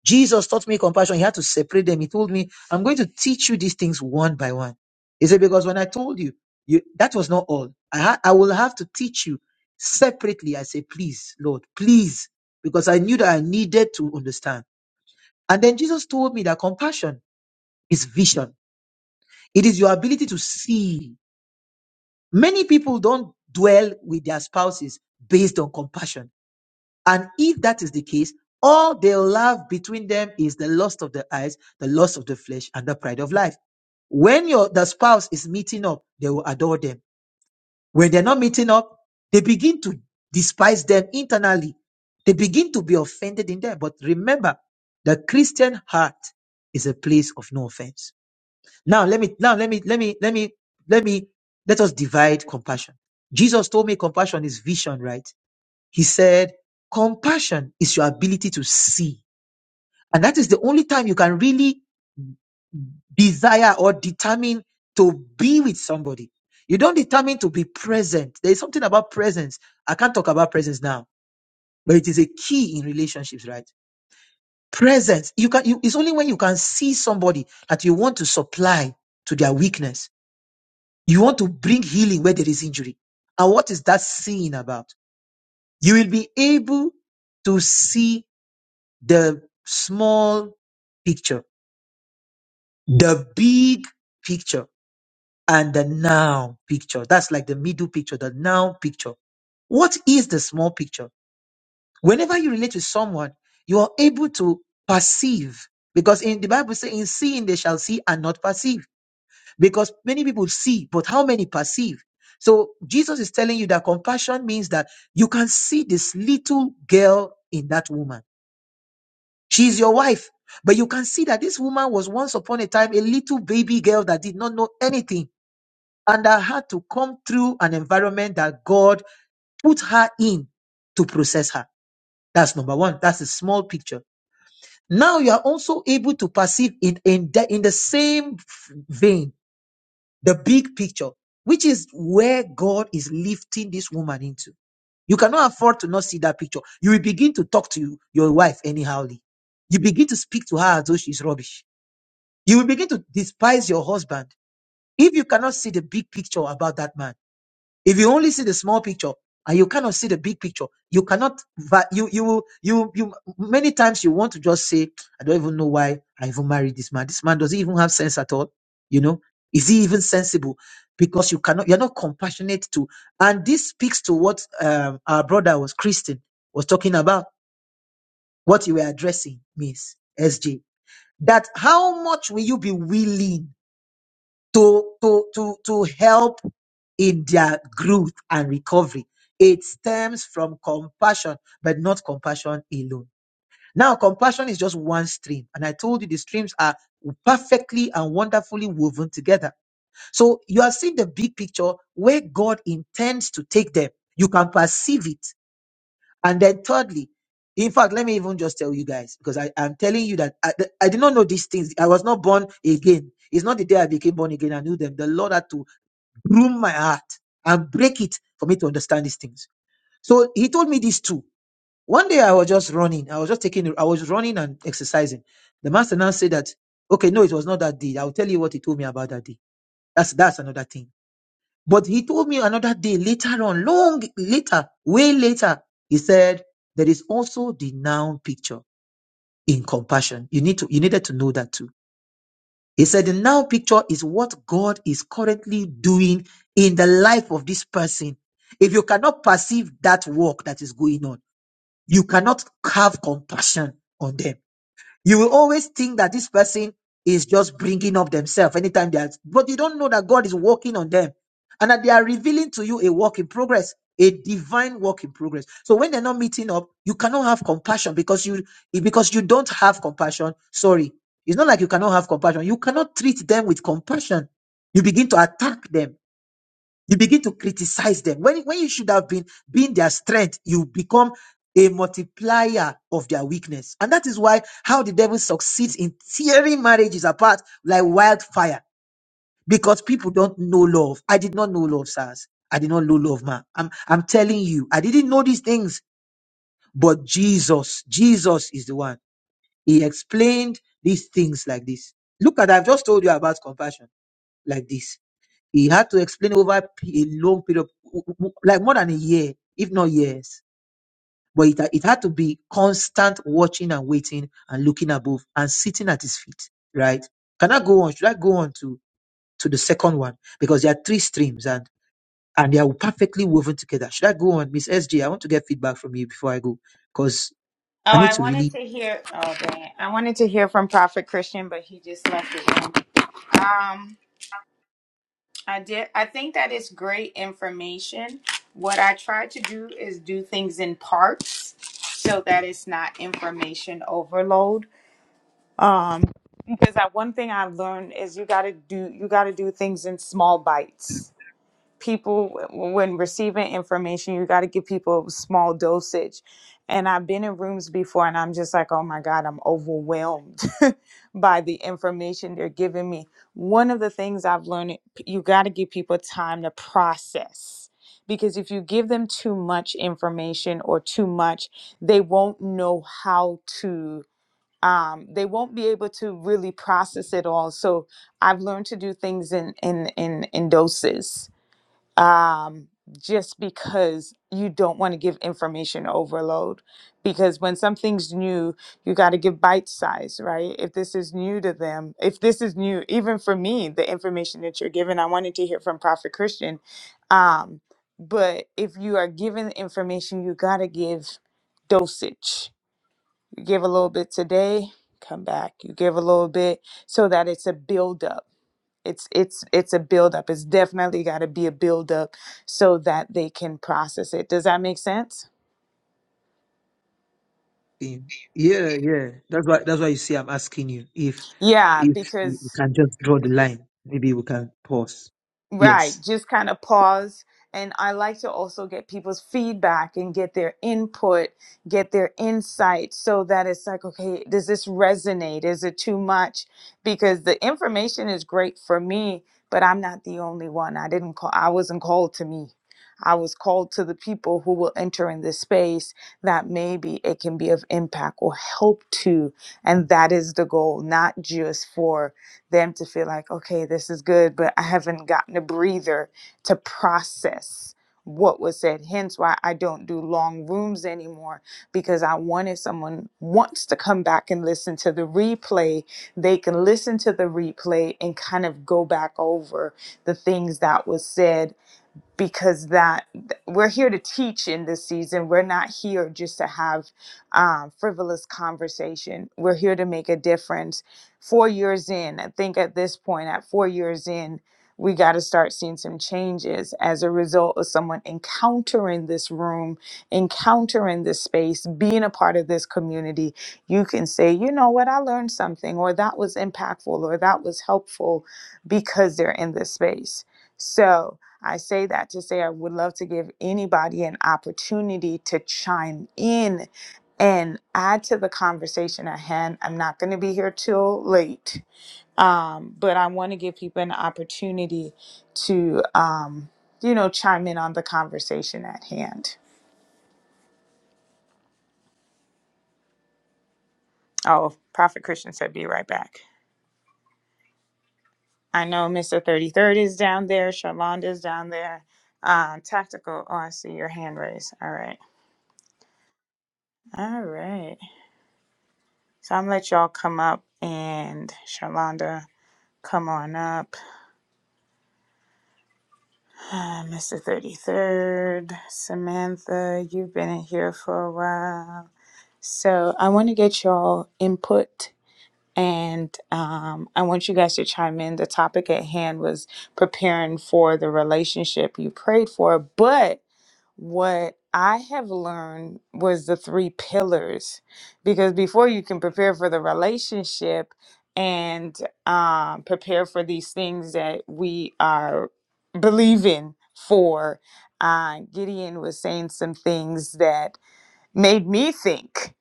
S3: Jesus taught me compassion. He had to separate them. He told me, I'm going to teach you these things one by one. He said, because when I told you, you that was not all. I, ha- I will have to teach you separately. I say, please, Lord, please, because I knew that I needed to understand. And then Jesus told me that compassion is vision. It is your ability to see. Many people don't dwell with their spouses based on compassion. And if that is the case, all they'll have between them is the lust of the eyes, the lust of the flesh, and the pride of life. When your the spouse is meeting up, they will adore them. When they're not meeting up, they begin to despise them internally. They begin to be offended in them. But remember, the Christian heart is a place of no offense. Now let me now let me let me let me let me let us divide compassion. Jesus told me compassion is vision, right? He said compassion is your ability to see. And that is the only time you can really desire or determine to be with somebody. You don't determine to be present. There is something about presence. I can't talk about presence now, but it is a key in relationships, right? Presence. You can you, it's only when you can see somebody that you want to supply to their weakness You want to bring healing where there is injury. And what is that seeing about? You will be able to see the small picture, the big picture, and the now picture. That's like the middle picture, the now picture. What is the small picture? Whenever you relate with someone, you are able to perceive because in the Bible says, in seeing they shall see and not perceive. because many people see, but how many perceive? So Jesus is telling you that compassion means that you can see this little girl in that woman. She is your wife, but you can see that this woman was once upon a time a little baby girl that did not know anything and that had to come through an environment that God put her in to process her. That's number one. That's a small picture. Now you are also able to perceive it in the, in the same vein the big picture, which is where God is lifting this woman into. You cannot afford to not see that picture. You will begin to talk to you- your wife anyhowly. You begin to speak to her as though she's rubbish. You will begin to despise your husband if you cannot see the big picture about that man. If you only see the small picture and you cannot see the big picture, you cannot. va- You you will you you many times you want to just say, I don't even know why I even married this man. This man doesn't even have sense at all. You know, is he even sensible? Because you cannot, you're not compassionate to. And this speaks to what um, our brother was Christian was talking about. What you were addressing, Miss SJ, that how much will you be willing? to to to to help in their growth and recovery. It stems from compassion, but not compassion alone. Now, compassion is just one stream, and I told you the streams are perfectly and wonderfully woven together. So you are seeing the big picture where God intends to take them. You can perceive it. And then, thirdly, in fact, let me even just tell you guys because I am telling you that I, I did not know these things. I was not born again. It's not the day I became born again. I knew them. The Lord had to Room my heart and break it for me to understand these things. So he told me these two. One day I was just running. I was just taking, I was running and exercising. The master now said that, okay, no, it was not that day. I'll tell you what he told me about that day. That's, that's another thing. But he told me another day later on, long later, way later, he said, there is also the noun picture in compassion. You need to, you needed to know that too he said the now picture is what God is currently doing in the life of this person. If you cannot perceive that work that is going on, you cannot have compassion on them you will always think that this person is just bringing up themselves anytime they are, but you don't know that God is working on them and that they are revealing to you a work in progress, a divine work in progress. So when they're not meeting up, you cannot have compassion because you because you don't have compassion. Sorry, it's not like you cannot have compassion. You cannot treat them with compassion. You begin to attack them you begin to criticize them when, when you should have been being their strength you become a multiplier of their weakness and that is why how the devil succeeds in tearing marriages apart like wildfire because people don't know love i did not know love sirs i did not know love man i'm i'm telling you i didn't know these things but jesus jesus is the one he explained these things like this look at i've just told you about compassion like this he had to explain over p- a long period, w- w- like more than a year, if not years. But it, ha- it had to be constant watching and waiting and looking above and sitting at his feet, right? Can I go on? Should I go on to, to the second one? Because there are three streams and, and they are perfectly woven together. Should I go on? Miss S J? I want to get feedback from you before I go because
S1: Oh,
S3: I need
S1: I
S3: to
S1: wanted
S3: really.
S1: to hear. Oh, dang! it. I wanted to hear from Prophet Christian, but he just left the room. Um, I did. I think that is great information. What I try to do is do things in parts, so that it's not information overload. Um, because that one thing I've learned is you got to do you got to do things in small bites people when receiving information you got to give people small dosage and i've been in rooms before and i'm just like oh my god i'm overwhelmed by the information they're giving me one of the things i've learned you got to give people time to process because if you give them too much information or too much they won't know how to um, they won't be able to really process it all so i've learned to do things in in in, in doses um, just because you don't want to give information overload. Because when something's new, you got to give bite size, right? If this is new to them, if this is new, even for me, the information that you're giving, I wanted to hear from Prophet Christian. Um, but if you are given information, you got to give dosage. You give a little bit today, come back. You give a little bit so that it's a buildup it's it's it's a buildup. It's definitely got to be a buildup so that they can process it. Does that make sense?
S3: think. Yeah, yeah. That's why, that's why you see I'm asking you if,
S1: Yeah,
S3: if
S1: because
S3: you can just draw the line. Maybe we can pause.
S1: Right,
S3: Yes.
S1: just kind of pause. And I like to also get people's feedback and get their input, get their insight so that it's like, okay, does this resonate? Is it too much? Because the information is great for me, but I'm not the only one. I didn't call, I wasn't called to me. I was called to the people who will enter in this space that maybe it can be of impact or help to. And that is the goal, not just for them to feel like, okay, this is good, but I haven't gotten a breather to process what was said. Hence why I don't do long rooms anymore because I want if someone wants to come back and listen to the replay, they can listen to the replay and kind of go back over the things that was said because that we're here to teach in this season we're not here just to have um, frivolous conversation we're here to make a difference four years in i think at this point at four years in we got to start seeing some changes as a result of someone encountering this room encountering this space being a part of this community you can say you know what i learned something or that was impactful or that was helpful because they're in this space so I say that to say I would love to give anybody an opportunity to chime in and add to the conversation at hand. I'm not going to be here till late, um, but I want to give people an opportunity to, um, you know, chime in on the conversation at hand. Oh, Prophet Christian said, be right back. I know Mr. 33rd is down there, Shalonda's down there. Uh, tactical, oh, I see your hand raised. All right. All right. So I'm gonna let y'all come up and Sharlonda, come on up. Uh, Mr. 33rd, Samantha, you've been in here for a while. So I want to get y'all input and um, I want you guys to chime in. The topic at hand was preparing for the relationship you prayed for, but what I have learned was the three pillars because before you can prepare for the relationship and um, prepare for these things that we are believing for, uh, Gideon was saying some things that made me think.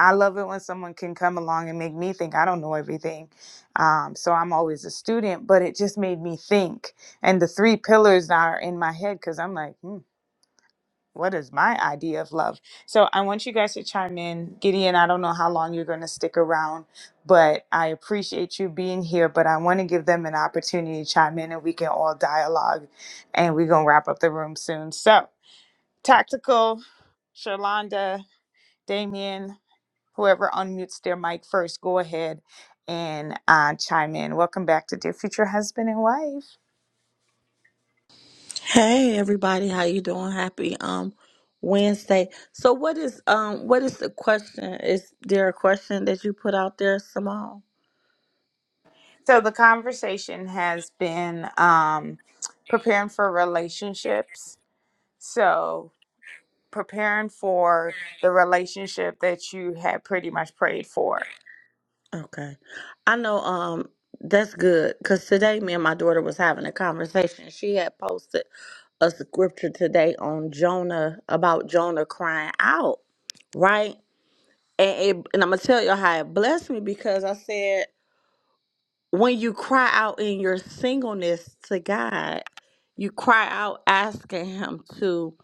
S1: I love it when someone can come along and make me think I don't know everything. Um, so I'm always a student, but it just made me think. And the three pillars are in my head because I'm like, hmm what is my idea of love? So I want you guys to chime in. Gideon, I don't know how long you're going to stick around, but I appreciate you being here. But I want to give them an opportunity to chime in and we can all dialogue and we're going to wrap up the room soon. So, Tactical, Shalonda, Damien, whoever unmutes their mic first, go ahead and uh, chime in. Welcome back to Dear Future Husband and Wife.
S5: Hey everybody, how you doing? Happy um Wednesday. So what is um what is the question? Is there a question that you put out there, Simone?
S1: So the conversation has been um, preparing for relationships. So preparing for the relationship that you had pretty much prayed for.
S5: Okay. I know um that's good cuz today me and my daughter was having a conversation. She had posted a scripture today on Jonah about Jonah crying out, right? And it, and I'm going to tell you how it blessed me because I said when you cry out in your singleness to God, you cry out asking Him to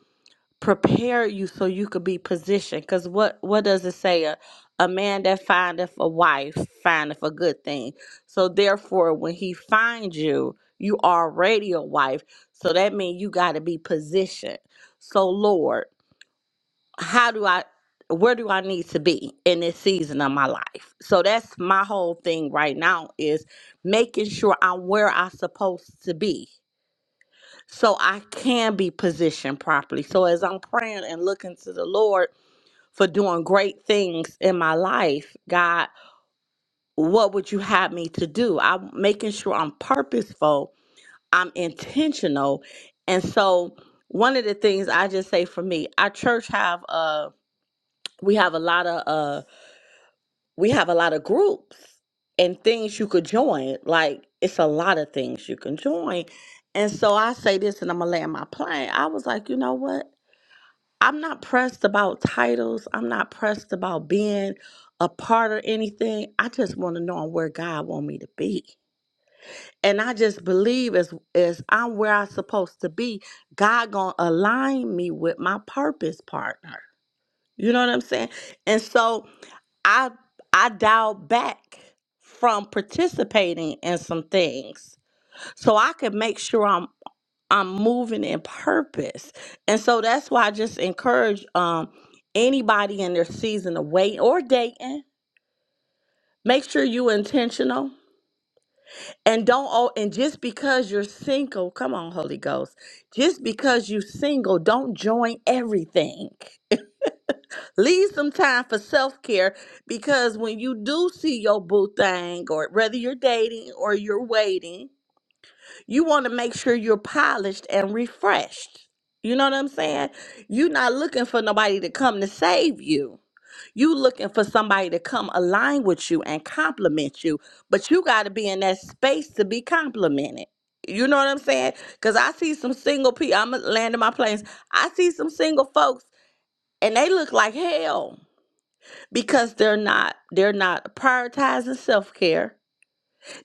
S5: prepare you so you could be positioned. Because what what does it say? A, a man that findeth a wife findeth a good thing. So therefore, when he finds you, you already a wife. So that means you got to be positioned. So Lord how do I where do I need to be in this season of my life? So that's my whole thing right now is making sure I'm where I'm supposed to be so I can be positioned properly. So as I'm praying and looking to the Lord for doing great things in my life, God, what would you have me to do? I'm making sure I'm purposeful, I'm intentional. And so one of the things I just say for me, our church have uh we have a lot of uh, we have a lot of groups and things you could join. Like it's a lot of things you can join. And so I say this and I'm gonna land my plane. I was like, you know what? I'm not pressed about titles. I'm not pressed about being a part or anything. I just want to know I'm where God want me to be. And I just believe as as I'm where I'm supposed to be, God gonna align me with my purpose partner. You know what I'm saying? And so I I dialed back from participating in some things so I could make sure I'm I'm moving in purpose. And so that's why I just encourage um anybody in their season of waiting or dating, make sure you intentional and don't oh and just because you're single, come on Holy Ghost. Just because you single, don't join everything. Leave some time for self care because when you do see your boo thing, or whether you're dating or you're waiting, you want to make sure you're polished and refreshed. You know what I'm saying? You're not looking for nobody to come to save you. You looking for somebody to come align with you and compliment you, but you got to be in that space to be complimented. You know what I'm saying? Cause I see some single people. I'm landing my planes. I see some single folks, and they look like hell because they're not they're not prioritizing self-care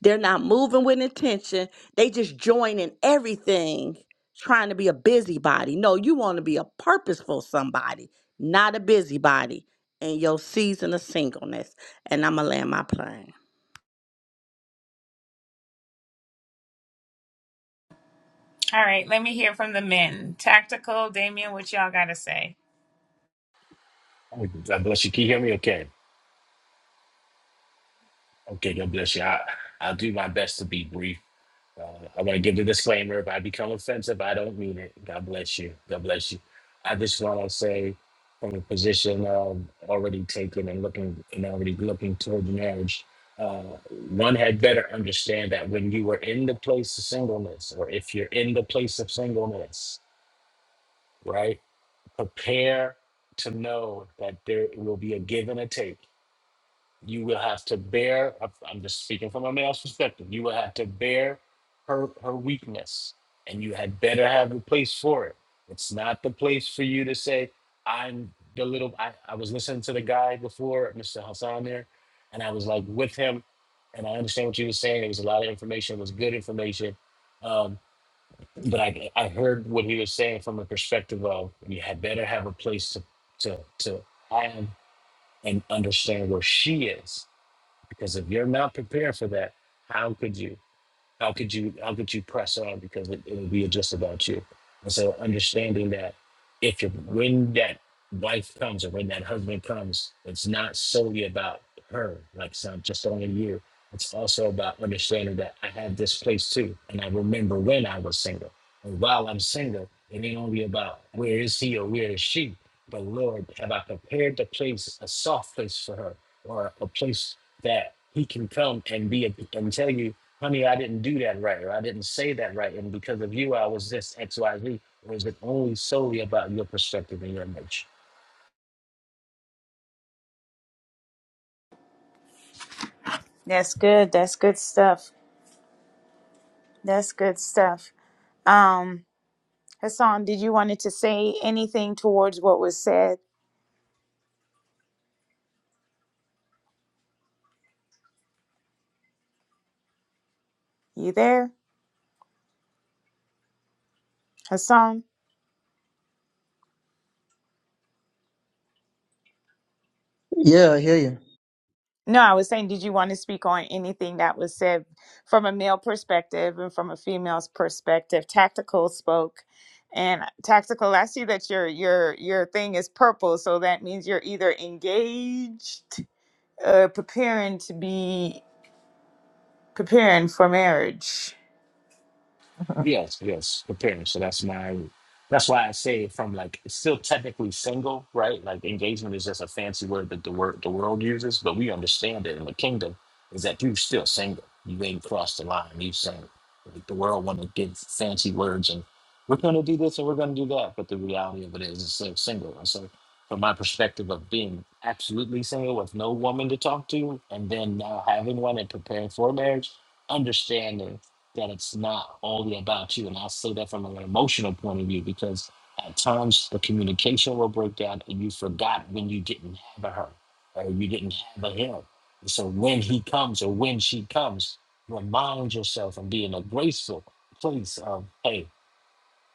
S5: they're not moving with intention they just joining everything trying to be a busybody no you want to be a purposeful somebody not a busybody in your season of singleness and i'ma land my plane
S1: All right, let me hear from the men. Tactical, Damien, what y'all got to say?
S6: God bless you. Can you hear me okay? Okay, God bless you. I, I'll do my best to be brief. Uh, I want to give the disclaimer. If I become offensive, I don't mean it. God bless you. God bless you. I just want to say from a position of already taken and looking and already looking toward marriage, uh, one had better understand that when you are in the place of singleness, or if you're in the place of singleness, right, prepare to know that there will be a give and a take you will have to bear i'm I'm just speaking from a male's perspective you will have to bear her her weakness and you had better have a place for it it's not the place for you to say i'm the little i, I was listening to the guy before mr hassan there and i was like with him and i understand what you were saying it was a lot of information it was good information um, but I, I heard what he was saying from a perspective of you had better have a place to to to have and understand where she is because if you're not prepared for that, how could you? how could you how could you press on because it, it'll be just about you and so understanding that if you when that wife comes or when that husband comes it's not solely about her like it's not just only you it's also about understanding that i have this place too and i remember when i was single and while i'm single it ain't only about where is he or where is she but lord have i prepared the place a soft place for her or a place that he can come and be a, and tell you honey, I didn't do that right, or I didn't say that right, and because of you, I was this X, Y, Z, or is it only solely about your perspective and your emotion?
S1: That's good. That's good stuff. That's good stuff. Um, Hassan, did you wanted to say anything towards what was said? You there, Hassan?
S3: Yeah, I hear you.
S1: No, I was saying, did you want to speak on anything that was said from a male perspective and from a female's perspective? Tactical spoke, and tactical. I see that your your your thing is purple, so that means you're either engaged, uh, preparing to be preparing for marriage.
S6: Yes, yes, the parents. So that's my that's why I say from like it's still technically single, right? Like engagement is just a fancy word that the word the world uses, but we understand it in the kingdom is that you still single. You ain't crossed the line, you single. Like the world wanna give fancy words and we're gonna do this and we're gonna do that. But the reality of it is it's still single. And so from my perspective of being absolutely single with no woman to talk to and then now having one and preparing for marriage, understanding that it's not only about you. And I say that from an emotional point of view because at times the communication will break down and you forgot when you didn't have a her or you didn't have a him. And so when he comes or when she comes, remind yourself and be in a graceful place of, hey,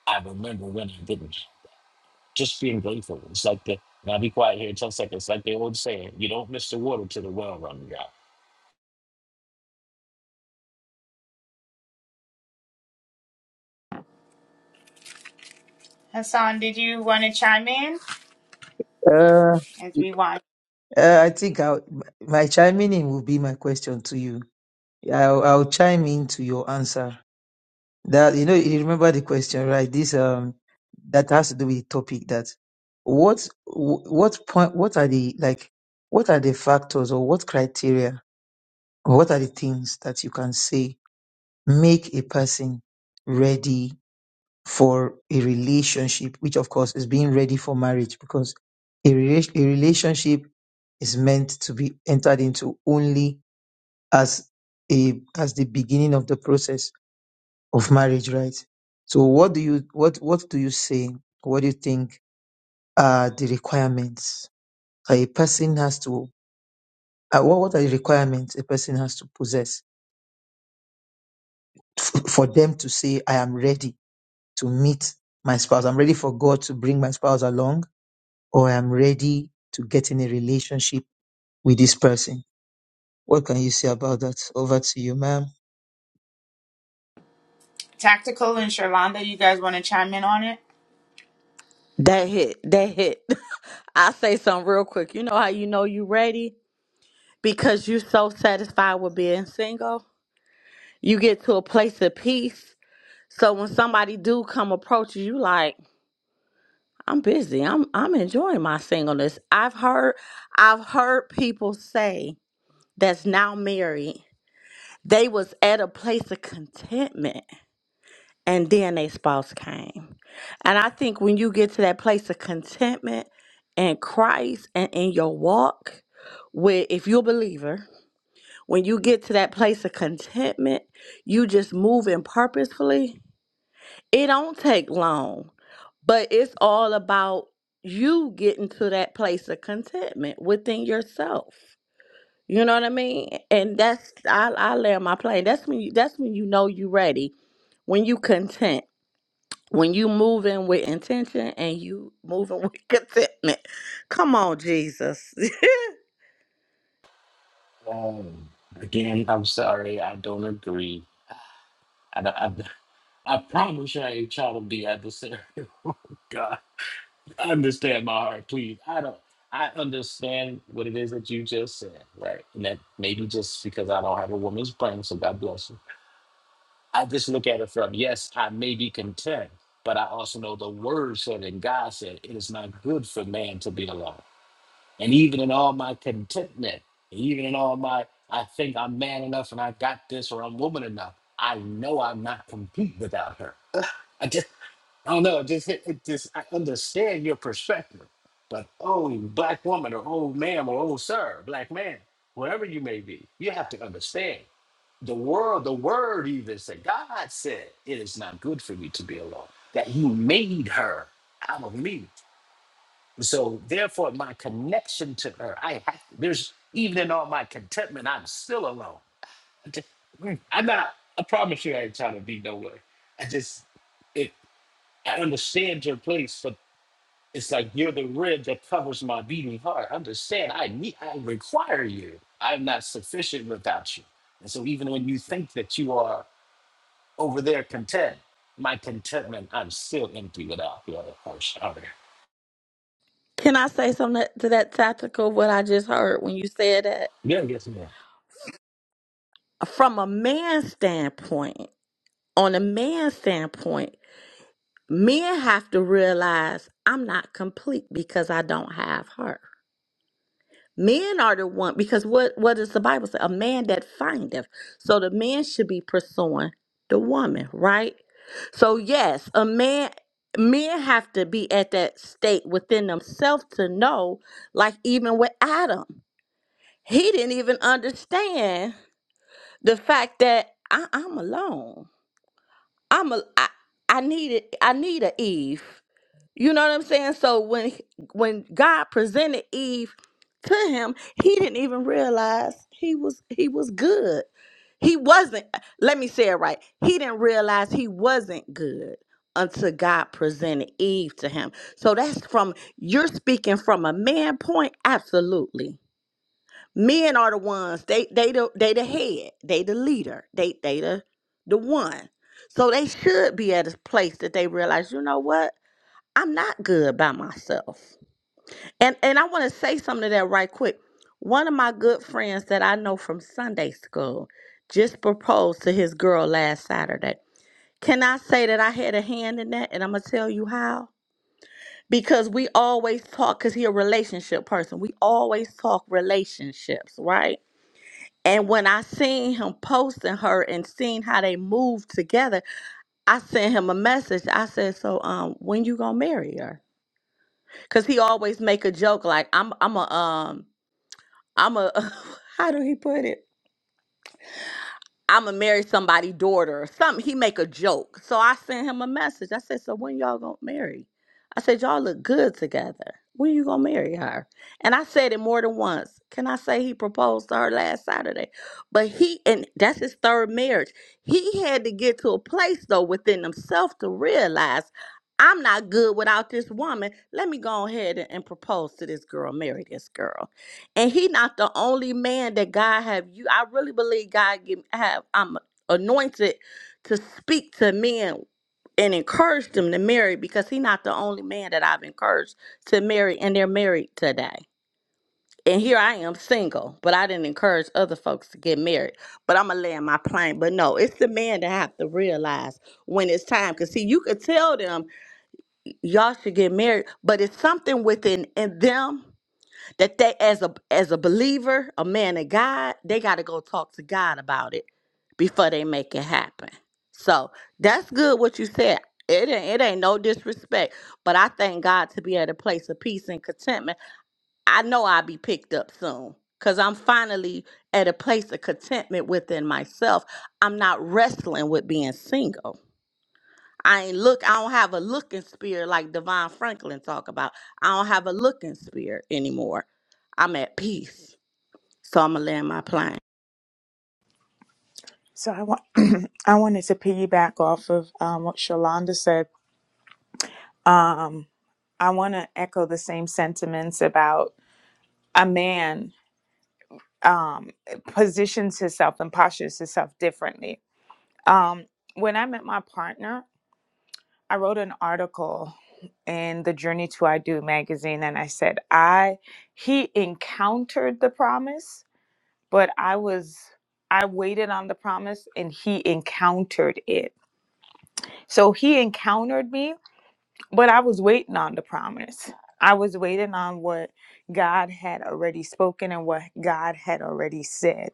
S6: I remember when I didn't. Just being grateful. It's like the, now be quiet here 10 seconds, like they old saying, you don't miss the water till the well runs out.
S1: Hassan, did you want to chime in
S3: Uh,
S1: as we want
S3: uh, I think I'll, my chiming in will be my question to you. I'll, I'll chime in to your answer. That you know, you remember the question, right? This um, that has to do with the topic. That what wh- what point? What are the like? What are the factors or what criteria? Or what are the things that you can say make a person ready for a relationship, which of course is being ready for marriage because a, rela- a relationship is meant to be entered into only as a as the beginning of the process of marriage, right? So what do you what what do you say? What do you think are the requirements that a person has to uh, what, what are the requirements a person has to possess f- for them to say I am ready to meet my spouse. I'm ready for God to bring my spouse along or I'm ready to get in a relationship with this person. What can you say about that? Over to you, ma'am.
S1: tactical and Shalonda? You guys want to chime in on it?
S5: that hit that hit i say something real quick you know how you know you ready because you're so satisfied with being single you get to a place of peace so when somebody do come approach you you like I'm busy. I'm I'm enjoying my singleness. I've heard I've heard people say that's now married. They was at a place of contentment and then their spouse came. And I think when you get to that place of contentment in Christ and in your walk with if you're a believer, when you get to that place of contentment, you just moving purposefully. It don't take long But it's all about you getting to that place of contentment within yourself. You know what I mean? And that's I I land my plane. That's when you that's when you know you ready. When you content. When you moving with intention and you moving with contentment. Come on, Jesus.
S6: Um, again, I'm sorry, I don't agree I, don't- I, I promise you I ain't trying to be adversarial. Oh, God, understand my heart, please. I don't. I understand what it is that you just said, right? And that maybe just because I don't have a woman's brain, so God bless you. I just look at it from yes, I may be content, but I also know the Word said and God said it is not good for man to be alone. And even in all my contentment, even in all my, I think I'm man enough and I got this or I'm woman enough. I know I'm not complete without her. I just I don't know. just hit it just I understand your perspective. But oh, you black woman or old ma'am or old sir, black man, whoever you may be, you have to understand the world. The word even said, God said, it is not good for me to be alone. That He made her out of me. So therefore, my connection to her, I have. There's even in all my contentment, I'm still alone. I just- mm, I'm not. I promise you, I ain't trying to be no way. I just. it. I understand your place, but it's like you're the rib that covers my beating heart. Understand, I need, I require you. I'm not sufficient without you. And so, even when you think that you are over there content, my contentment, I'm still empty without the other person. Out there.
S5: Can I say something to that tactical what I just heard when you said that?
S6: Yeah, yes, ma'am.
S5: From a man's standpoint, on a man's standpoint. Men have to realize I'm not complete because I don't have her. Men are the one because what what does the Bible say? A man that findeth. So the man should be pursuing the woman, right? So yes, a man men have to be at that state within themselves to know, like even with Adam, he didn't even understand the fact that I, I'm alone. I'm a I, I needed I need a Eve. You know what I'm saying? So when when God presented Eve to him, he didn't even realize he was he was good. He wasn't let me say it right. He didn't realize he wasn't good until God presented Eve to him. So that's from you're speaking from a man point absolutely. Men are the ones they they the, they the head, they the leader, they they the the one. So they should be at a place that they realize, you know what? I'm not good by myself. And and I want to say something to that right quick. One of my good friends that I know from Sunday school just proposed to his girl last Saturday. Can I say that I had a hand in that? And I'm gonna tell you how. Because we always talk, because he a relationship person. We always talk relationships, right? And when I seen him posting her and seeing how they moved together, I sent him a message. I said, "So, um, when you gonna marry her?" Cause he always make a joke like I'm I'm a um I'm a how do he put it? I'ma marry somebody' daughter or something. He make a joke. So I sent him a message. I said, So when y'all gonna marry? I said, Y'all look good together. When you gonna marry her? And I said it more than once. Can I say he proposed to her last Saturday? But he and that's his third marriage. He had to get to a place though within himself to realize I'm not good without this woman. Let me go ahead and and propose to this girl, marry this girl and he not the only man that God have you. I really believe God give, have I'm anointed to speak to men and encourage them to marry because he not the only man that I've encouraged to marry and they're married today. And here I am single, but I didn't encourage other folks to get married. But I'm gonna land my plane. But no, it's the man that have to realize when it's time. Cause see, you could tell them y'all should get married, but it's something within in them that they as a as a believer, a man of God, they got to go talk to God about it before they make it happen. So that's good what you said. It ain't, it ain't no disrespect, but I thank God to be at a place of peace and contentment. I know I'll be picked up soon because I'm finally at a place of contentment within myself. I'm not wrestling with being single. I ain't look. I don't have a looking spirit like Devon Franklin talk about. I don't have a looking spirit anymore. I'm at peace, so I'ma land my plane.
S1: So I want I wanted to piggyback off of um, what Shalonda said Um, I want to echo the same sentiments about a man um, positions himself and postures himself differently. Um, when I met my partner, I wrote an article in the Journey to I Do magazine, and I said I he encountered the promise, but I was I waited on the promise, and he encountered it. So he encountered me, But I was waiting on the promise. I was waiting on what God had already spoken and what God had already said.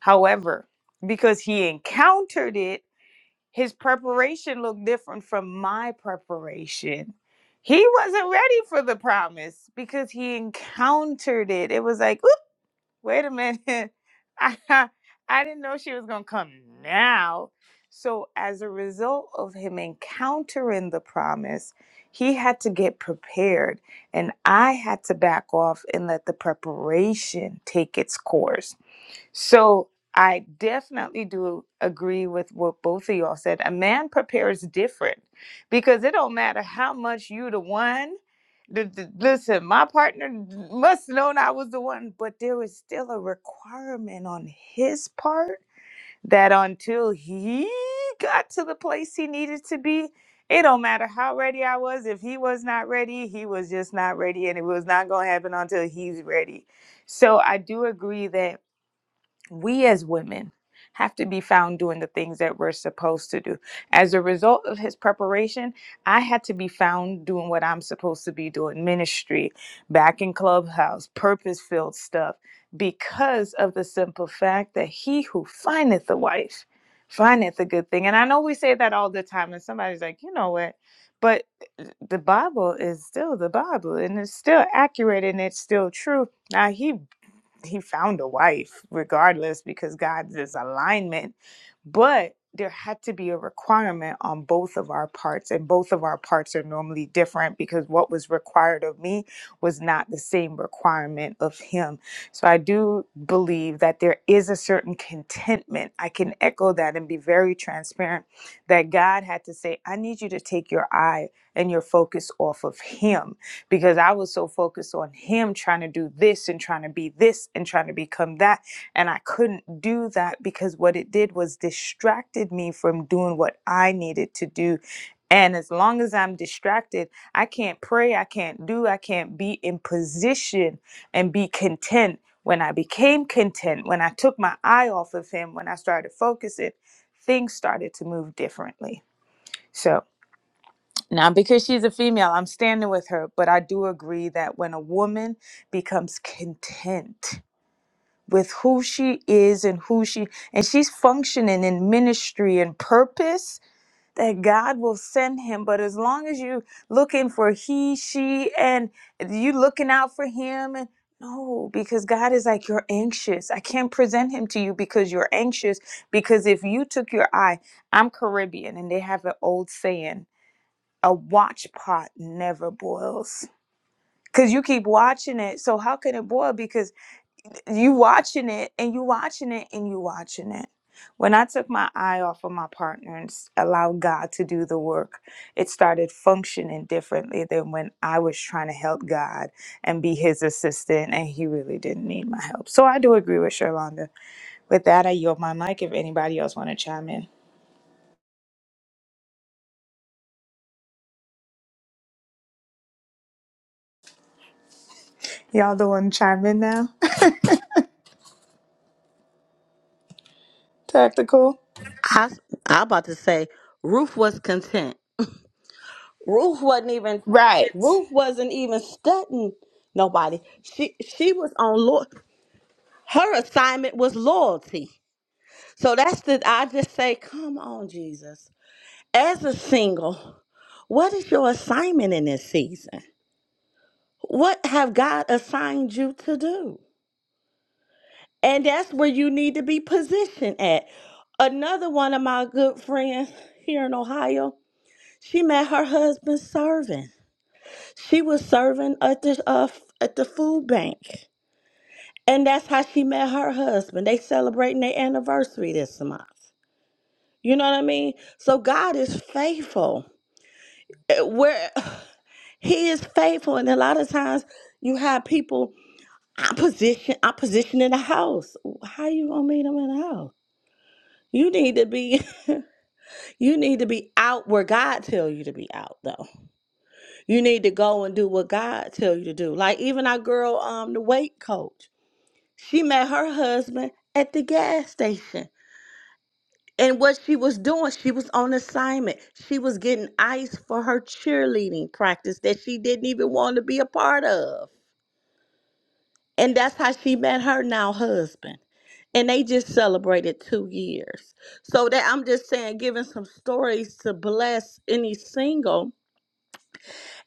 S1: However, because he encountered it, his preparation looked different from my preparation. He wasn't ready for the promise because he encountered it. It was like, wait a minute. I, I didn't know she was going to come now. So, as a result of him encountering the promise, he had to get prepared. And I had to back off and let the preparation take its course. So I definitely do agree with what both of y'all said. A man prepares different because it don't matter how much you the one. The, the- listen, my partner must known I was the one, but there was still a requirement on his part that until he got to the place he needed to be, it don't matter how ready I was. If he was not ready, he was just not ready, and it was not gonna happen until he's ready. So I do agree that we as women have to be found doing the things that we're supposed to do. As a result of his preparation, I had to be found doing what I'm supposed to be doing ministry, back in clubhouse, purpose filled stuff, because of the simple fact that he who findeth a wife findeth a good thing. And I know we say that all the time, and somebody's like, you know what? But the Bible is still the Bible and it's still accurate and it's still true. Now, he he found a wife regardless because God is alignment. But there had to be a requirement on both of our parts, and both of our parts are normally different because what was required of me was not the same requirement of him. So I do believe that there is a certain contentment. I can echo that and be very transparent that God had to say, I need you to take your eye and your focus off of him because I was so focused on him trying to do this and trying to be this and trying to become that. And I couldn't do that because what it did was distracted me from doing what I needed to do. And as long as I'm distracted, I can't pray, I can't do, I can't be in position and be content. When I became content, when I took my eye off of him, when I started focusing, things started to move differently. So. Now, because she's a female, I'm standing with her, but I do agree that when a woman becomes content with who she is and who she and she's functioning in ministry and purpose that God will send him but as long as you looking for he she and you looking out for him and no because God is like you're anxious I can't present him to you because you're anxious because if you took your eye I'm Caribbean and they have an old saying a watch pot never boils because you keep watching it so how can it boil because you watching it and you watching it and you watching it when i took my eye off of my partner and s- allowed god to do the work it started functioning differently than when i was trying to help god and be his assistant and he really didn't need my help so i do agree with sherlonda with that i yield my mic if anybody else want to chime in y'all don't want to chime in now tactical
S5: I s- I about to say Ruth was content. Ruth wasn't even.
S1: right
S5: Ruth wasn't even studying nobody. She she was on Lord. Her assignment was loyalty. So that's the. I just say, come on, Jesus. As a single, what is your assignment in this season? What have God assigned you to do? And that's where you need to be positioned at. Another one of my good friends here in Ohio, she met her husband serving. She was serving at the uh, f- at the food bank, and that's how she met her husband. They celebrating their anniversary this month. You know what I mean? So God is faithful. Uh, Where He is faithful, and a lot of times you have people I position I position in the house. How you gonna meet them in the house? You need to be you need to be out where God tell you to be out though. You need to go and do what God tell you to do. Like even our girl um the weight coach. She met her husband at the gas station. And what she was doing, she was on assignment. She was getting ice for her cheerleading practice that she didn't even want to be a part of. And that's how she met her now husband. And they just celebrated two years. So that I'm just saying, giving some stories to bless any single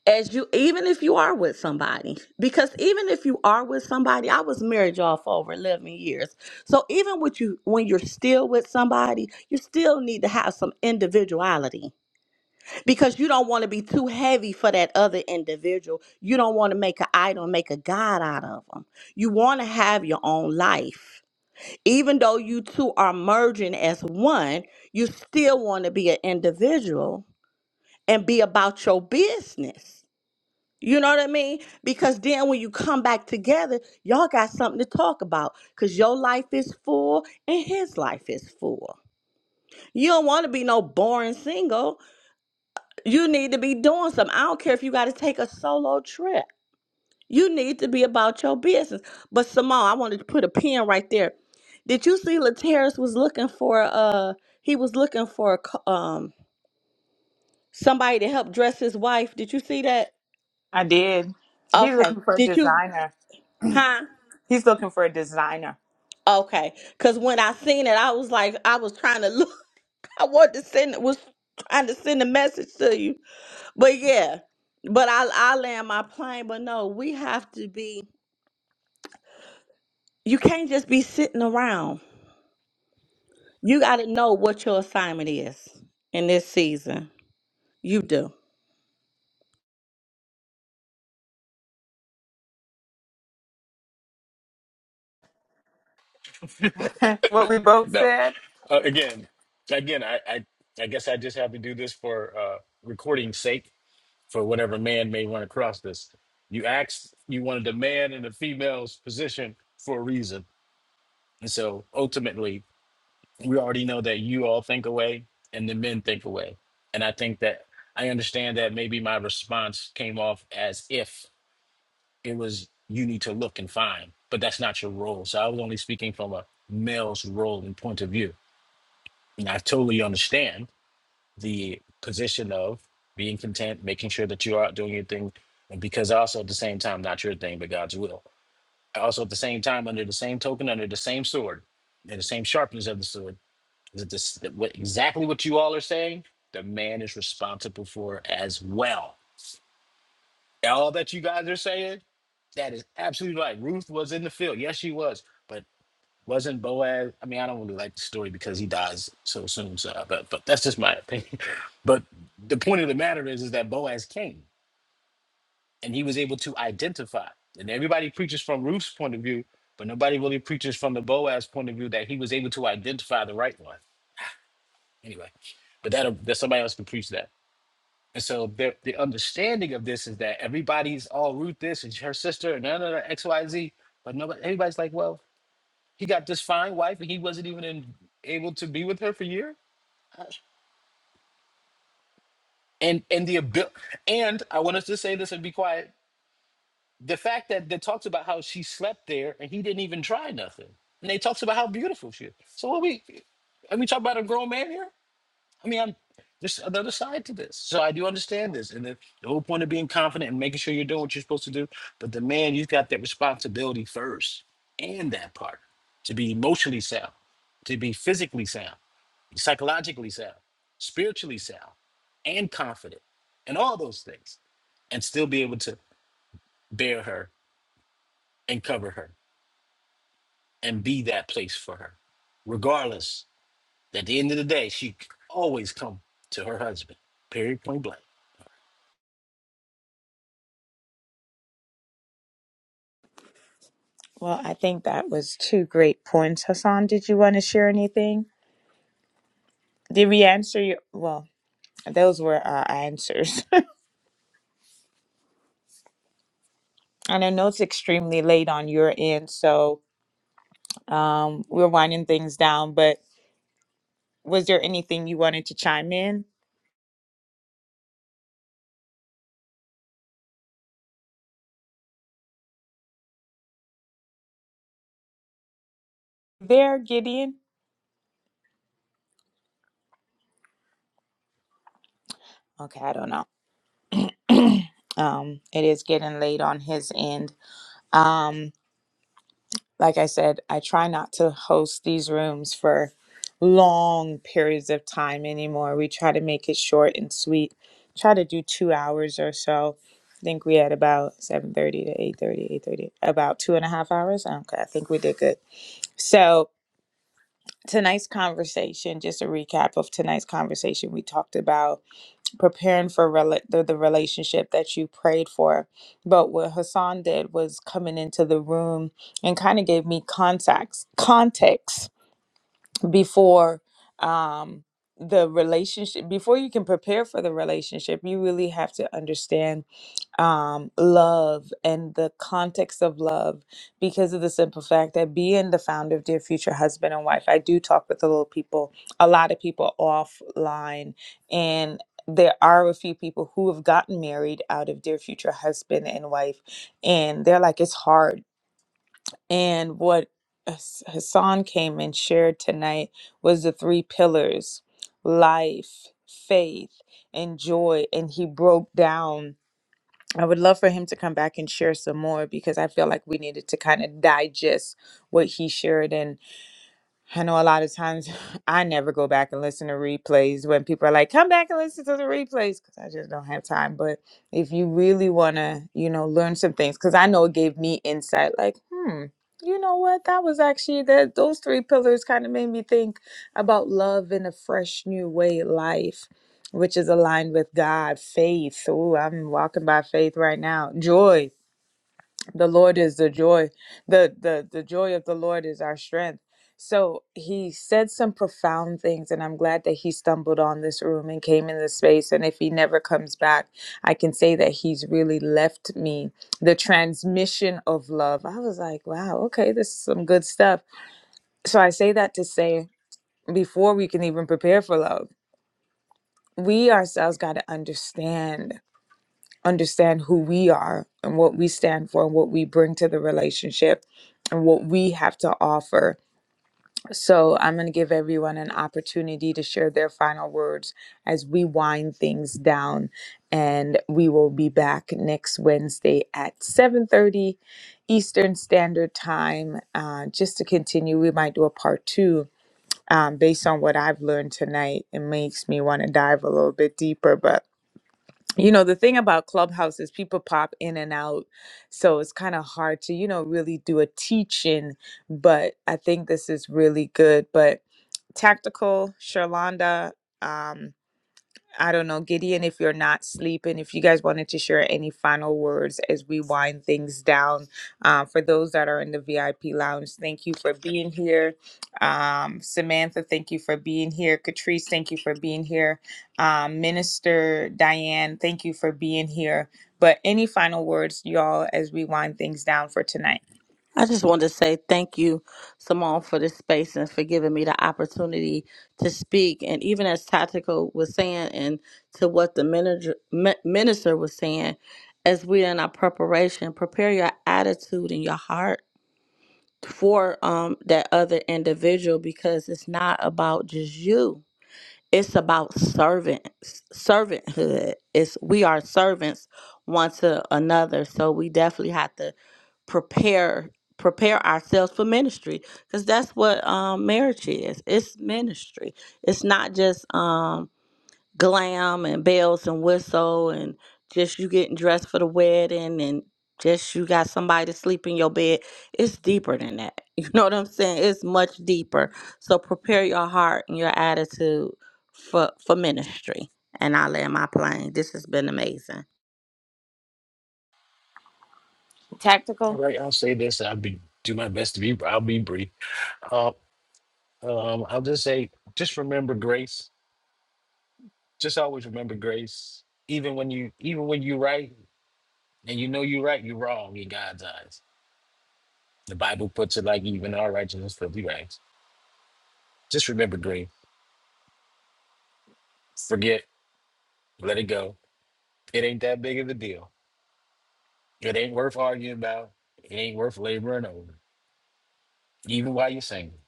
S5: as you even if you are with somebody. Because even if you are with somebody, I was married y'all for over eleven years. So even with you when you're still with somebody, you still need to have some individuality because you don't want to be too heavy for that other individual. You don't want to make an idol, and make a god out of them. You want to have your own life. Even though you two are merging as one, you still want to be an individual and be about your business. You know what I mean? Because then when you come back together, y'all got something to talk about because your life is full and his life is full. You don't want to be no boring single You need to be doing something. I don't care if you got to take a solo trip. You need to be about your business. But Simone, I wanted to put a pin right there. Did you see Laterris was looking for uh he was looking for a co- um somebody to help dress his wife. Did you see that?
S1: I did. He's
S5: Okay.
S1: looking for a
S5: Did you
S1: designer.
S5: huh?
S1: He's looking for a designer.
S5: Okay. Cause when I seen it, I was like, I was trying to look. I wanted to send was trying to send a message to you. But yeah. But I I land my plane. But no, we have to be You can't just be sitting around. You got to know what your assignment is in this season. You do.
S1: what we both
S6: No.
S1: said.
S6: Uh, again, again, I, I, I guess I just have to do this for uh, recording's sake, for whatever man may run across this. You asked, you wanted a man in a female's position for a reason. And so ultimately, we already know that you all think away and the men think away. And I think that I understand that maybe my response came off as if it was you need to look and find, but that's not your role. So I was only speaking from a male's role and point of view. And I totally understand the position of being content, making sure that you are out doing your thing, and because also at the same time, not your thing, but God's will. Also at the same time, under the same token, under the same sword, and the same sharpness of the sword Is it this, what, exactly what you all are saying? The man is responsible for as well. All that you guys are saying, that is absolutely right. Ruth was in the field. Yes, she was. But wasn't Boaz? I mean, I don't really like the story because he dies so soon. So, but, but that's just my opinion. But the point of the matter is, is that Boaz came and he was able to identify. And everybody preaches from Ruth's point of view, but nobody really preaches from the Boaz point of view that he was able to identify the right one. Anyway, but that that somebody else can preach that. And so the the understanding of this is that everybody's all root this and her sister and none of the X Y Z, but nobody everybody's like, well, he got this fine wife and he wasn't even in, able to be with her for a year. And and the abil- and I want us to say this and be quiet. The fact that they talks about how she slept there and he didn't even try nothing, and they talks about how beautiful she is. So what we and we talk about a grown man here? I mean, I'm there's the other side to this. So I do understand this. And the, the whole point of being confident and making sure you're doing what you're supposed to do. But the man, you've got that responsibility first and that part to be emotionally sound, to be physically sound, psychologically sound, spiritually sound, and confident, and all those things, and still be able to bear her and cover her and be that place for her. Regardless, at the end of the day, she c- always come to her husband, period, point blank.
S1: Well, I think that was two great points. Hassan, did you want to share anything? Did we answer your? Well, those were our answers. and I know it's extremely late on your end, so um, we're winding things down. But was there anything you wanted to chime in there, Gideon? Okay, I don't know. um, it is getting late on his end. Um, like I said, I try not to host these rooms for long periods of time anymore. We try to make it short and sweet. Try to do two hours or so. I think we had about seven thirty to eight thirty, eight thirty, about two and a half hours. Okay, I think we did good. So tonight's conversation, just a recap of tonight's conversation, we talked about preparing for rela- the, the relationship that you prayed for. But what Hassan did was coming into the room and kind of gave me context context before um, the relationship. Before you can prepare for the relationship, you really have to understand um, love and the context of love because of the simple fact that being the founder of Dear Future Husband and Wife, I do talk with a little people, a lot of people offline, and there are a few people who have gotten married out of Dear Future Husband and Wife, and they're like, it's hard. And what Hass- Hassan came and shared tonight was the three pillars life, faith, and joy. And he broke down I would love for him to come back and share some more because I feel like we needed to kind of digest what he shared. And I know a lot of times I never go back and listen to replays when people are like, come back and listen to the replays because I just don't have time. But if you really want to, you know, learn some things, because I know it gave me insight like, hmm, you know what? That was actually that those three pillars kind of made me think about love in a fresh new way, life, which is aligned with God, faith. Ooh, I'm walking by faith right now. Joy the lord is the joy the the the joy of the lord is our strength so he said some profound things and i'm glad that he stumbled on this room and came in this space and if he never comes back i can say that he's really left me the transmission of love i was like wow okay this is some good stuff so i say that to say before we can even prepare for love we ourselves got to understand understand who we are and what we stand for and what we bring to the relationship and what we have to offer. So, I'm going to give everyone an opportunity to share their final words as we wind things down and we will be back next Wednesday at 7:30 Eastern Standard Time uh, just to continue we might do a part 2 um, based on what I've learned tonight it makes me want to dive a little bit deeper but you know the thing about clubhouse is people pop in and out so it's kind of hard to you know really do a teaching but i think this is really good but tactical sherlanda I don't know, Gideon, if you're not sleeping, if you guys wanted to share any final words as we wind things down. Uh, for those that are in the VIP lounge, thank you for being here. Um, Samantha, thank you for being here. Catrice, thank you for being here. Um, Minister Diane, thank you for being here. But any final words, y'all, as we wind things down for tonight?
S5: I just wanted to say thank you, Simone, for this space and for giving me the opportunity to speak. And even as Tactical was saying, and to what the manager, mi- minister was saying, as we're in our preparation, prepare your attitude and your heart for um, that other individual because it's not about just you it's about servants servanthood it's we are servants one to another so we definitely have to prepare prepare ourselves for ministry because that's what um marriage is it's ministry it's not just um glam and bells and whistle and just you getting dressed for the wedding and just you got somebody to sleep in your bed. It's deeper than that. You know what I'm saying? It's much deeper. So prepare your heart and your attitude for for ministry. And I land my plane. This has been amazing.
S6: All
S1: Tactical?
S6: right, I'll say this. I'll be do my best to be. I'll be brief. Uh, um, I'll just say, just remember grace. Just always remember grace. Even when you, even when you right and you know you're right, you're wrong in God's eyes. The Bible puts it like even our righteousness filthy rags. Just remember grace. Forget. Let it go. It ain't that big of a deal. It ain't worth arguing about. It ain't worth laboring over. Even while you're single,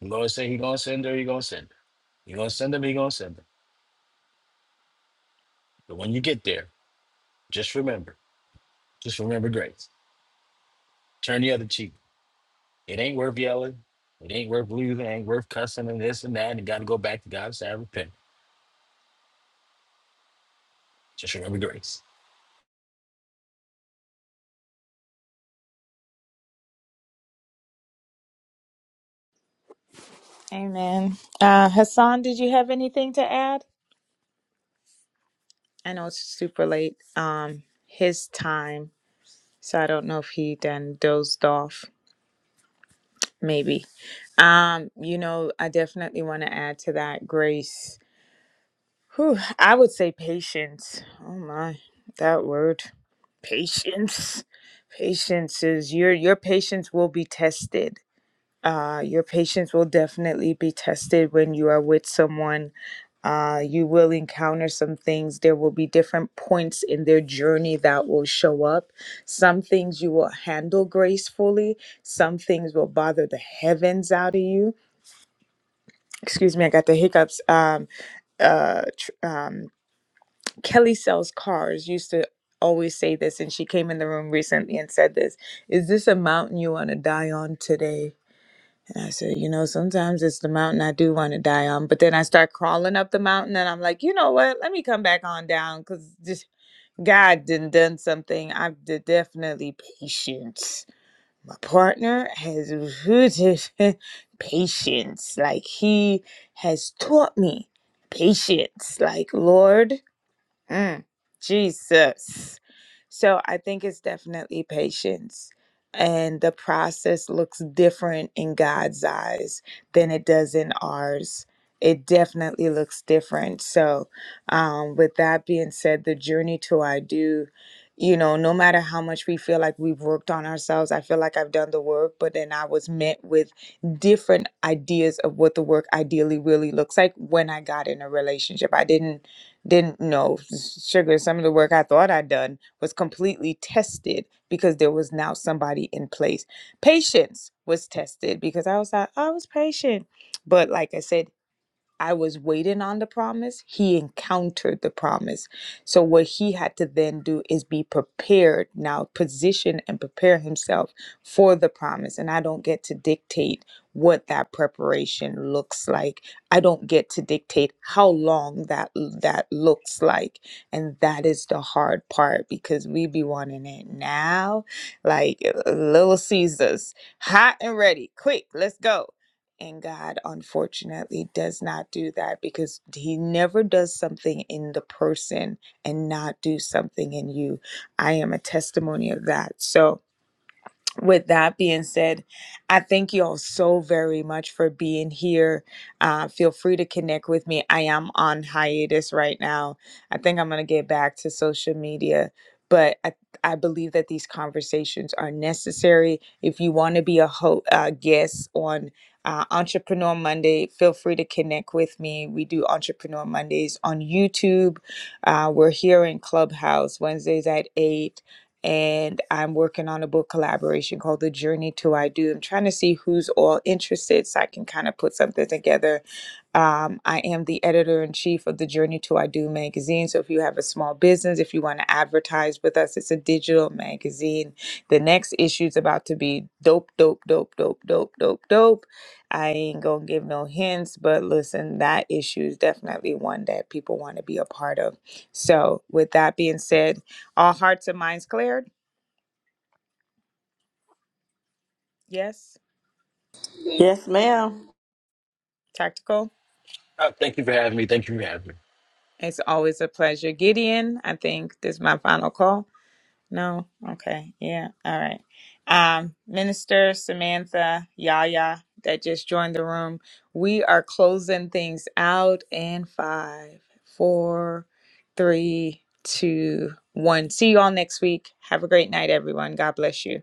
S6: the Lord say He gonna send her. He gonna send her. He gonna send him. He gonna send her. But when you get there, just remember. Just remember grace. Turn the other cheek. It ain't worth yelling. It ain't worth losing. It ain't worth cussing and this and that. And got to go back to God and say, I repent. Just remember grace.
S1: Amen. Uh, Hassan, did you have anything to add? I know it's super late. Um, his time. So I don't know if he then dozed off, maybe. Um, you know, I definitely want to add to that grace. Whew, I would say patience. Oh my, that word. Patience. Patience is your your patience will be tested. Uh, your patience will definitely be tested when you are with someone Uh, you will encounter some things. There will be different points in their journey that will show up. Some things you will handle gracefully, some things will bother the heavens out of you. Excuse me, I got the hiccups. Um, uh, tr- um, Kelly sells cars, used to always say this, and she came in the room recently and said this Is this a mountain you want to die on today? And I said, you know, sometimes it's the mountain I do want to die on. But then I start crawling up the mountain and I'm like, you know what? Let me come back on down because just God didn't done done something. I've de- definitely patience. My partner has patience. Like he has taught me patience. Like, Lord, Mm, Jesus. So I think it's definitely patience. And the process looks different in God's eyes than it does in ours. It definitely looks different. So, um, with that being said, the journey to I do, you know, no matter how much we feel like we've worked on ourselves, I feel like I've done the work, but then I was met with different ideas of what the work ideally really looks like when I got in a relationship. I didn't didn't know sugar some of the work i thought i'd done was completely tested because there was now somebody in place patience was tested because i was like i was patient but like i said I was waiting on the promise, he encountered the promise. So, what he had to then do is be prepared now, position and prepare himself for the promise. And I don't get to dictate what that preparation looks like. I don't get to dictate how long that that looks like. And that is the hard part because we be wanting it now, like uh, little Caesars, hot and ready, quick, let's go. And God, unfortunately, does not do that because He never does something in the person and not do something in you. I am a testimony of that. So, with that being said, I thank you all so very much for being here. Uh, feel free to connect with me. I am on hiatus right now. I think I'm going to get back to social media, but I, I believe that these conversations are necessary. If you want to be a ho- uh, guest on uh, Entrepreneur Monday, feel free to connect with me. We do Entrepreneur Mondays on YouTube. Uh, we're here in Clubhouse Wednesdays at 8 and I'm working on a book collaboration called The Journey to I Do. I'm trying to see who's all interested so I can kind of put something together. Um, I am the editor in chief of The Journey to I Do magazine. So if you have a small business, if you want to advertise with us, it's a digital magazine. The next issue is about to be dope, dope, dope, dope, dope, dope, dope. I ain't gonna give no hints, but listen, that issue is definitely one that people want to be a part of. So, with that being said, all hearts and minds cleared. Yes,
S5: Yes, ma'am.
S1: tactical.
S6: Uh, thank you for having me. Thank you for having me.
S1: It's always a pleasure. Gideon, I think this is my final call. No? Okay. Yeah. All right. Um, Minister Samantha Yaya that just joined the room. We are closing things out in five, four, three, two, one. See you all next week. Have a great night, everyone. God bless you.